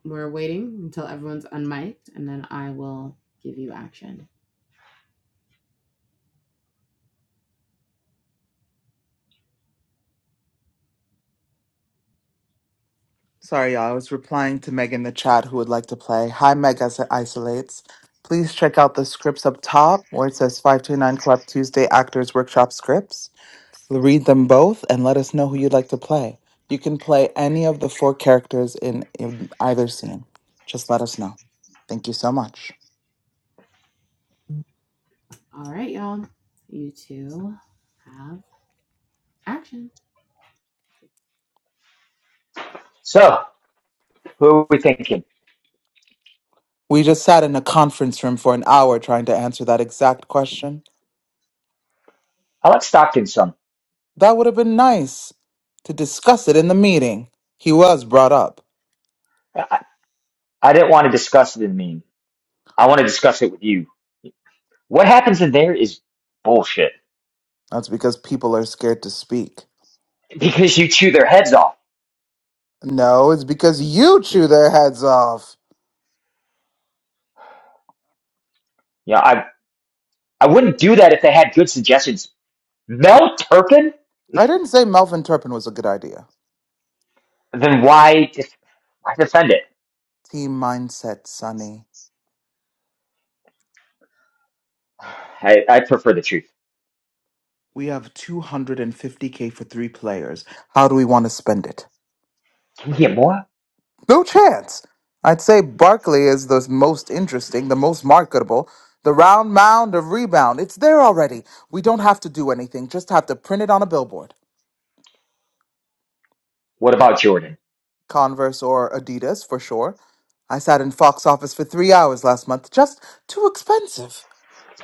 [SPEAKER 4] We're waiting until everyone's unmiked and then I will give you action.
[SPEAKER 1] Sorry, y'all. I was replying to Meg in the chat who would like to play. Hi, Meg as it isolates. Please check out the scripts up top where it says 529 Club Tuesday Actors Workshop scripts. Read them both and let us know who you'd like to play. You can play any of the four characters in, in either scene. Just let us know. Thank you so much.
[SPEAKER 4] All right, y'all. You two have action.
[SPEAKER 9] So, who are we thinking?
[SPEAKER 1] We just sat in a conference room for an hour trying to answer that exact question.
[SPEAKER 9] I like Stockton some.
[SPEAKER 1] That would have been nice to discuss it in the meeting. He was brought up.
[SPEAKER 9] I, I I didn't want to discuss it in mean. I want to discuss it with you. What happens in there is bullshit
[SPEAKER 1] That's because people are scared to speak.
[SPEAKER 9] because you chew their heads off.
[SPEAKER 1] No, it's because you chew their heads off.
[SPEAKER 9] Yeah, I I wouldn't do that if they had good suggestions. Mel Turpin?
[SPEAKER 1] I didn't say Melvin Turpin was a good idea.
[SPEAKER 9] Then why def- why defend it?
[SPEAKER 1] Team mindset, Sonny.
[SPEAKER 9] I, I prefer the truth.
[SPEAKER 1] We have 250k for three players. How do we want to spend it?
[SPEAKER 9] Can we get more?
[SPEAKER 1] No chance. I'd say Barkley is the most interesting, the most marketable, the round mound of rebound. It's there already. We don't have to do anything, just have to print it on a billboard.
[SPEAKER 9] What about Jordan?
[SPEAKER 1] Converse or Adidas for sure. I sat in Fox office for three hours last month. Just too expensive.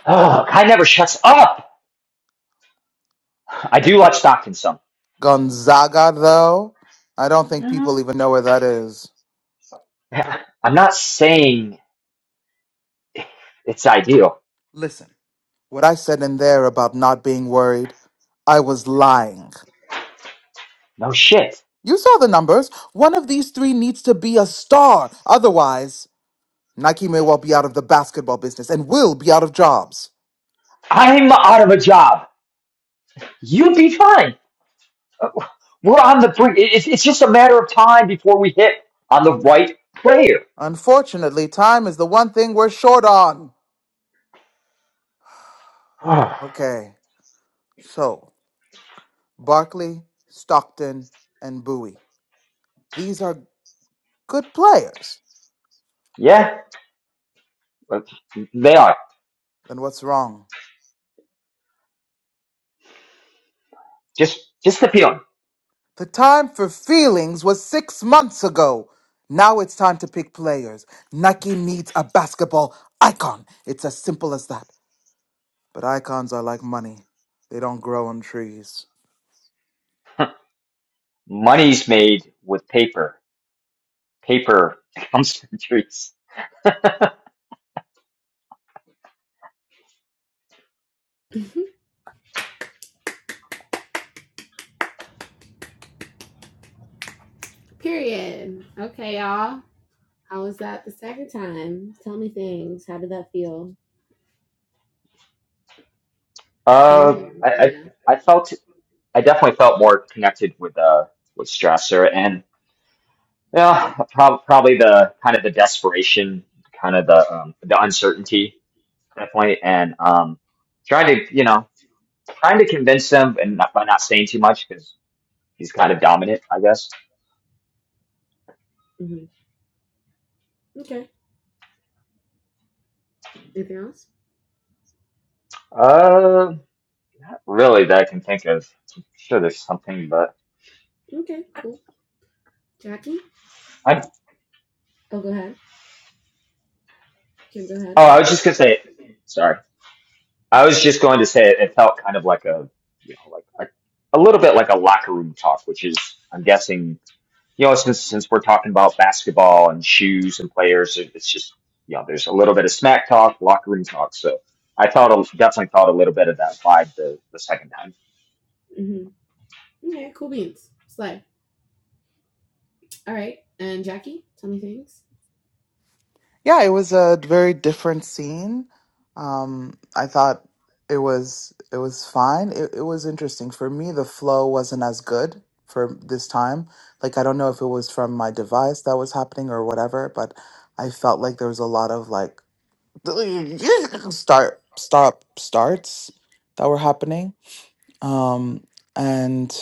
[SPEAKER 9] Oh, guy never shuts up. I do watch Stockton some.
[SPEAKER 1] Gonzaga, though? I don't think
[SPEAKER 9] Yeah,
[SPEAKER 1] people even know where that is.
[SPEAKER 9] I'm not saying it's ideal.
[SPEAKER 1] Listen, what I said in there about not being worried, I was lying.
[SPEAKER 9] No shit.
[SPEAKER 1] You saw the numbers. One of these three needs to be a star. Otherwise, Nike may well be out of the basketball business and will be out of jobs.
[SPEAKER 9] I'm out of a job. You'd be fine. We're on the brink. It- It's, it's just a matter of time before we hit on the right player.
[SPEAKER 1] Unfortunately, time is the one thing we're short on.
[SPEAKER 9] <sighs>
[SPEAKER 1] Okay, so Barkley, Stockton, and Bowie. These are good players.
[SPEAKER 9] yeah, they are.
[SPEAKER 1] Then what's wrong?
[SPEAKER 9] Just, just the feeling.
[SPEAKER 1] The time for feelings was six months ago. Now it's time to pick players. Nike needs a basketball icon. It's as simple as that. But icons are like money, they don't grow on trees.
[SPEAKER 9] Money's made with paper, paper <laughs> gum surgeries.
[SPEAKER 4] <laughs> Period. Okay, y'all. How was that the second time? Tell me things. How did that feel?
[SPEAKER 9] Uh,
[SPEAKER 4] Kim?
[SPEAKER 9] I, I I felt I definitely felt more connected with uh with Strasser, and yeah, prob- probably the kind of the desperation, kind of the um, the uncertainty, definitely, and um, trying to you know trying to convince them, and not, by not saying too much because he's kind of dominant, I guess.
[SPEAKER 4] hmm Okay. Anything else?
[SPEAKER 9] Uh, really, that I can think of. I'm sure there's something, but
[SPEAKER 4] Okay, cool. Jackie?
[SPEAKER 9] I
[SPEAKER 4] Oh, go ahead. Kim, go
[SPEAKER 9] oh,
[SPEAKER 4] ahead.
[SPEAKER 9] I was just gonna say, sorry. I was just going to say it, it felt kind of like a, you know, like a, a little bit like a locker room talk, which is, I'm guessing, you know, since since we're talking about basketball and shoes and players, it, it's just, you know, there's a little bit of smack talk, locker room talk. So I thought, definitely thought a little bit of that vibe the, the second time.
[SPEAKER 4] Mm-hmm. Okay. Slay. All right. And Jackie, tell me things.
[SPEAKER 1] Yeah, it was a very different scene. Um, I thought it was it was fine. It, it was interesting for me. The flow wasn't as good for this time. Like I don't know if it was from my device that was happening or whatever, but I felt like there was a lot of like <laughs> <clears throat> start stop starts that were happening. Um, and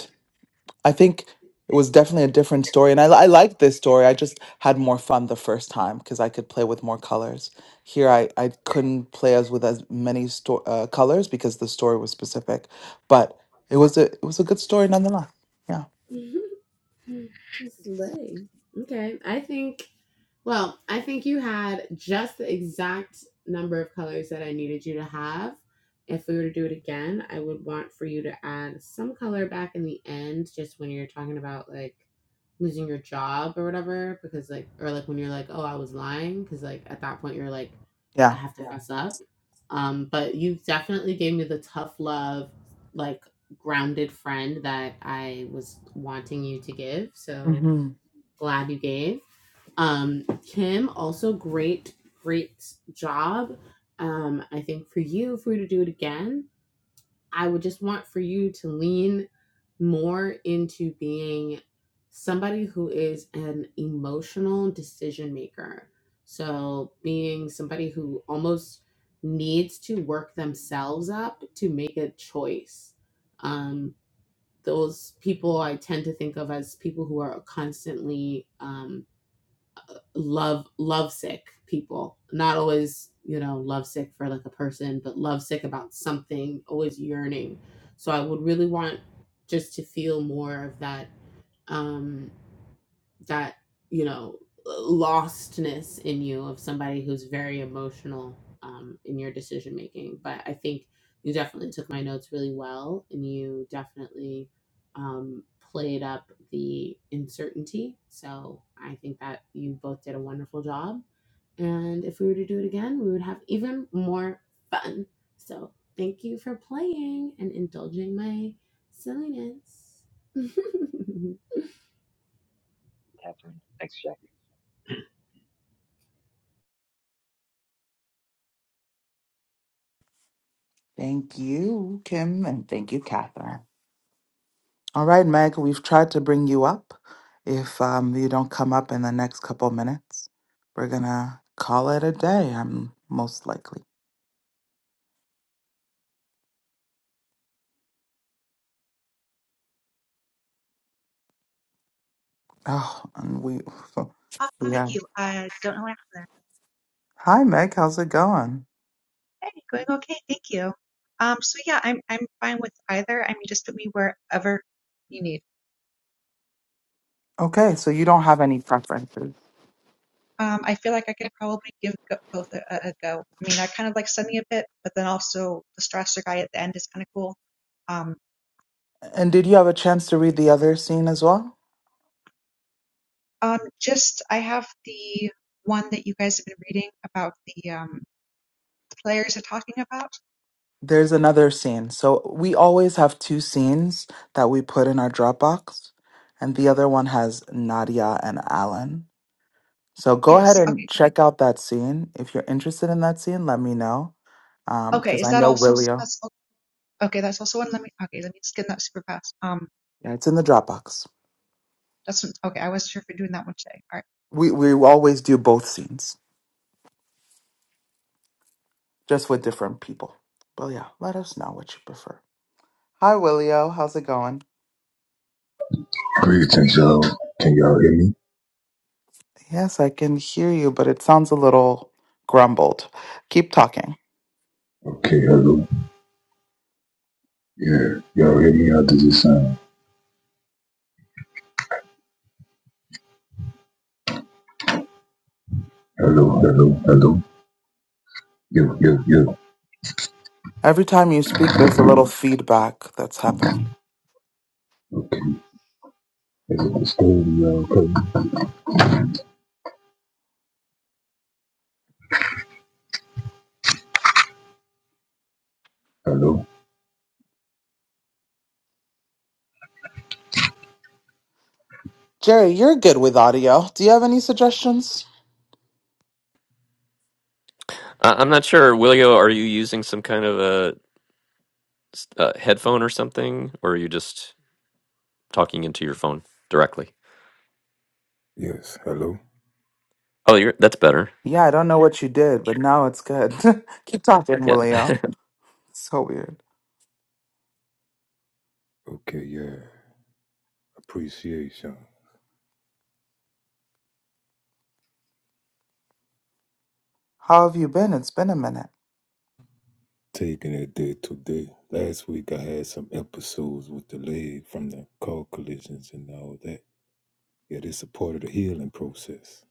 [SPEAKER 1] I think it was definitely a different story, and I, I liked this story. I just had more fun the first time because I could play with more colors. Here, I, I couldn't play as with as many sto- uh, colors because the story was specific, but it was a it was a good story nonetheless. Yeah,
[SPEAKER 4] Mm-hmm. <laughs> Slay. Okay. I think Well, I think you had just the exact number of colors that I needed you to have. If we were to do it again, I would want for you to add some color back in the end, just when you're talking about like losing your job or whatever, because like, or like when you're like, oh, I was lying, because like at that point you're like, I
[SPEAKER 1] yeah.
[SPEAKER 4] have to fess up. Um, but you definitely gave me the tough love, like grounded friend that I was wanting you to give. So
[SPEAKER 1] hmm
[SPEAKER 4] glad you gave. Um, Kim, also great, great job. Um, I think for you, for you to do it again, I would just want for you to lean more into being somebody who is an emotional decision maker. So, being somebody who almost needs to work themselves up to make a choice. Um, those people I tend to think of as people who are constantly um love lovesick people not always you know lovesick for like a person but lovesick about something always yearning so i would really want just to feel more of that um that you know lostness in you of somebody who's very emotional um, in your decision making but i think you definitely took my notes really well and you definitely um, played up the uncertainty so i think that you both did a wonderful job and if we were to do it again we would have even more fun so thank you for playing and indulging my silliness <laughs>
[SPEAKER 9] Catherine, thanks, Jack.
[SPEAKER 1] Thank you, Kim, and thank you, Catherine. All right, Meg, we've tried to bring you up. If um, you don't come up in the next couple minutes, we're gonna call it a day. I'm most likely. Oh, and we. So,
[SPEAKER 10] Oh, thank
[SPEAKER 1] yeah.
[SPEAKER 10] you. I don't know what happened there.
[SPEAKER 1] Hi, Meg. How's it going?
[SPEAKER 10] Hey, going okay. Thank you. Um, so yeah, I'm I'm fine with either. I mean, just put me wherever you need.
[SPEAKER 1] Okay, so you don't have any preferences.
[SPEAKER 10] Um, I feel like I could probably give go- both a, a a go. I mean, I kind of like studying a bit, but then also the Strasser guy at the end is kind of cool. Um,
[SPEAKER 1] And did you have a chance to read the other scene as well?
[SPEAKER 10] um, just I have the one that you guys have been reading about the um players are talking about.
[SPEAKER 1] There's another scene. So we always have two scenes that we put in our Dropbox, and the other one has Nadia and Alan. So go ahead
[SPEAKER 10] Yes.
[SPEAKER 1] and
[SPEAKER 10] Okay.
[SPEAKER 1] check out that scene. If you're interested in that scene, let me know. Um,
[SPEAKER 10] Okay.
[SPEAKER 1] because
[SPEAKER 10] Is
[SPEAKER 1] I
[SPEAKER 10] that
[SPEAKER 1] know
[SPEAKER 10] also
[SPEAKER 1] Willio.
[SPEAKER 10] that's okay? That's also one. Let me. Okay. Let me skim that super fast. Um.
[SPEAKER 1] Yeah, it's in the Dropbox.
[SPEAKER 10] That's an, okay. I wasn't sure if we're doing that one today. All right.
[SPEAKER 1] We we always do both scenes. just with different people. But yeah, let us know what you prefer. Hi, Willio. How's it going?
[SPEAKER 11] Greetings, y'all. Can y'all hear me?
[SPEAKER 1] Yes, I can hear you, but it sounds a little grumbled. Keep talking.
[SPEAKER 11] Okay, hello. Yeah, y'all hear me? How does it sound? Hello, hello, hello. Yo, yo, yo.
[SPEAKER 1] Every time you speak, there's a little feedback that's happening.
[SPEAKER 11] Okay. Is it disturbing y'all? Okay. Hello?
[SPEAKER 1] Jerry, you're good with audio. Do you have any suggestions?
[SPEAKER 2] Uh, I'm not sure, Willio. Are you using some kind of a, s- a headphone or something, or are you just talking into your phone directly?
[SPEAKER 11] Yes, hello.
[SPEAKER 2] Oh, you're, that's better.
[SPEAKER 1] Yeah, I don't know what you did, but now it's good. <laughs> Keep talking,
[SPEAKER 2] Yeah. <laughs>
[SPEAKER 1] Willio. So weird.
[SPEAKER 11] Okay, yeah. Appreciation.
[SPEAKER 1] How have you been? It's been a minute.
[SPEAKER 11] Taking it day to day. Last week I had some episodes with the leg from the car collisions and all that. Yeah, this is a part of the healing process.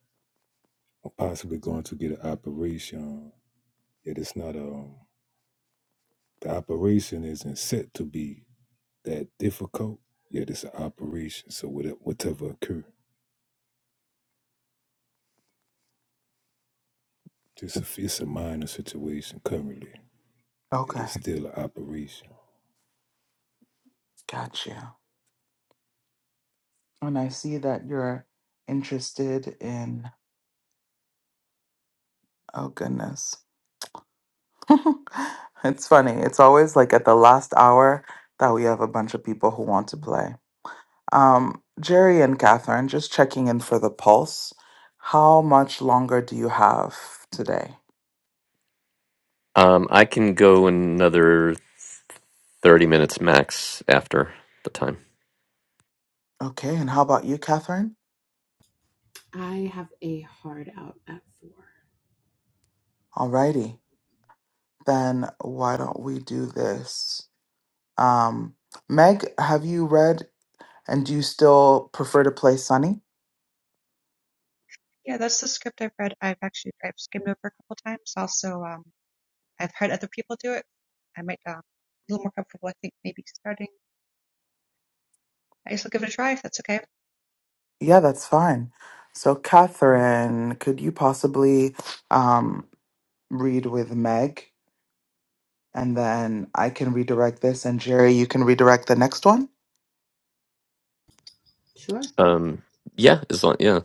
[SPEAKER 11] I'm possibly going to get an operation. Yet it's not a... um the operation isn't set to be that difficult, yet it's an operation. So whatever, whatever occur, just if it's a minor situation currently, yet
[SPEAKER 1] Okay,
[SPEAKER 11] it's still an operation.
[SPEAKER 1] got you. And I see that you're interested in, oh goodness. <laughs> it's funny. It's always like at the last hour that we have a bunch of people who want to play. Um, Jerry and Catherine, just checking in for the pulse. How much longer do you have today?
[SPEAKER 2] Um, I can go another 30 minutes max after the time.
[SPEAKER 1] Okay, and how about you, Catherine?
[SPEAKER 4] I have a hard out at four.
[SPEAKER 1] Alrighty, then why don't we do this? Um, Meg, have you read and do you still prefer to play Sunny?
[SPEAKER 10] Yeah, that's the script I've read. I've actually I've skimmed over a couple times. Also, um, I've heard other people do it. I might um, a little more comfortable. I think maybe starting. I guess I'll give it a try if that's okay.
[SPEAKER 1] Yeah, that's fine. So, Catherine, could you possibly um, read with Meg? And then I can redirect this, and Jerry, you can redirect the next one.
[SPEAKER 4] Sure.
[SPEAKER 2] Um, yeah, as long yeah,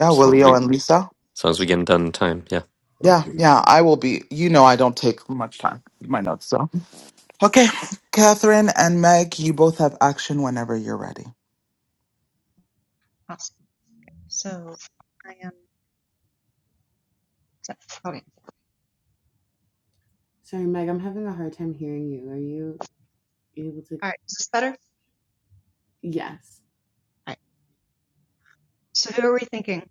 [SPEAKER 1] Yeah,
[SPEAKER 2] as long as we
[SPEAKER 1] Willio and Lisa.
[SPEAKER 2] as long as we get done in time. Yeah.
[SPEAKER 1] Yeah,
[SPEAKER 11] Okay,
[SPEAKER 4] Mm.
[SPEAKER 1] yeah, I will be. You know, I don't take much time, with my notes, so. Okay, Catherine and Meg, you both have action whenever you're ready.
[SPEAKER 10] Awesome. So I am. is Okay.
[SPEAKER 4] Sorry, Meg. I'm having a hard time hearing you. Are you able to?
[SPEAKER 10] All right. Is this better? All
[SPEAKER 4] Yes.
[SPEAKER 10] right. So who are we thinking?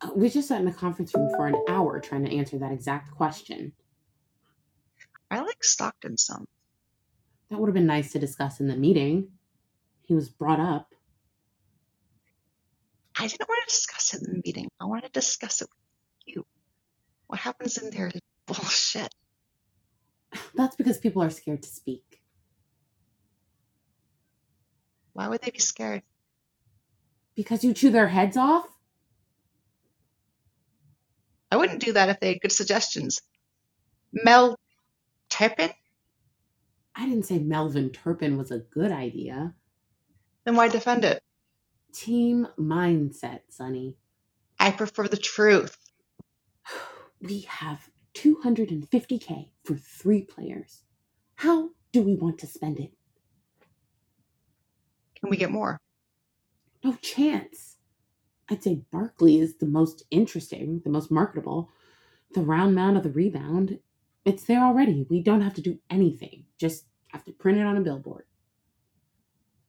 [SPEAKER 4] Uh, We just sat in the conference room for an hour trying to answer that exact question.
[SPEAKER 10] I like Stockton some.
[SPEAKER 4] That would have been nice to discuss in the meeting. He was brought up.
[SPEAKER 10] I didn't want to discuss it in the meeting. I want to discuss it with you. What happens in there is bullshit.
[SPEAKER 4] That's because people are scared to speak.
[SPEAKER 10] Why would they be scared?
[SPEAKER 4] Because you chew their heads off?
[SPEAKER 10] I wouldn't do that if they had good suggestions. Mel Turpin?
[SPEAKER 4] I didn't say Melvin Turpin was a good idea.
[SPEAKER 10] Then why defend it?
[SPEAKER 4] Team mindset, Sonny.
[SPEAKER 10] I prefer the truth.
[SPEAKER 4] <sighs> We have 250K for three players. How do we want to spend it?
[SPEAKER 10] Can we get more?
[SPEAKER 4] No chance. I'd say Barkley is the most interesting, the most marketable, the round mound of the rebound. It's there already. We don't have to do anything, just have to print it on a billboard.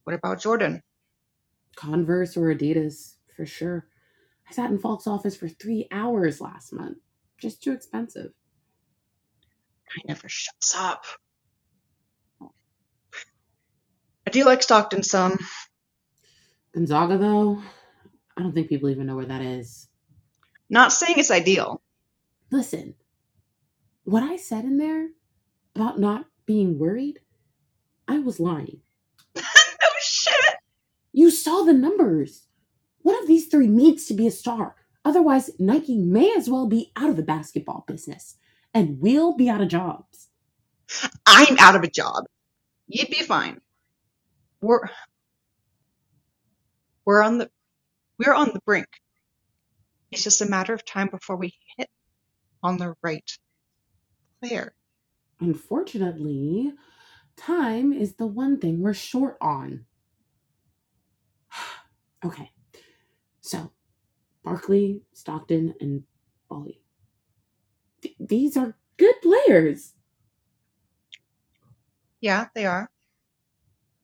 [SPEAKER 10] What about Jordan?
[SPEAKER 4] Converse or Adidas for sure. I sat in Falk's office for three hours last month. Just too expensive.
[SPEAKER 10] Guy never shuts up. I do like Stockton some.
[SPEAKER 4] Gonzaga, though, I don't think people even know where that is.
[SPEAKER 10] Not saying it's ideal.
[SPEAKER 4] Listen, what I said in there about not being worried, I was lying.
[SPEAKER 10] <laughs> No shit.
[SPEAKER 4] You saw the numbers. One of these three needs to be a star. Otherwise, Nike may as well be out of the basketball business, and we'll be out of jobs.
[SPEAKER 10] I'm out of a job. You'd be fine. We're we're on the we're on the brink. It's just a matter of time before we hit on the right player.
[SPEAKER 4] Unfortunately, time is the one thing we're short on. <sighs> okay, so Barkley, Stockton, and Bolly. Th- these are good players.
[SPEAKER 10] Yeah, they are.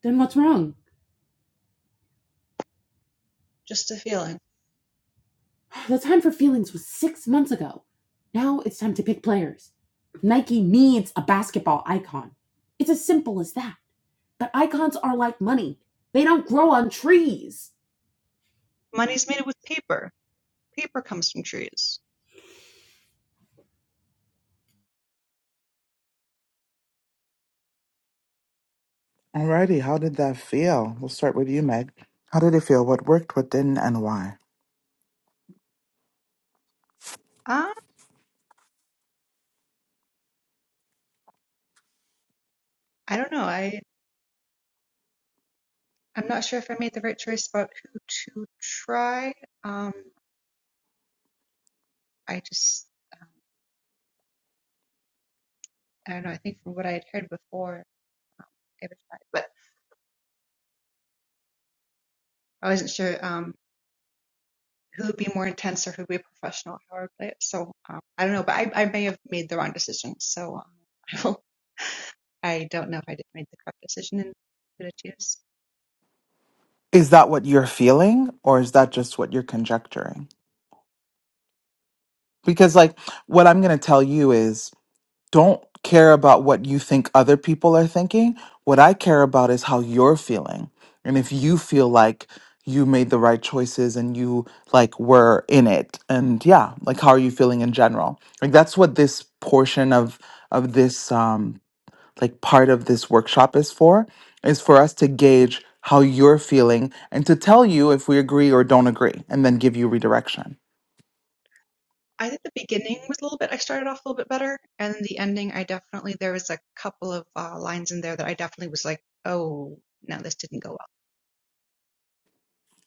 [SPEAKER 4] Then what's wrong? <sighs>
[SPEAKER 10] Just a feeling.
[SPEAKER 4] The time for feelings was six months ago. Now it's time to pick players. Nike needs a basketball icon. It's as simple as that. But icons are like money, they don't grow on trees.
[SPEAKER 10] Money's made with paper. Paper comes from trees.
[SPEAKER 1] Alrighty, how did that feel? We'll start with you, Meg. How did it feel? What worked, what didn't, and why?
[SPEAKER 10] Ah, uh, I don't know. I I'm not sure if I made the right choice about who to try. Um, I just, um, I don't know. I think from what I had heard before, um, I would try, but I wasn't sure um, who would be more intense or who would be a professional, how I would play it. So um, I don't know, but I, I may have made the wrong decision. So um, <laughs> I will, I don't know if I did make the correct decision and who to choose.
[SPEAKER 1] Is that what you're feeling or is that just what you're conjecturing? Because, like, what I'm going to tell you is don't care about what you think other people are thinking. What I care about is how you're feeling. And if you feel like you made the right choices and you like were in it and yeah like how are you feeling in general like that's what this portion of of this um, like part of this workshop is for is for us to gauge how you're feeling and to tell you if we agree or don't agree and then give you redirection
[SPEAKER 10] I think the beginning was a little bit, I started off a little bit better, and then the ending, I definitely, there was a couple of uh, lines in there that I definitely was like, oh, no, this didn't go well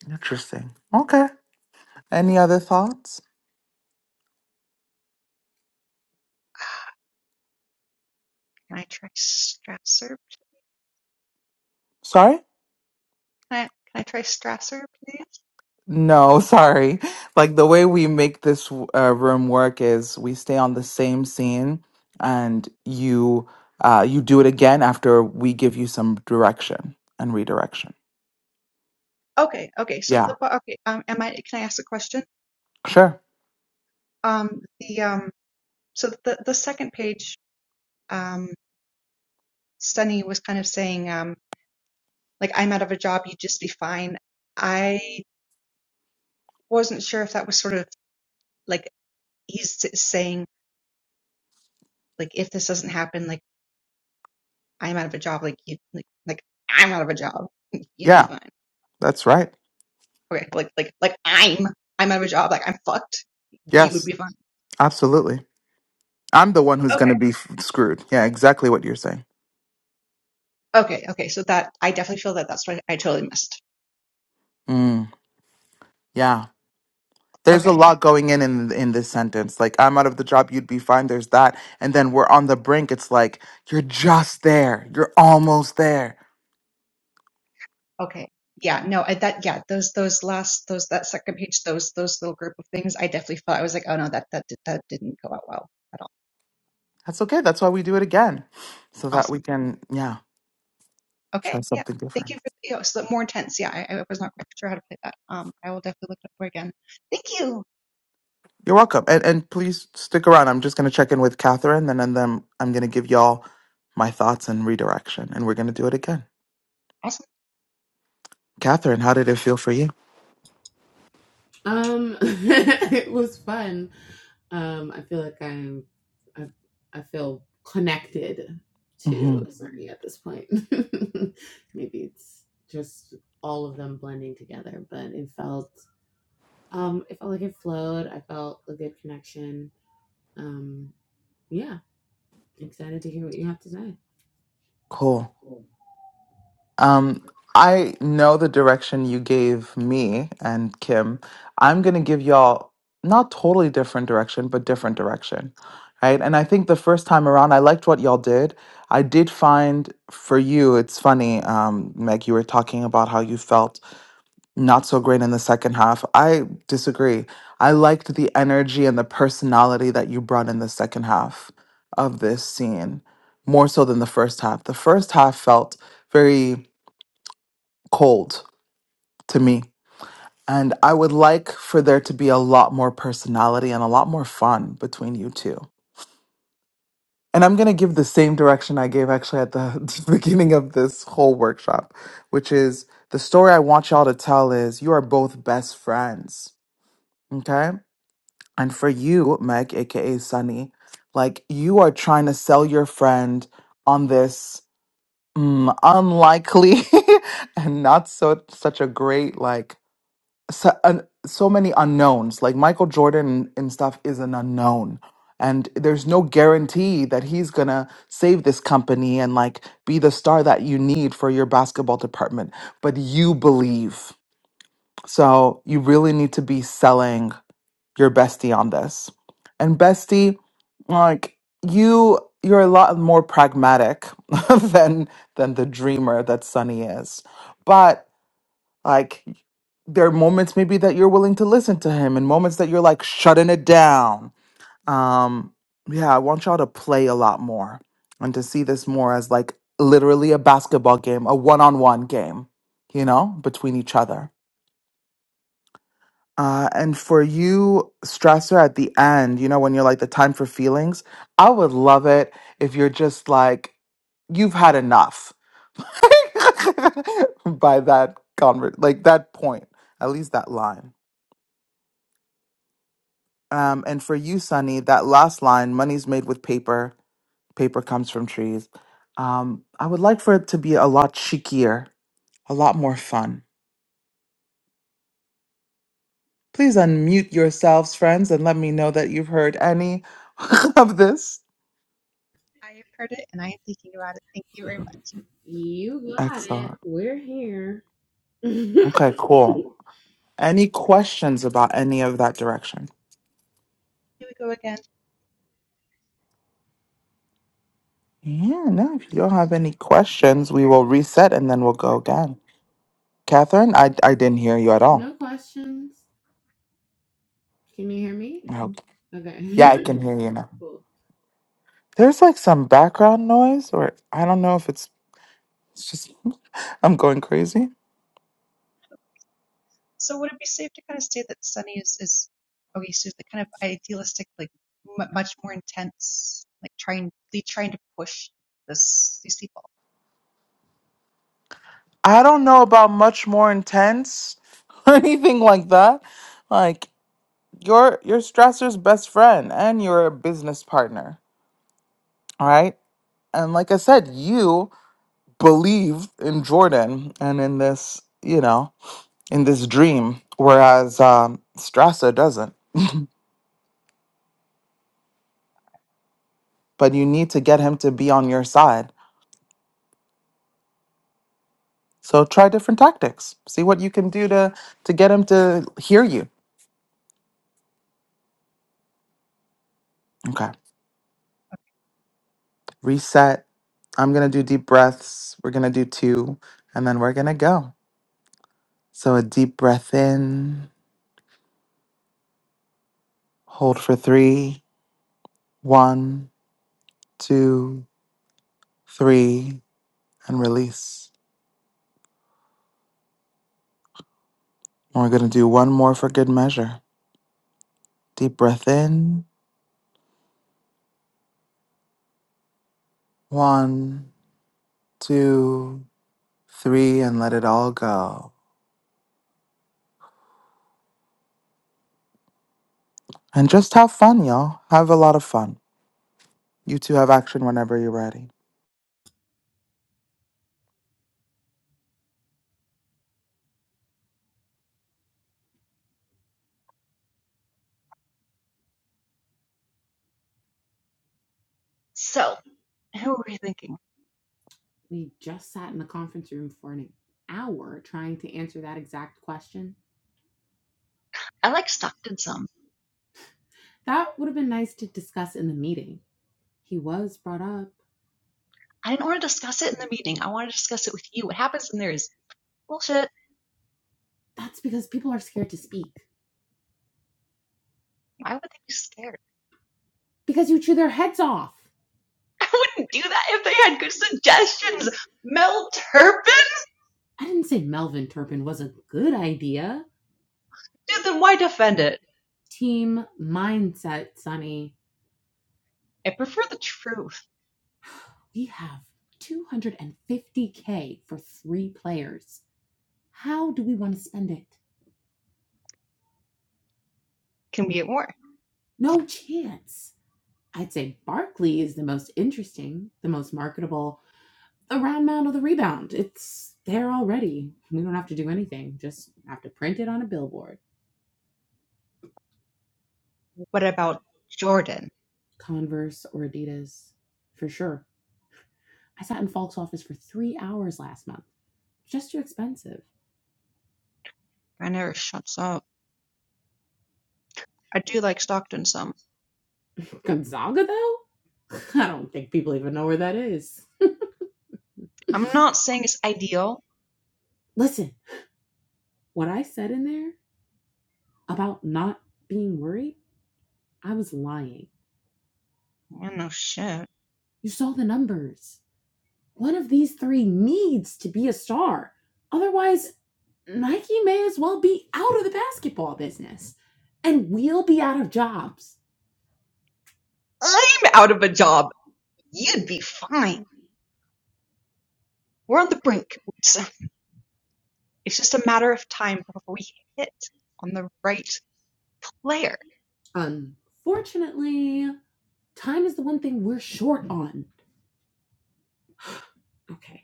[SPEAKER 1] interesting okay any other thoughts
[SPEAKER 10] Can I try Strasser? Can
[SPEAKER 1] sorry
[SPEAKER 10] I, can I try Strasser, please?
[SPEAKER 1] no <laughs> sorry like the way we make this uh, room work is we stay on the same scene and you uh, you do it again after we give you some direction and redirection
[SPEAKER 10] Okay, okay. So
[SPEAKER 1] yeah
[SPEAKER 10] the okay. Um, am I? Can I ask a question?
[SPEAKER 1] sure
[SPEAKER 10] Um, the um, so the the second page, um, Sunny was kind of saying um, like I'm out of a job, you'd just be fine. I wasn't sure if that was sort of like he's s- saying like if this doesn't happen, like I'm out of a job, like you like like I'm out of a job, <laughs> you'd be
[SPEAKER 1] yeah
[SPEAKER 10] fine.
[SPEAKER 1] that's right
[SPEAKER 10] Okay, like like like I'm I'm out of a job, like I'm fucked, you would
[SPEAKER 1] yes
[SPEAKER 10] be fine.
[SPEAKER 1] absolutely I'm the one who's
[SPEAKER 10] Okay.
[SPEAKER 1] going to be f- screwed. Yeah, exactly what you're saying.
[SPEAKER 10] Okay, okay. So that I definitely feel that that's what I totally missed.
[SPEAKER 1] Mm, yeah. There's a
[SPEAKER 10] Okay,
[SPEAKER 1] lot going in, in in this sentence. Like I'm out of the job, you'd be fine. There's that, and then we're on the brink. It's like you're just there. You're almost there.
[SPEAKER 10] okay. Yeah, no, I, that yeah, those those last those that second page, those those little group of things, I definitely felt I was like, oh no, that that did- that didn't go out well at all.
[SPEAKER 1] That's okay. That's why we do it again, so that we
[SPEAKER 10] Awesome.
[SPEAKER 1] can yeah try
[SPEAKER 10] Okay, yeah.
[SPEAKER 1] something
[SPEAKER 10] Thank you
[SPEAKER 1] different.
[SPEAKER 10] for you know, so more intense. Yeah, I, I was not quite sure how to play that. Um, I will definitely look it up again. Thank you.
[SPEAKER 1] You're welcome, and and please stick around. I'm just gonna check in with Catherine, and then then I'm gonna give y'all my thoughts and redirection, and we're gonna do it again.
[SPEAKER 10] Awesome.
[SPEAKER 1] Catherine, how did it feel for you?
[SPEAKER 4] Um, <laughs> it was fun. Um, I feel like I'm, I, I feel connected to
[SPEAKER 1] hmm
[SPEAKER 4] Zerny at this point. <laughs> Maybe it's just all of them blending together, but it felt, um, it felt like it flowed. I felt a good connection. Um, yeah, excited to hear what you have to say.
[SPEAKER 1] Cool. Um, I know the direction you gave me and Kim. I'm going to give y'all not totally different direction, but different direction. Right. And I think the first time around, I liked what y'all did. I did find for you, it's funny, um, Meg, you were talking about how you felt not so great in the second half. I disagree. I liked the energy and the personality that you brought in the second half of this scene more so than the first half. The first half felt very cold to me. And I would like for there to be a lot more personality and a lot more fun between you two. And I'm going to give the same direction I gave actually at the <laughs> beginning of this whole workshop, which is the story I want y'all to tell is you are both best friends. Okay. And for you, Meg, AKA Sunny, like you are trying to sell your friend on this mm, unlikely <laughs> and not so such a great like so, un, so many unknowns. Like Michael Jordan and stuff is an unknown. And there's no guarantee that he's going to save this company and like be the star that you need for your basketball department. But you believe. So you really need to be selling your bestie on this. And bestie, like you you're a lot more pragmatic <laughs> than than the dreamer that Sunny is. but. Like there are moments maybe that you're willing to listen to him and moments that you're like shutting it down. Um yeah, I want y'all to play a lot more and to see this more as like literally a basketball game, a one-on-one game, you know, between each other. Uh, and for you, stressor at the end, you know, when you're like the time for feelings, I would love it if you're just like, you've had enough <laughs> by that convert, like that point, at least that line. Um, and for you, Sunny, that last line, money's made with paper, paper comes from trees. Um, I would like for it to be a lot cheekier, a lot more fun. Please unmute yourselves, friends, and let me know that you've heard any <laughs> of this.
[SPEAKER 10] I have heard it and I am thinking about it. Thank you very much.
[SPEAKER 4] Yeah. <laughs>
[SPEAKER 1] Excellent. Okay, cool. Any questions about any of that direction?
[SPEAKER 10] Here we go again.
[SPEAKER 1] Yeah, no, if you don't have any questions, we will reset and then we'll go again. Catherine, I, I didn't hear you at all.
[SPEAKER 4] No questions. Can you hear me?
[SPEAKER 1] I hope.
[SPEAKER 4] Okay.
[SPEAKER 1] Yeah,
[SPEAKER 4] Yeah,
[SPEAKER 1] I
[SPEAKER 4] I can <laughs>
[SPEAKER 1] can hear
[SPEAKER 4] hear
[SPEAKER 1] you
[SPEAKER 4] you.
[SPEAKER 1] now.
[SPEAKER 4] Cool.
[SPEAKER 1] There's like some background noise, or I don't know if it's, it's just, <laughs> I'm going crazy.
[SPEAKER 10] So would it be safe to kind of say that Sunny is is okay? So the kind of idealistic, like m- much more intense, like trying, really trying to push this these people.
[SPEAKER 1] I don't know about much more intense <laughs> or anything like that. Like, you're, you're Strasser's best friend and you're a business partner. All right. And like I said, you. believed in Jordan and in this, you know, in this dream, whereas um, Strasser doesn't. But you need to get him to be on your side. So try different tactics. See what you can do to to get him to hear you. Okay. Reset. I'm gonna do deep breaths. We're gonna do two, and then we're gonna go. So a deep breath in, hold for three, one, two, three, and release. And we're gonna do one more for good measure. Deep breath in. One, two, three, and let it all go. And just have fun, y'all. Have a lot of fun. You two have action whenever you're ready.
[SPEAKER 10] So who were we thinking?
[SPEAKER 4] We just sat in the conference room for an hour trying to answer that exact question.
[SPEAKER 10] I like Stockton some.
[SPEAKER 4] That would have been nice to discuss in the meeting. He was brought up.
[SPEAKER 10] I didn't want to discuss it in the meeting. I want to discuss it with you. What happens when there is bullshit?
[SPEAKER 4] That's because people are scared to speak.
[SPEAKER 10] Why would they be scared?
[SPEAKER 4] Because you chew their heads off.
[SPEAKER 10] <laughs> I wouldn't do that if they had good suggestions. Mel Turpin,
[SPEAKER 4] I didn't say Melvin Turpin was a good idea.
[SPEAKER 10] dude. Then why defend it?
[SPEAKER 4] Team mindset, Sonny.
[SPEAKER 10] I prefer the truth.
[SPEAKER 4] <sighs> We have 250K for three players. How do we want to spend it?
[SPEAKER 10] Can we get more?
[SPEAKER 4] No chance. I'd say Barkley is the most interesting, the most marketable, a round mound of the rebound. It's there already. We don't have to do anything. Just have to print it on a billboard.
[SPEAKER 10] What about Jordan?
[SPEAKER 4] Converse or Adidas, for sure. I sat in Falk's office for three hours last month. Just too expensive.
[SPEAKER 10] I never shuts up. I do like Stockton some.
[SPEAKER 4] Gonzaga, though? <laughs> I don't think people even know where that is.
[SPEAKER 10] I'm
[SPEAKER 4] <laughs>
[SPEAKER 10] not saying it's ideal.
[SPEAKER 4] Listen, what I said in there about not being worried, I was lying.
[SPEAKER 10] Yeah, no shit.
[SPEAKER 4] You saw the numbers. One of these three needs to be a star. Otherwise, Nike may as well be out of the basketball business and we'll be out of jobs.
[SPEAKER 10] I'm out of a job. You'd be fine. We're on the brink. It's, it's just a matter of time before we hit on the right player.
[SPEAKER 4] Unfortunately, time is the one thing we're short on. Okay,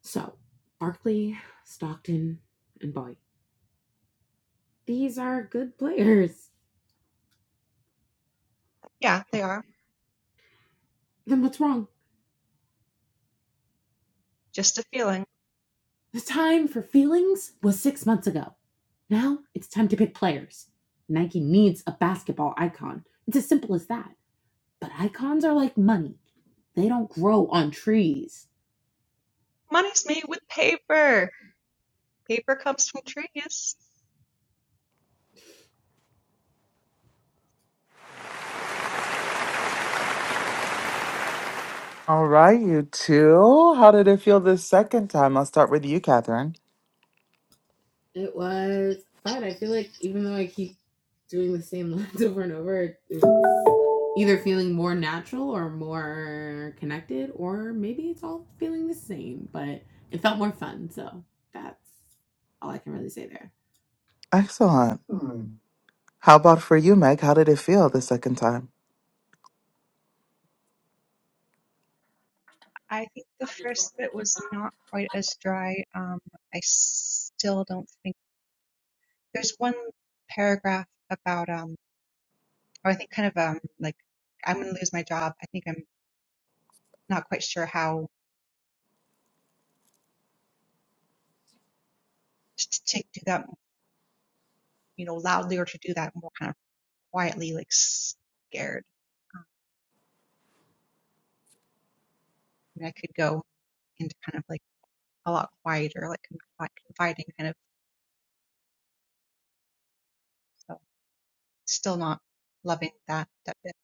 [SPEAKER 4] so Barkley, Stockton, and Boyd. These are good players.
[SPEAKER 10] Yeah, they are.
[SPEAKER 4] Then what's wrong?
[SPEAKER 10] Just a feeling.
[SPEAKER 4] The time for feelings was six months ago. Now it's time to pick players. Nike needs a basketball icon. It's as simple as that. But icons are like money, they don't grow on trees.
[SPEAKER 10] Money's made with paper. Paper comes from trees.
[SPEAKER 1] All right, you two. How did it feel this second time? I'll start with you, Catherine.
[SPEAKER 4] It was fun. I feel like even though I keep doing the same <laughs> lines over and over, it's either feeling more natural or more connected, or maybe it's all feeling the same, but it felt more fun. So that's all I can really say there.
[SPEAKER 1] Excellent. How about for you, Meg? How did it feel the second time?
[SPEAKER 10] I think the first bit was not quite as dry. Um, I still don't think there's one paragraph about. um or I think kind of um like I'm going to lose my job. I think I'm not quite sure how to, to do that, you know, loudly or to do that more kind of quietly, like scared. Um, I mean, I could go into kind of like a lot quieter, like confi- confiding kind of. So still not loving that that bit.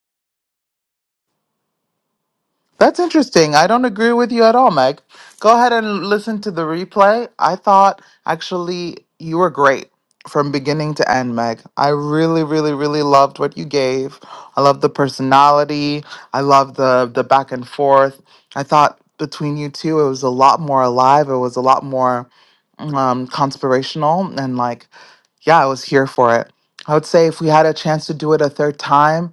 [SPEAKER 1] That's interesting. I don't agree with you at all, Meg. Go ahead and listen to the replay. I thought actually you were great from beginning to end, Meg. I really, really, really loved what you gave. I love the personality. I love the the back and forth. I thought between you two it was a lot more alive. It was a lot more um, conspirational and like yeah, I was here for it. I would say if we had a chance to do it a third time,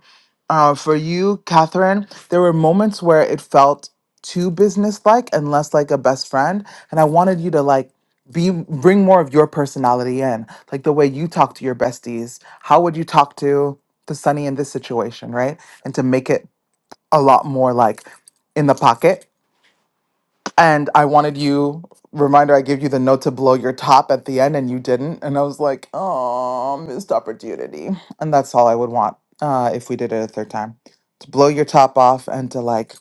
[SPEAKER 1] uh, for you, Catherine, there were moments where it felt too businesslike and less like a best friend, and I wanted you to like be bring more of your personality in, like the way you talk to your besties. How would you talk to to Sunny in this situation, right? And to make it a lot more like in the pocket and I wanted you, reminder, I gave you the note to blow your top at the end and you didn't. And I was like, oh, missed opportunity. And that's all I would want uh, if we did it a third time to blow your top off and to like,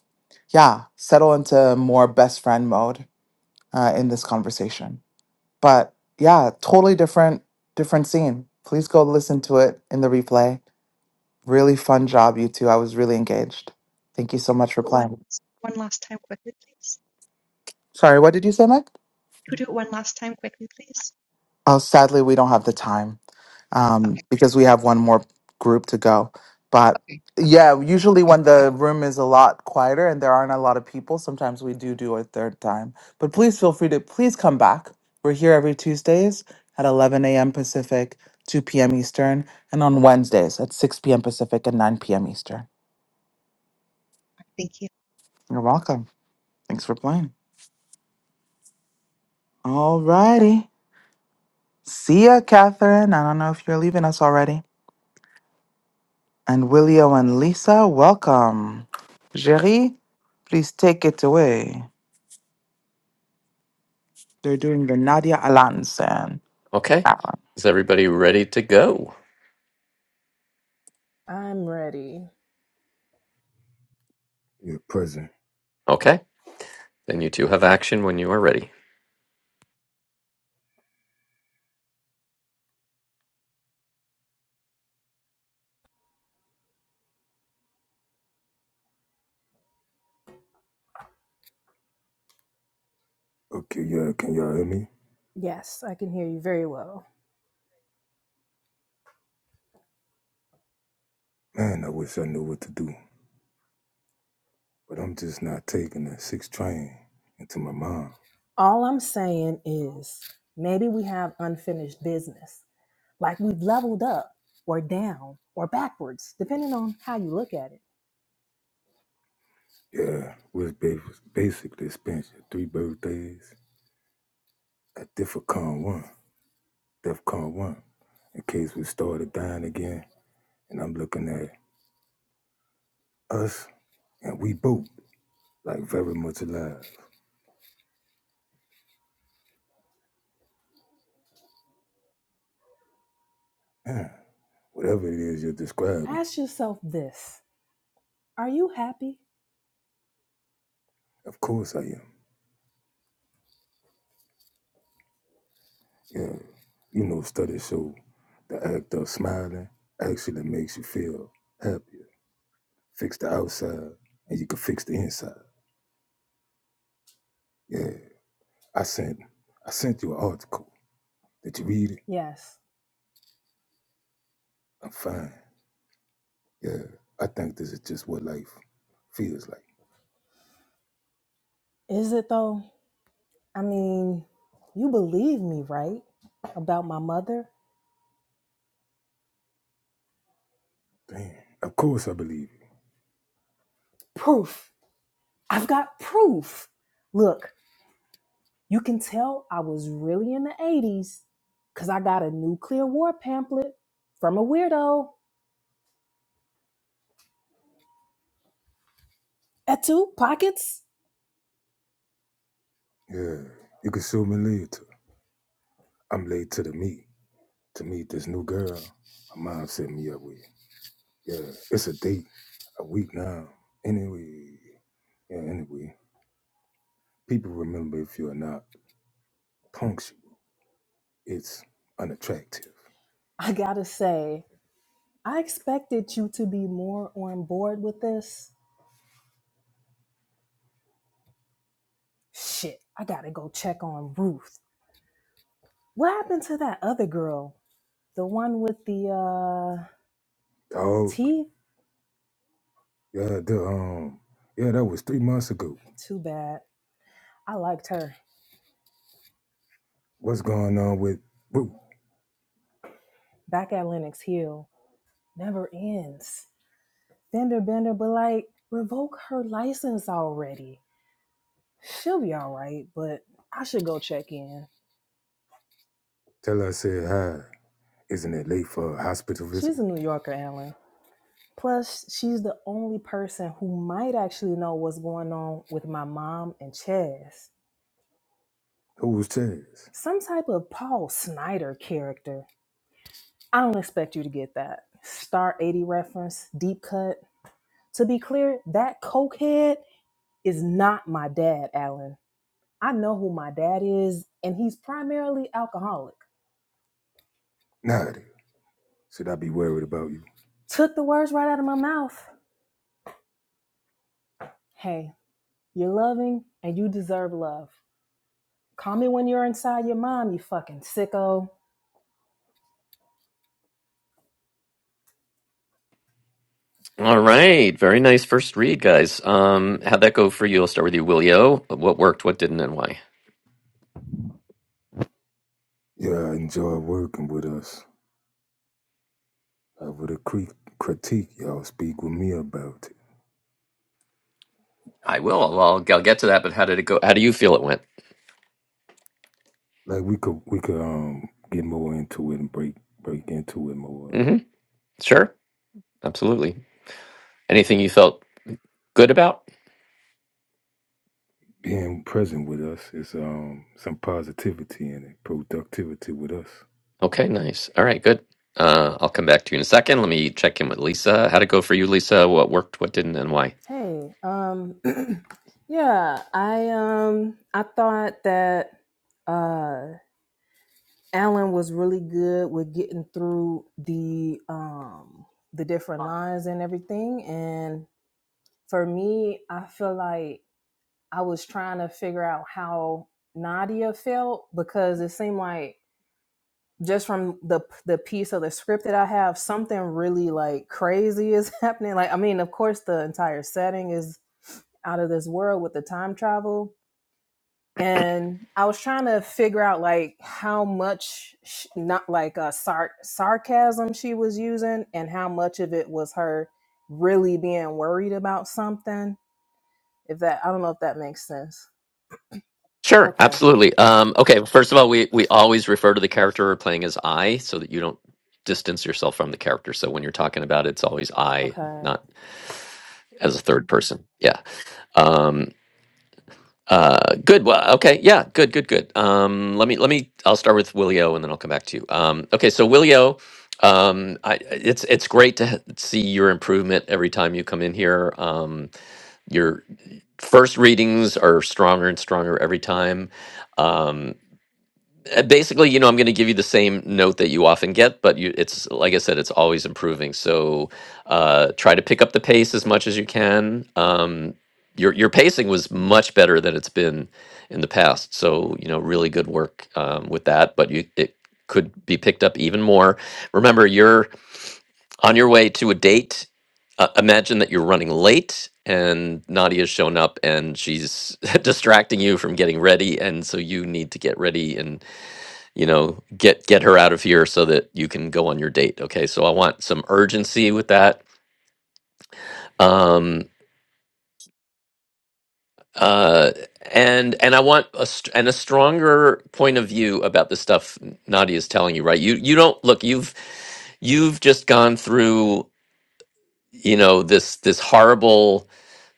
[SPEAKER 1] yeah, settle into more best friend mode uh, in this conversation. But yeah, totally different, different scene. Please go listen to it in the replay. Really fun job, you two. I was really engaged. Thank you so much for
[SPEAKER 10] Do it one
[SPEAKER 1] playing.
[SPEAKER 10] one last time quickly, please.
[SPEAKER 1] Sorry, what did you say, Mike?
[SPEAKER 10] Could you do it one last time quickly, please?
[SPEAKER 1] Oh, sadly, we don't have the time. um,
[SPEAKER 10] Okay,
[SPEAKER 1] because we have one more group to go. But
[SPEAKER 10] okay, okay.
[SPEAKER 1] yeah, usually when the room is a lot quieter and there aren't a lot of people, sometimes we do do a third time. But please feel free to please come back. We're here every Tuesdays at 11 a.m. Pacific, 2 p.m. Eastern, and on Wednesdays at 6 p.m. Pacific and 9 p.m. Eastern.
[SPEAKER 10] Thank you.
[SPEAKER 1] You're welcome. Thanks for playing. All righty. See ya, Catherine. I don't know if you're leaving us already. And Willio and Lisa, welcome. Jerry, please take it away. They're doing the Nadia Alanson.
[SPEAKER 2] Okay.
[SPEAKER 1] That one.
[SPEAKER 2] Is everybody ready to go?
[SPEAKER 12] I'm ready.
[SPEAKER 11] yeah, present.
[SPEAKER 2] Okay. Then you two have action when you are ready.
[SPEAKER 11] Okay, yeah, can y'all hear me?
[SPEAKER 12] Yes, I can hear you very well.
[SPEAKER 11] Man, I wish I knew what to do, but I'm just not taking that six train into my mom.
[SPEAKER 12] All I'm saying is maybe we have unfinished business. Like we've leveled up or down or backwards, depending on how you look at it.
[SPEAKER 11] Yeah, which ba- basically spent your three birthdays at DEFCON 1, DEFCON 1, in case we started dying again. And I'm looking at us, and we both, like very much alive. <clears throat> Yeah, whatever it is you're describing,
[SPEAKER 12] Ask yourself this Are you happy?
[SPEAKER 11] of course I am. Yeah, you know, studies show the act of smiling actually makes you feel happier. Fix the outside, and you can fix the inside. Yeah, I sent, I sent you an article. Did you read it?
[SPEAKER 12] Yes.
[SPEAKER 11] I'm fine. Yeah, I think this is just what life feels like.
[SPEAKER 12] Is it though? I mean, you believe me, right? About my mother?
[SPEAKER 11] Damn. Of course I believe you.
[SPEAKER 12] Proof. I've got proof. Look, You can tell I was really in the 80s because I got a nuclear war pamphlet from a weirdo. At two pockets?
[SPEAKER 11] Yeah, you can show me later. I'm late to the meet to meet this new girl. My mom set me up with. Yeah, it's a date, a week now. Anyway, yeah, anyway, people remember if you're not punctual, it's unattractive.
[SPEAKER 12] I gotta say, I expected you to be more on board with this. Shit, I gotta go check on Ruth. What happened to that other girl? The one with the uh
[SPEAKER 11] Dog,
[SPEAKER 12] teeth?
[SPEAKER 11] yeah, the, um, yeah, that was three months ago.
[SPEAKER 12] Too bad. I liked her.
[SPEAKER 11] What's going on with Boo?
[SPEAKER 12] Back at Lenox Hill. Never ends. Fender Bender, but like, revoke her license already. She'll be all right, but I should go check in.
[SPEAKER 11] Tell her I said hi. Isn't it late for a hospital
[SPEAKER 12] She's
[SPEAKER 11] visit?
[SPEAKER 12] a New Yorker, Alan. Plus, she's the only person who might actually know what's going on with my mom and Chaz.
[SPEAKER 11] Who was Chaz?
[SPEAKER 12] Some type of Paul Snyder character. I don't expect you to get that. Star 80 reference, deep cut. To be clear, that cokehead is not my dad, Alan. I know who my dad is, and he's primarily alcoholic.
[SPEAKER 11] Nadia. Should I be worried about you?
[SPEAKER 12] Took the words right out of my mouth. Hey, You're loving and you deserve love. Call me when you're inside your mom, you fucking sicko.
[SPEAKER 2] All right. Very nice first read, guys. Um, how'd that go for you? I'll start with you, Willio. What worked, what didn't, and why?
[SPEAKER 11] Yeah, I enjoy working with us. I would a cre- critique y'all speak with me about.
[SPEAKER 2] I will. I'll, I'll get to that, but how did it go? How do you feel it went?
[SPEAKER 11] Like we could we could um get more into it and break break into it more.
[SPEAKER 2] hmm Sure. Absolutely. Anything you felt good about?
[SPEAKER 11] Being present with us is um some positivity in it, productivity with us.
[SPEAKER 2] Okay, nice. All right, good. Uh, I'll come back to you in a second. Let me check in with Lisa. How'd it go for you, Lisa? What worked, what didn't, and why?
[SPEAKER 12] Hey, um <clears throat> yeah, I um I thought that uh Alan was really good with getting through the um the different lines and everything and for me, I feel like I was trying to figure out how Nadia felt because it seemed like just from the the piece of the script that I have, something really like crazy is <laughs> happening. Like, I mean, of course, the entire setting is out of this world with the time travel. And I was trying to figure out like how much sh not like uh, sar- sarcasm she was using, and how much of it was her really being worried about something. If that, I don't know if that makes sense.
[SPEAKER 2] Sure,
[SPEAKER 12] Okay.
[SPEAKER 2] absolutely. Um, okay, well, first of all, we we always refer to the character we're playing as I, so that you don't distance yourself from the character. So when you're talking about it, it's always I,
[SPEAKER 12] Okay.
[SPEAKER 2] not as a third person. Yeah. Um, uh, good. Well, okay. Yeah. Good. Good. Good. Um, let me let me. I'll start with Willio, and then I'll come back to you. Um, okay. So Willio, um, I, it's it's great to h- see your improvement every time you come in here. Um, your first readings are stronger and stronger every time. Um, Uh, Basically, you know, I'm going to give you the same note that you often get, but you, it's like I said, it's always improving. So uh, try to pick up the pace as much as you can. Um, your your pacing was much better than it's been in the past. So you know, really good work um, with that. But you it could be picked up even more. Remember, you're on your way to a date. Uh, imagine that you're running late and Nadia's shown up and she's <laughs> distracting you from getting ready. And so you need to get ready and you know get get her out of here so that you can go on your date okay so i want some urgency with that um uh and and i want a st- and a stronger point of view about the stuff nadia's telling you right you you don't look you've you've just gone through you know this this horrible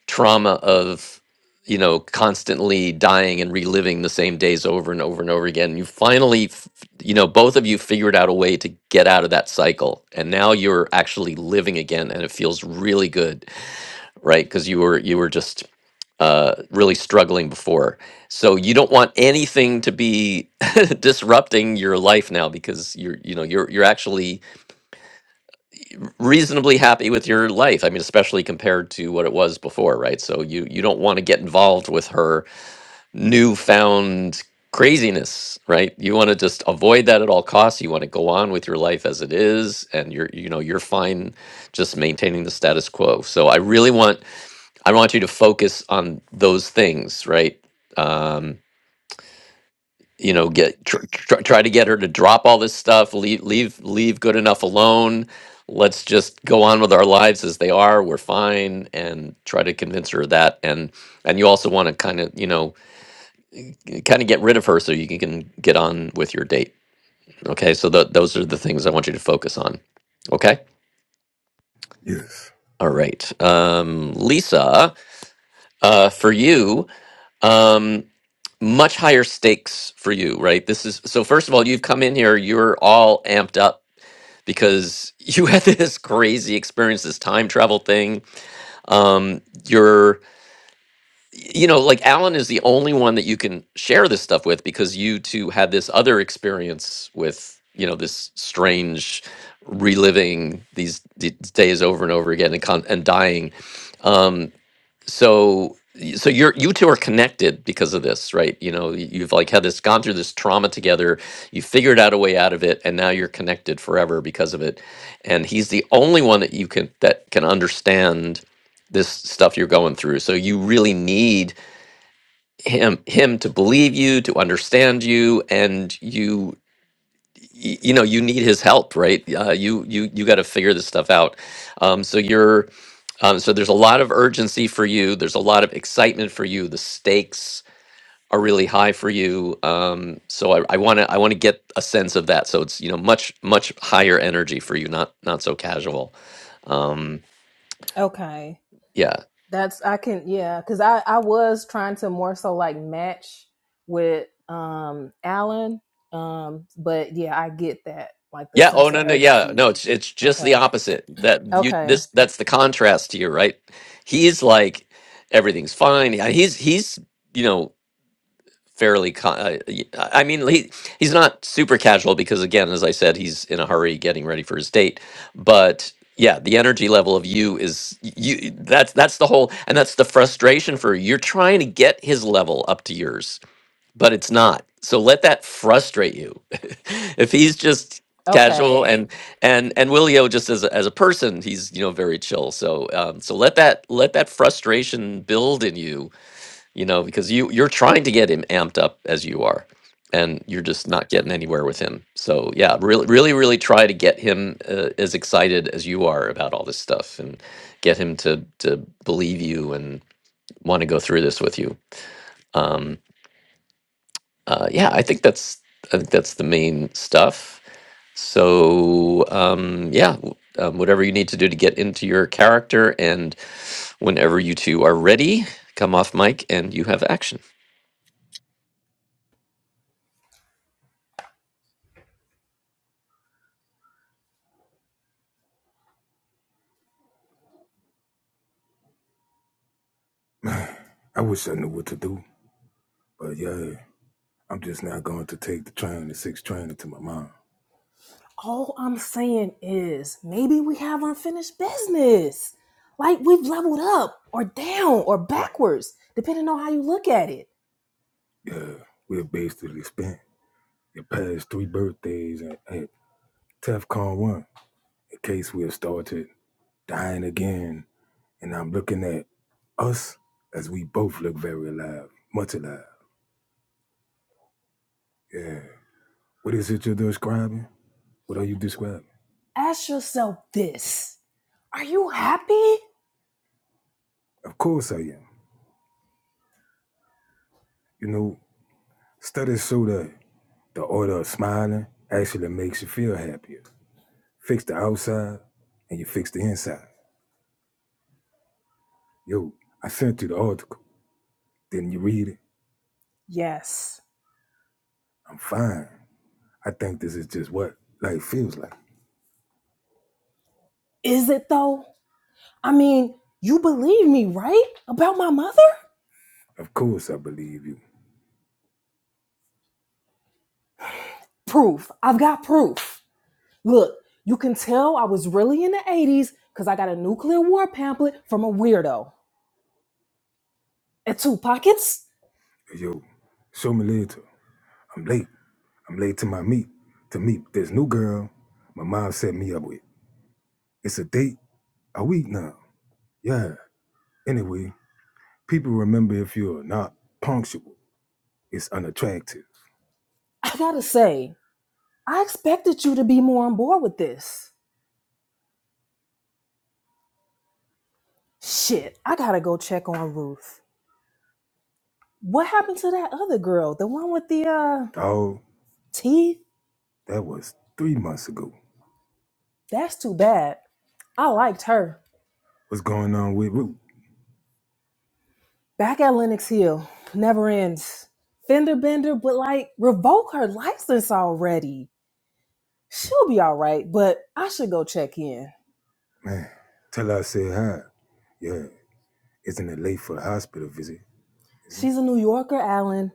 [SPEAKER 2] trauma of you know constantly dying and reliving the same days over and over and over again you finally f- you know both of you figured out a way to get out of that cycle and now you're actually living again and it feels really good right because you were you were just uh really struggling before so you don't want anything to be <laughs> disrupting your life now because you're you know you're you're actually reasonably happy with your life. I mean, especially compared to what it was before, right? So you you don't want to get involved with her newfound craziness, right? You want to just avoid that at all costs. You want to go on with your life as it is and you're you know, you're fine just maintaining the status quo. So I really want I want you to focus on those things, right? Um you know get tr- tr- try to get her to drop all this stuff leave leave leave good enough alone let's just go on with our lives as they are we're fine and try to convince her of that and and you also want to kind of you know kind of get rid of her so you can can get on with your date okay so th- those are the things i want you to focus on okay
[SPEAKER 11] Yes.
[SPEAKER 2] all right um lisa uh for you um much higher stakes for you right this is so first of all you've come in here you're all amped up because you had <laughs> this crazy experience, this time travel thing. Um, you're, you know, like Alan is the only one that you can share this stuff with because you two had this other experience with, you know, this strange reliving these d- days over and over again and con- and dying. Um, so so you're you two are connected because of this right you know y- you've like had this gone through this trauma together you figured out a way out of it and now you're connected forever because of it and he's the only one that you can that can understand this stuff you're going through so you really need him him to believe you to understand you and you y- you know you need his help right uh, you you you got to figure this stuff out um, so you're um, so there's a lot of urgency for you there's a lot of excitement for you the stakes are really high for you um, so i want to i want to get a sense of that so it's you know much much higher energy for you not not so casual um,
[SPEAKER 12] Okay.
[SPEAKER 2] yeah
[SPEAKER 12] That's I can yeah, because I I was trying to more so like match with um Alan, um, but yeah, I get that like the
[SPEAKER 2] yeah oh
[SPEAKER 12] sense
[SPEAKER 2] no
[SPEAKER 12] of
[SPEAKER 2] no yeah
[SPEAKER 12] urgency.
[SPEAKER 2] no it's it's just the
[SPEAKER 12] Okay,
[SPEAKER 2] opposite that you
[SPEAKER 12] okay,
[SPEAKER 2] this that's the contrast here right he's like everything's fine Yeah, he's he's you know fairly con- uh, y- i mean he, he's not super casual because again as i said he's in a hurry getting ready for his date but yeah the energy level of you is y- you that's that's the whole and that's the frustration for you. you're trying to get his level up to yours but it's not so let that frustrate you <laughs> if he's just casual
[SPEAKER 12] okay.
[SPEAKER 2] and and and willio just as a, as a person he's you know very chill so um so let that let that frustration build in you you know, because you you're trying to get him amped up as you are, and you're just not getting anywhere with him. So yeah, really, really, really try to get him uh, as excited as you are about all this stuff, and get him to to believe you and want to go through this with you. Um, uh, yeah, I think that's I think that's the main stuff. So um, yeah, w- um, whatever you need to do to get into your character, and whenever you two are ready, come off mic and you have action.
[SPEAKER 11] <sighs> I wish I knew what to do, but yeah, I'm just not going to take the train, the six train into my mind.
[SPEAKER 12] All I'm saying is maybe we have unfinished business. Like we've leveled up or down or backwards, depending on how you look at it.
[SPEAKER 11] Yeah, we're basically spent the past three birthdays at, at TEFCON 1 in case we have started dying again. And I'm looking at us as we both look very alive, much alive. Yeah. What is it you're describing? What are you describing?
[SPEAKER 12] Ask yourself this: Are you happy?
[SPEAKER 11] Of course I am. You know, studies show that the order of smiling actually makes you feel happier. Fix the outside and you fix the inside. Yo, I sent you the article. Didn't you read it?
[SPEAKER 12] Yes.
[SPEAKER 11] I'm fine. I think this is just what life feels like.
[SPEAKER 12] Is it though? I mean, you believe me, right? About my mother?
[SPEAKER 11] Of course I believe you.
[SPEAKER 12] Proof. I've got proof. Look, you can tell I was really in the 80s because I got a nuclear war pamphlet from a weirdo. And two pockets?
[SPEAKER 11] Yo, show me later. I'm late. I'm late to my meet. To meet this new girl my mom set me up with. It's a date a week now. Yeah. Anyway, People remember if you're not punctual, it's unattractive.
[SPEAKER 12] I gotta say, I expected you to be more on board with this. Shit, I gotta go check on Ruth. What happened to that other girl? The one with the uh
[SPEAKER 11] Dog,
[SPEAKER 12] teeth?
[SPEAKER 11] that was three months ago.
[SPEAKER 12] That's too bad. I liked her.
[SPEAKER 11] What's going on with Root?
[SPEAKER 12] Back at Lenox Hill, never ends. Fender bender, but like revoke her license already. She'll be all right, but I should go check in.
[SPEAKER 11] Man, tell her I said hi. Yeah, isn't it late for a hospital visit? Is it?
[SPEAKER 12] She's a New Yorker, Alan.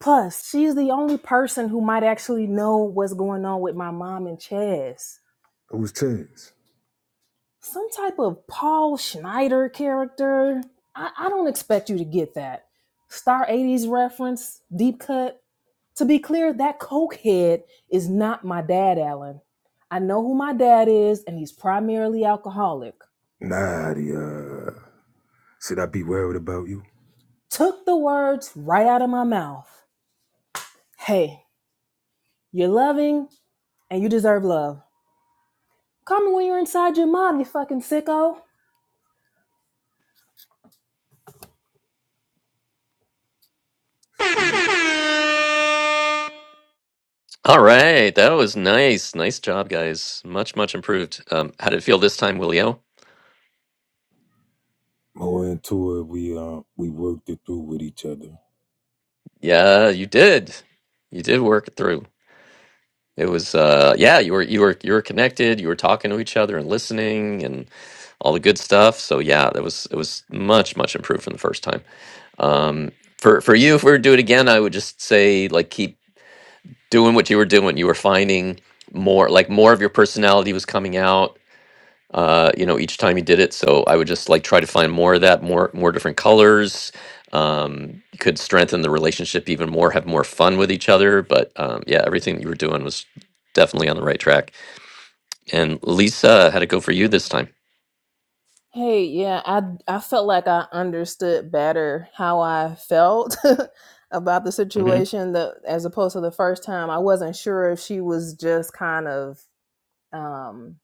[SPEAKER 12] Plus, she's the only person who might actually know what's going on with my mom and Chaz.
[SPEAKER 11] Who's Chance?
[SPEAKER 12] Some type of Paul Schneider character. I, I don't expect you to get that. Star 80s reference, deep cut. To be clear, that cokehead is not my dad, Alan. I know who my dad is, and he's primarily alcoholic.
[SPEAKER 11] Nadia. Should I be worried about you?
[SPEAKER 12] Took the words right out of my mouth. Hey, you're loving and you deserve love. Call me when you're inside your mom, you fucking sicko.
[SPEAKER 11] Ski.
[SPEAKER 2] All right, that was nice. Nice job, guys. Much, much improved. Um, how did it feel this time, Willio?
[SPEAKER 11] More into it, we uh, we worked it through with each other.
[SPEAKER 2] Yeah, you did. You did work it through. It was, uh, yeah, you were, you were, you were connected. You were talking to each other and listening and all the good stuff. So yeah, that was, it was much, much improved from the first time. Um, for for you, if we were to do it again, I would just say like keep doing what you were doing. You were finding more, like more of your personality was coming out uh, you know, each time he did it. So I would just like try to find more of that, more more different colors. Um, you could strengthen the relationship even more, have more fun with each other. But um, yeah, everything that you were doing was definitely on the right track. And Lisa, how to go for you this time?
[SPEAKER 12] Hey, yeah, I I felt like I understood better how I felt <laughs> about the
[SPEAKER 2] hmm
[SPEAKER 12] situation that as opposed to the first time I wasn't sure if she was just kind of um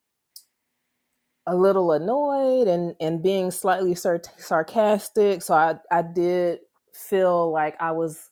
[SPEAKER 12] a little annoyed and and being slightly sar- sarcastic so i i did feel like i was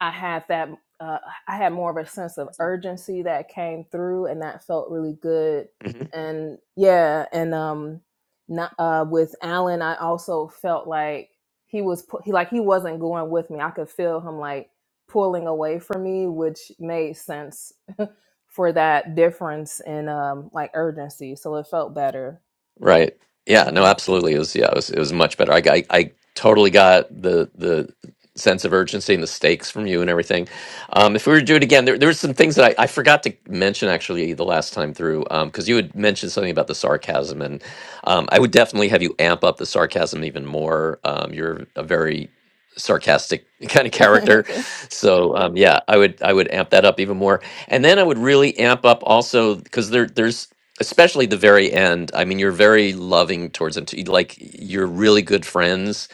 [SPEAKER 12] i had that uh, i had more of a sense of urgency that came through and that felt really good and yeah and um not, uh with alan i also felt like he was pu- he like he wasn't going with me i could feel him like pulling away from me which made sense <laughs> for that difference in um like urgency so it felt better
[SPEAKER 2] Right. Yeah, no,
[SPEAKER 12] hmm
[SPEAKER 2] absolutely. It was yeah, it was it was much better. I got- I, I totally got the the sense of urgency and the stakes from you and everything. Um, if we were to do it again, there there were some things that I, I forgot to mention actually the last time through because you had mentioned something about the sarcasm and um, I would definitely have you amp up the sarcasm even more. Um, you're a very sarcastic <laughs> kind of
[SPEAKER 12] <laughs>
[SPEAKER 2] character.
[SPEAKER 12] okay.
[SPEAKER 2] So um, yeah, I would I would amp that up even more, and then I would really amp up also because there there's especially the very end. I mean, you're very loving towards them, t- like you're really good friends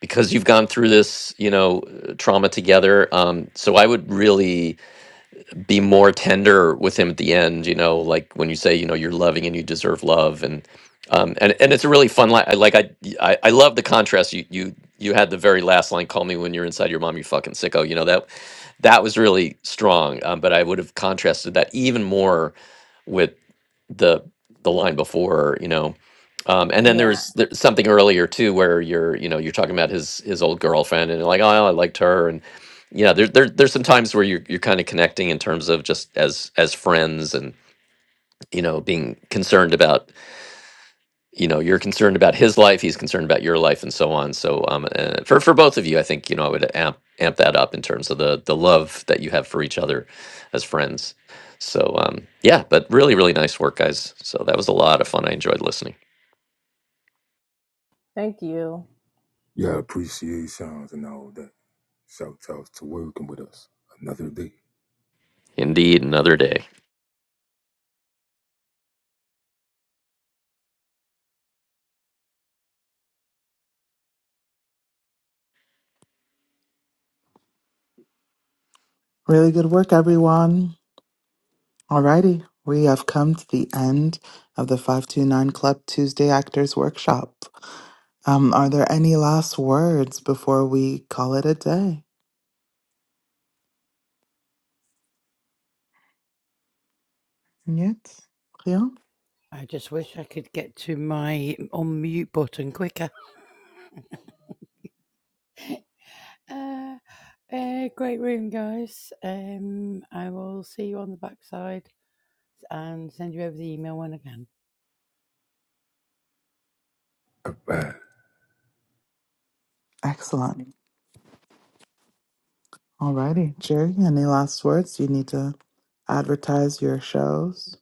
[SPEAKER 2] because you've gone through this you know uh, trauma together. Um, so I would really be more tender with him at the end you know like when you say you know you're loving and you deserve love and um and, and it's a really fun line I- like I, I i love the contrast you you you had the very last line call me when you're inside your mom you fucking sicko you know that that was really strong um, but i would have contrasted that even more with the the line before, you know. Um, and then
[SPEAKER 12] Yeah.
[SPEAKER 2] there's, there's something earlier too where you're, you know, you're talking about his his old girlfriend and you're like, oh, I liked her, and you know, there, there there's some times where you're you're kind of connecting in terms of just as as friends and you know being concerned about you know you're concerned about his life he's concerned about your life and so on so um uh, for for both of you i think you know i would amp amp that up in terms of the the love that you have for each other as friends so um yeah but really really nice work guys so that was a lot of fun i enjoyed listening
[SPEAKER 12] Thank you.
[SPEAKER 11] Yeah, appreciations and all that. Shout outs to working with us. Another day.
[SPEAKER 2] indeed another day
[SPEAKER 1] Really good work, everyone. Alrighty, we have come to the end of the 529 Club Tuesday Actors Workshop. Um, are there any last words before we call it a day? Yet? Yeah?
[SPEAKER 7] I just wish I could get to my unmute button quicker. <laughs> Uh, uh, great room, guys. Um, I will see you on the backside and send you over the email when I can.
[SPEAKER 11] Alright.
[SPEAKER 1] Excellent. Alrighty, Jerry, any last words? You need to advertise your shows?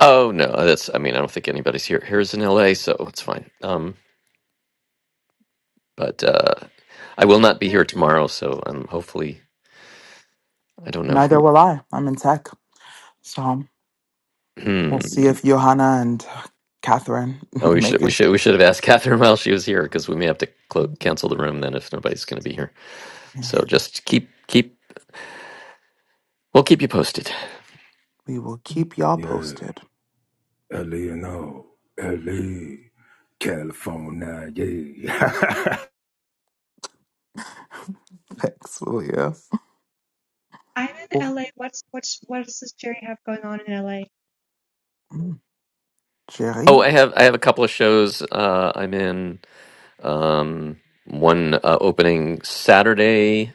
[SPEAKER 2] oh no that's i mean i don't think anybody's here here's in la so it's fine um But uh, I will not be
[SPEAKER 10] Yeah,
[SPEAKER 2] here tomorrow, so um, hopefully I don't know who.
[SPEAKER 1] Neither will I. I'm in tech. So.
[SPEAKER 2] Hmm.
[SPEAKER 1] We'll see if Johanna and Catherine
[SPEAKER 2] Oh,
[SPEAKER 1] <laughs>
[SPEAKER 2] we should
[SPEAKER 1] make
[SPEAKER 2] we
[SPEAKER 1] it.
[SPEAKER 2] should we should have asked <laughs> Catherine while she was here because we may have to clo- cancel the room then if nobody's going to be here.
[SPEAKER 1] Yeah.
[SPEAKER 2] So just keep keep we'll keep you posted.
[SPEAKER 1] We will keep y'all
[SPEAKER 11] Yeah.
[SPEAKER 1] posted.
[SPEAKER 11] Eleanor, LA, California, yeah.
[SPEAKER 1] <laughs> Thanks, Leah.
[SPEAKER 10] I'm in
[SPEAKER 1] Well,
[SPEAKER 10] LA. What's what's what does this Jerry have going on in LA?
[SPEAKER 1] mm, Jerry?
[SPEAKER 2] Oh, I have I have a couple of shows. Uh, I'm in um, one uh, opening Saturday,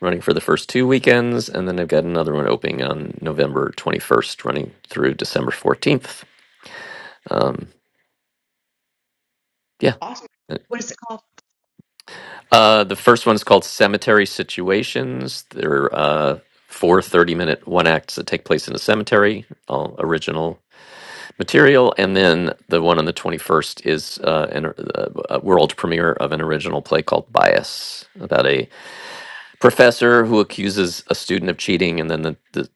[SPEAKER 2] running for the first two weekends, and then I've got another one opening on November 21st, running through December 14th. Um, yeah.
[SPEAKER 10] Awesome. What is it called?
[SPEAKER 2] Uh, the first one's called Cemetery Situations. They're uh, four minute one acts that take place in a cemetery, all original material. And then the one on the 21st is uh, an, uh, a world premiere of an original play called Bias about a professor who accuses a student of cheating, and then the, the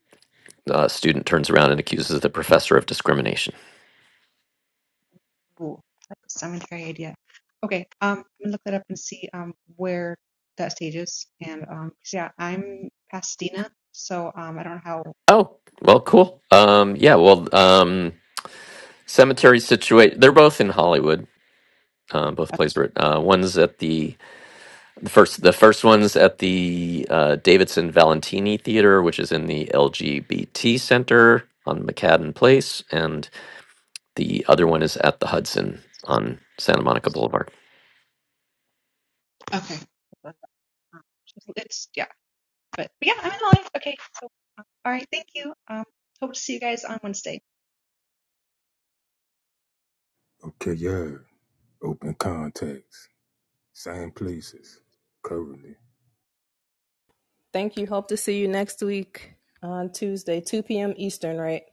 [SPEAKER 2] uh, student turns around and accuses the professor of discrimination.
[SPEAKER 10] Ooh, that sounds like a great idea. Okay, um, I'm gonna look that up and see um where that stage is. And um, 'cause, yeah, I'm Pasadena, so um, I don't know how.
[SPEAKER 2] Oh, well, cool. Um, yeah, well, um, Cemetery Situation, they're both in Hollywood uh, both plays were uh, one's at the the first the first one's at the uh, Davidson Valentini Theater, which is in the LGBT Center on McCadden Place, and the other one is at the Hudson on Santa Monica Boulevard.
[SPEAKER 10] Okay. <laughs> It's yeah, but, but yeah, I'm in LA. Okay, so all right, thank you. Um, hope to see you guys on Wednesday.
[SPEAKER 11] <laughs> okay, yeah. Open contacts, same places, currently.
[SPEAKER 12] Thank you. Hope to see you next week on Tuesday, 2 p.m. Eastern, right?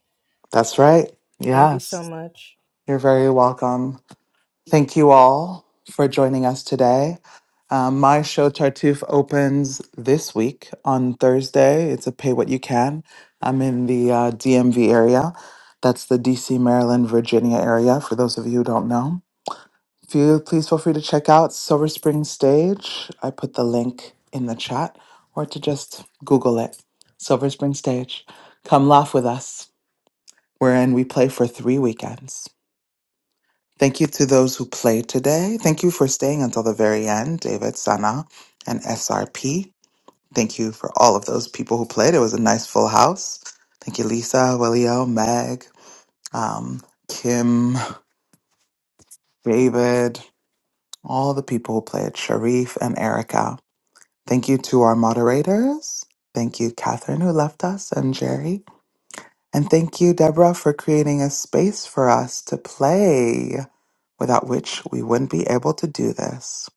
[SPEAKER 1] That's right.
[SPEAKER 12] Thank you so
[SPEAKER 1] Yes.
[SPEAKER 12] much.
[SPEAKER 1] You're very welcome. Thank you all for joining us today. Um, my show Tartuffe opens this week on Thursday. It's a pay what you can. I'm in the uh, DMV area. That's the DC, Maryland, Virginia area, for those of you who don't know. feel, please feel free to check out Silver Spring Stage. I put the link in the chat or to just Google it. Silver Spring Stage. Come laugh with us. We're in, we play for three weekends. Thank you to those who played today. Thank you for staying until the very end, David, Sana, and SRP. Thank you for all of those people who played. It was a nice full house. Thank you, Lisa, Willio, Meg, um, Kim, David, all the people who played, Sharif and Erica. Thank you to our moderators. Thank you, Catherine, who left us, and Jerry. And thank you, Deborah, for creating a space for us to play, without which we wouldn't be able to do this.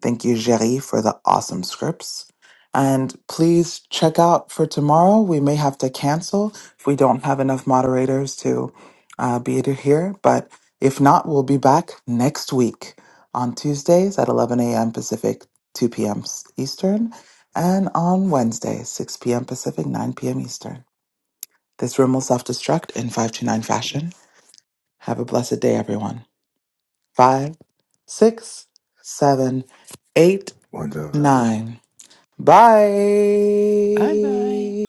[SPEAKER 1] Thank you, Jerry, for the awesome scripts. And please check out for tomorrow. We may have to cancel if we don't have enough moderators to uh, be here. But if not, we'll be back next week on Tuesdays at 11 a.m. Pacific, 2 p.m. Eastern, and on Wednesdays, 6 p.m. Pacific, 9 p.m. Eastern. This room will self destruct in 529 fashion. Have a blessed day, everyone. Five, six, seven, eight,
[SPEAKER 11] One love.
[SPEAKER 1] nine.
[SPEAKER 7] Bye bye.
[SPEAKER 1] Bye.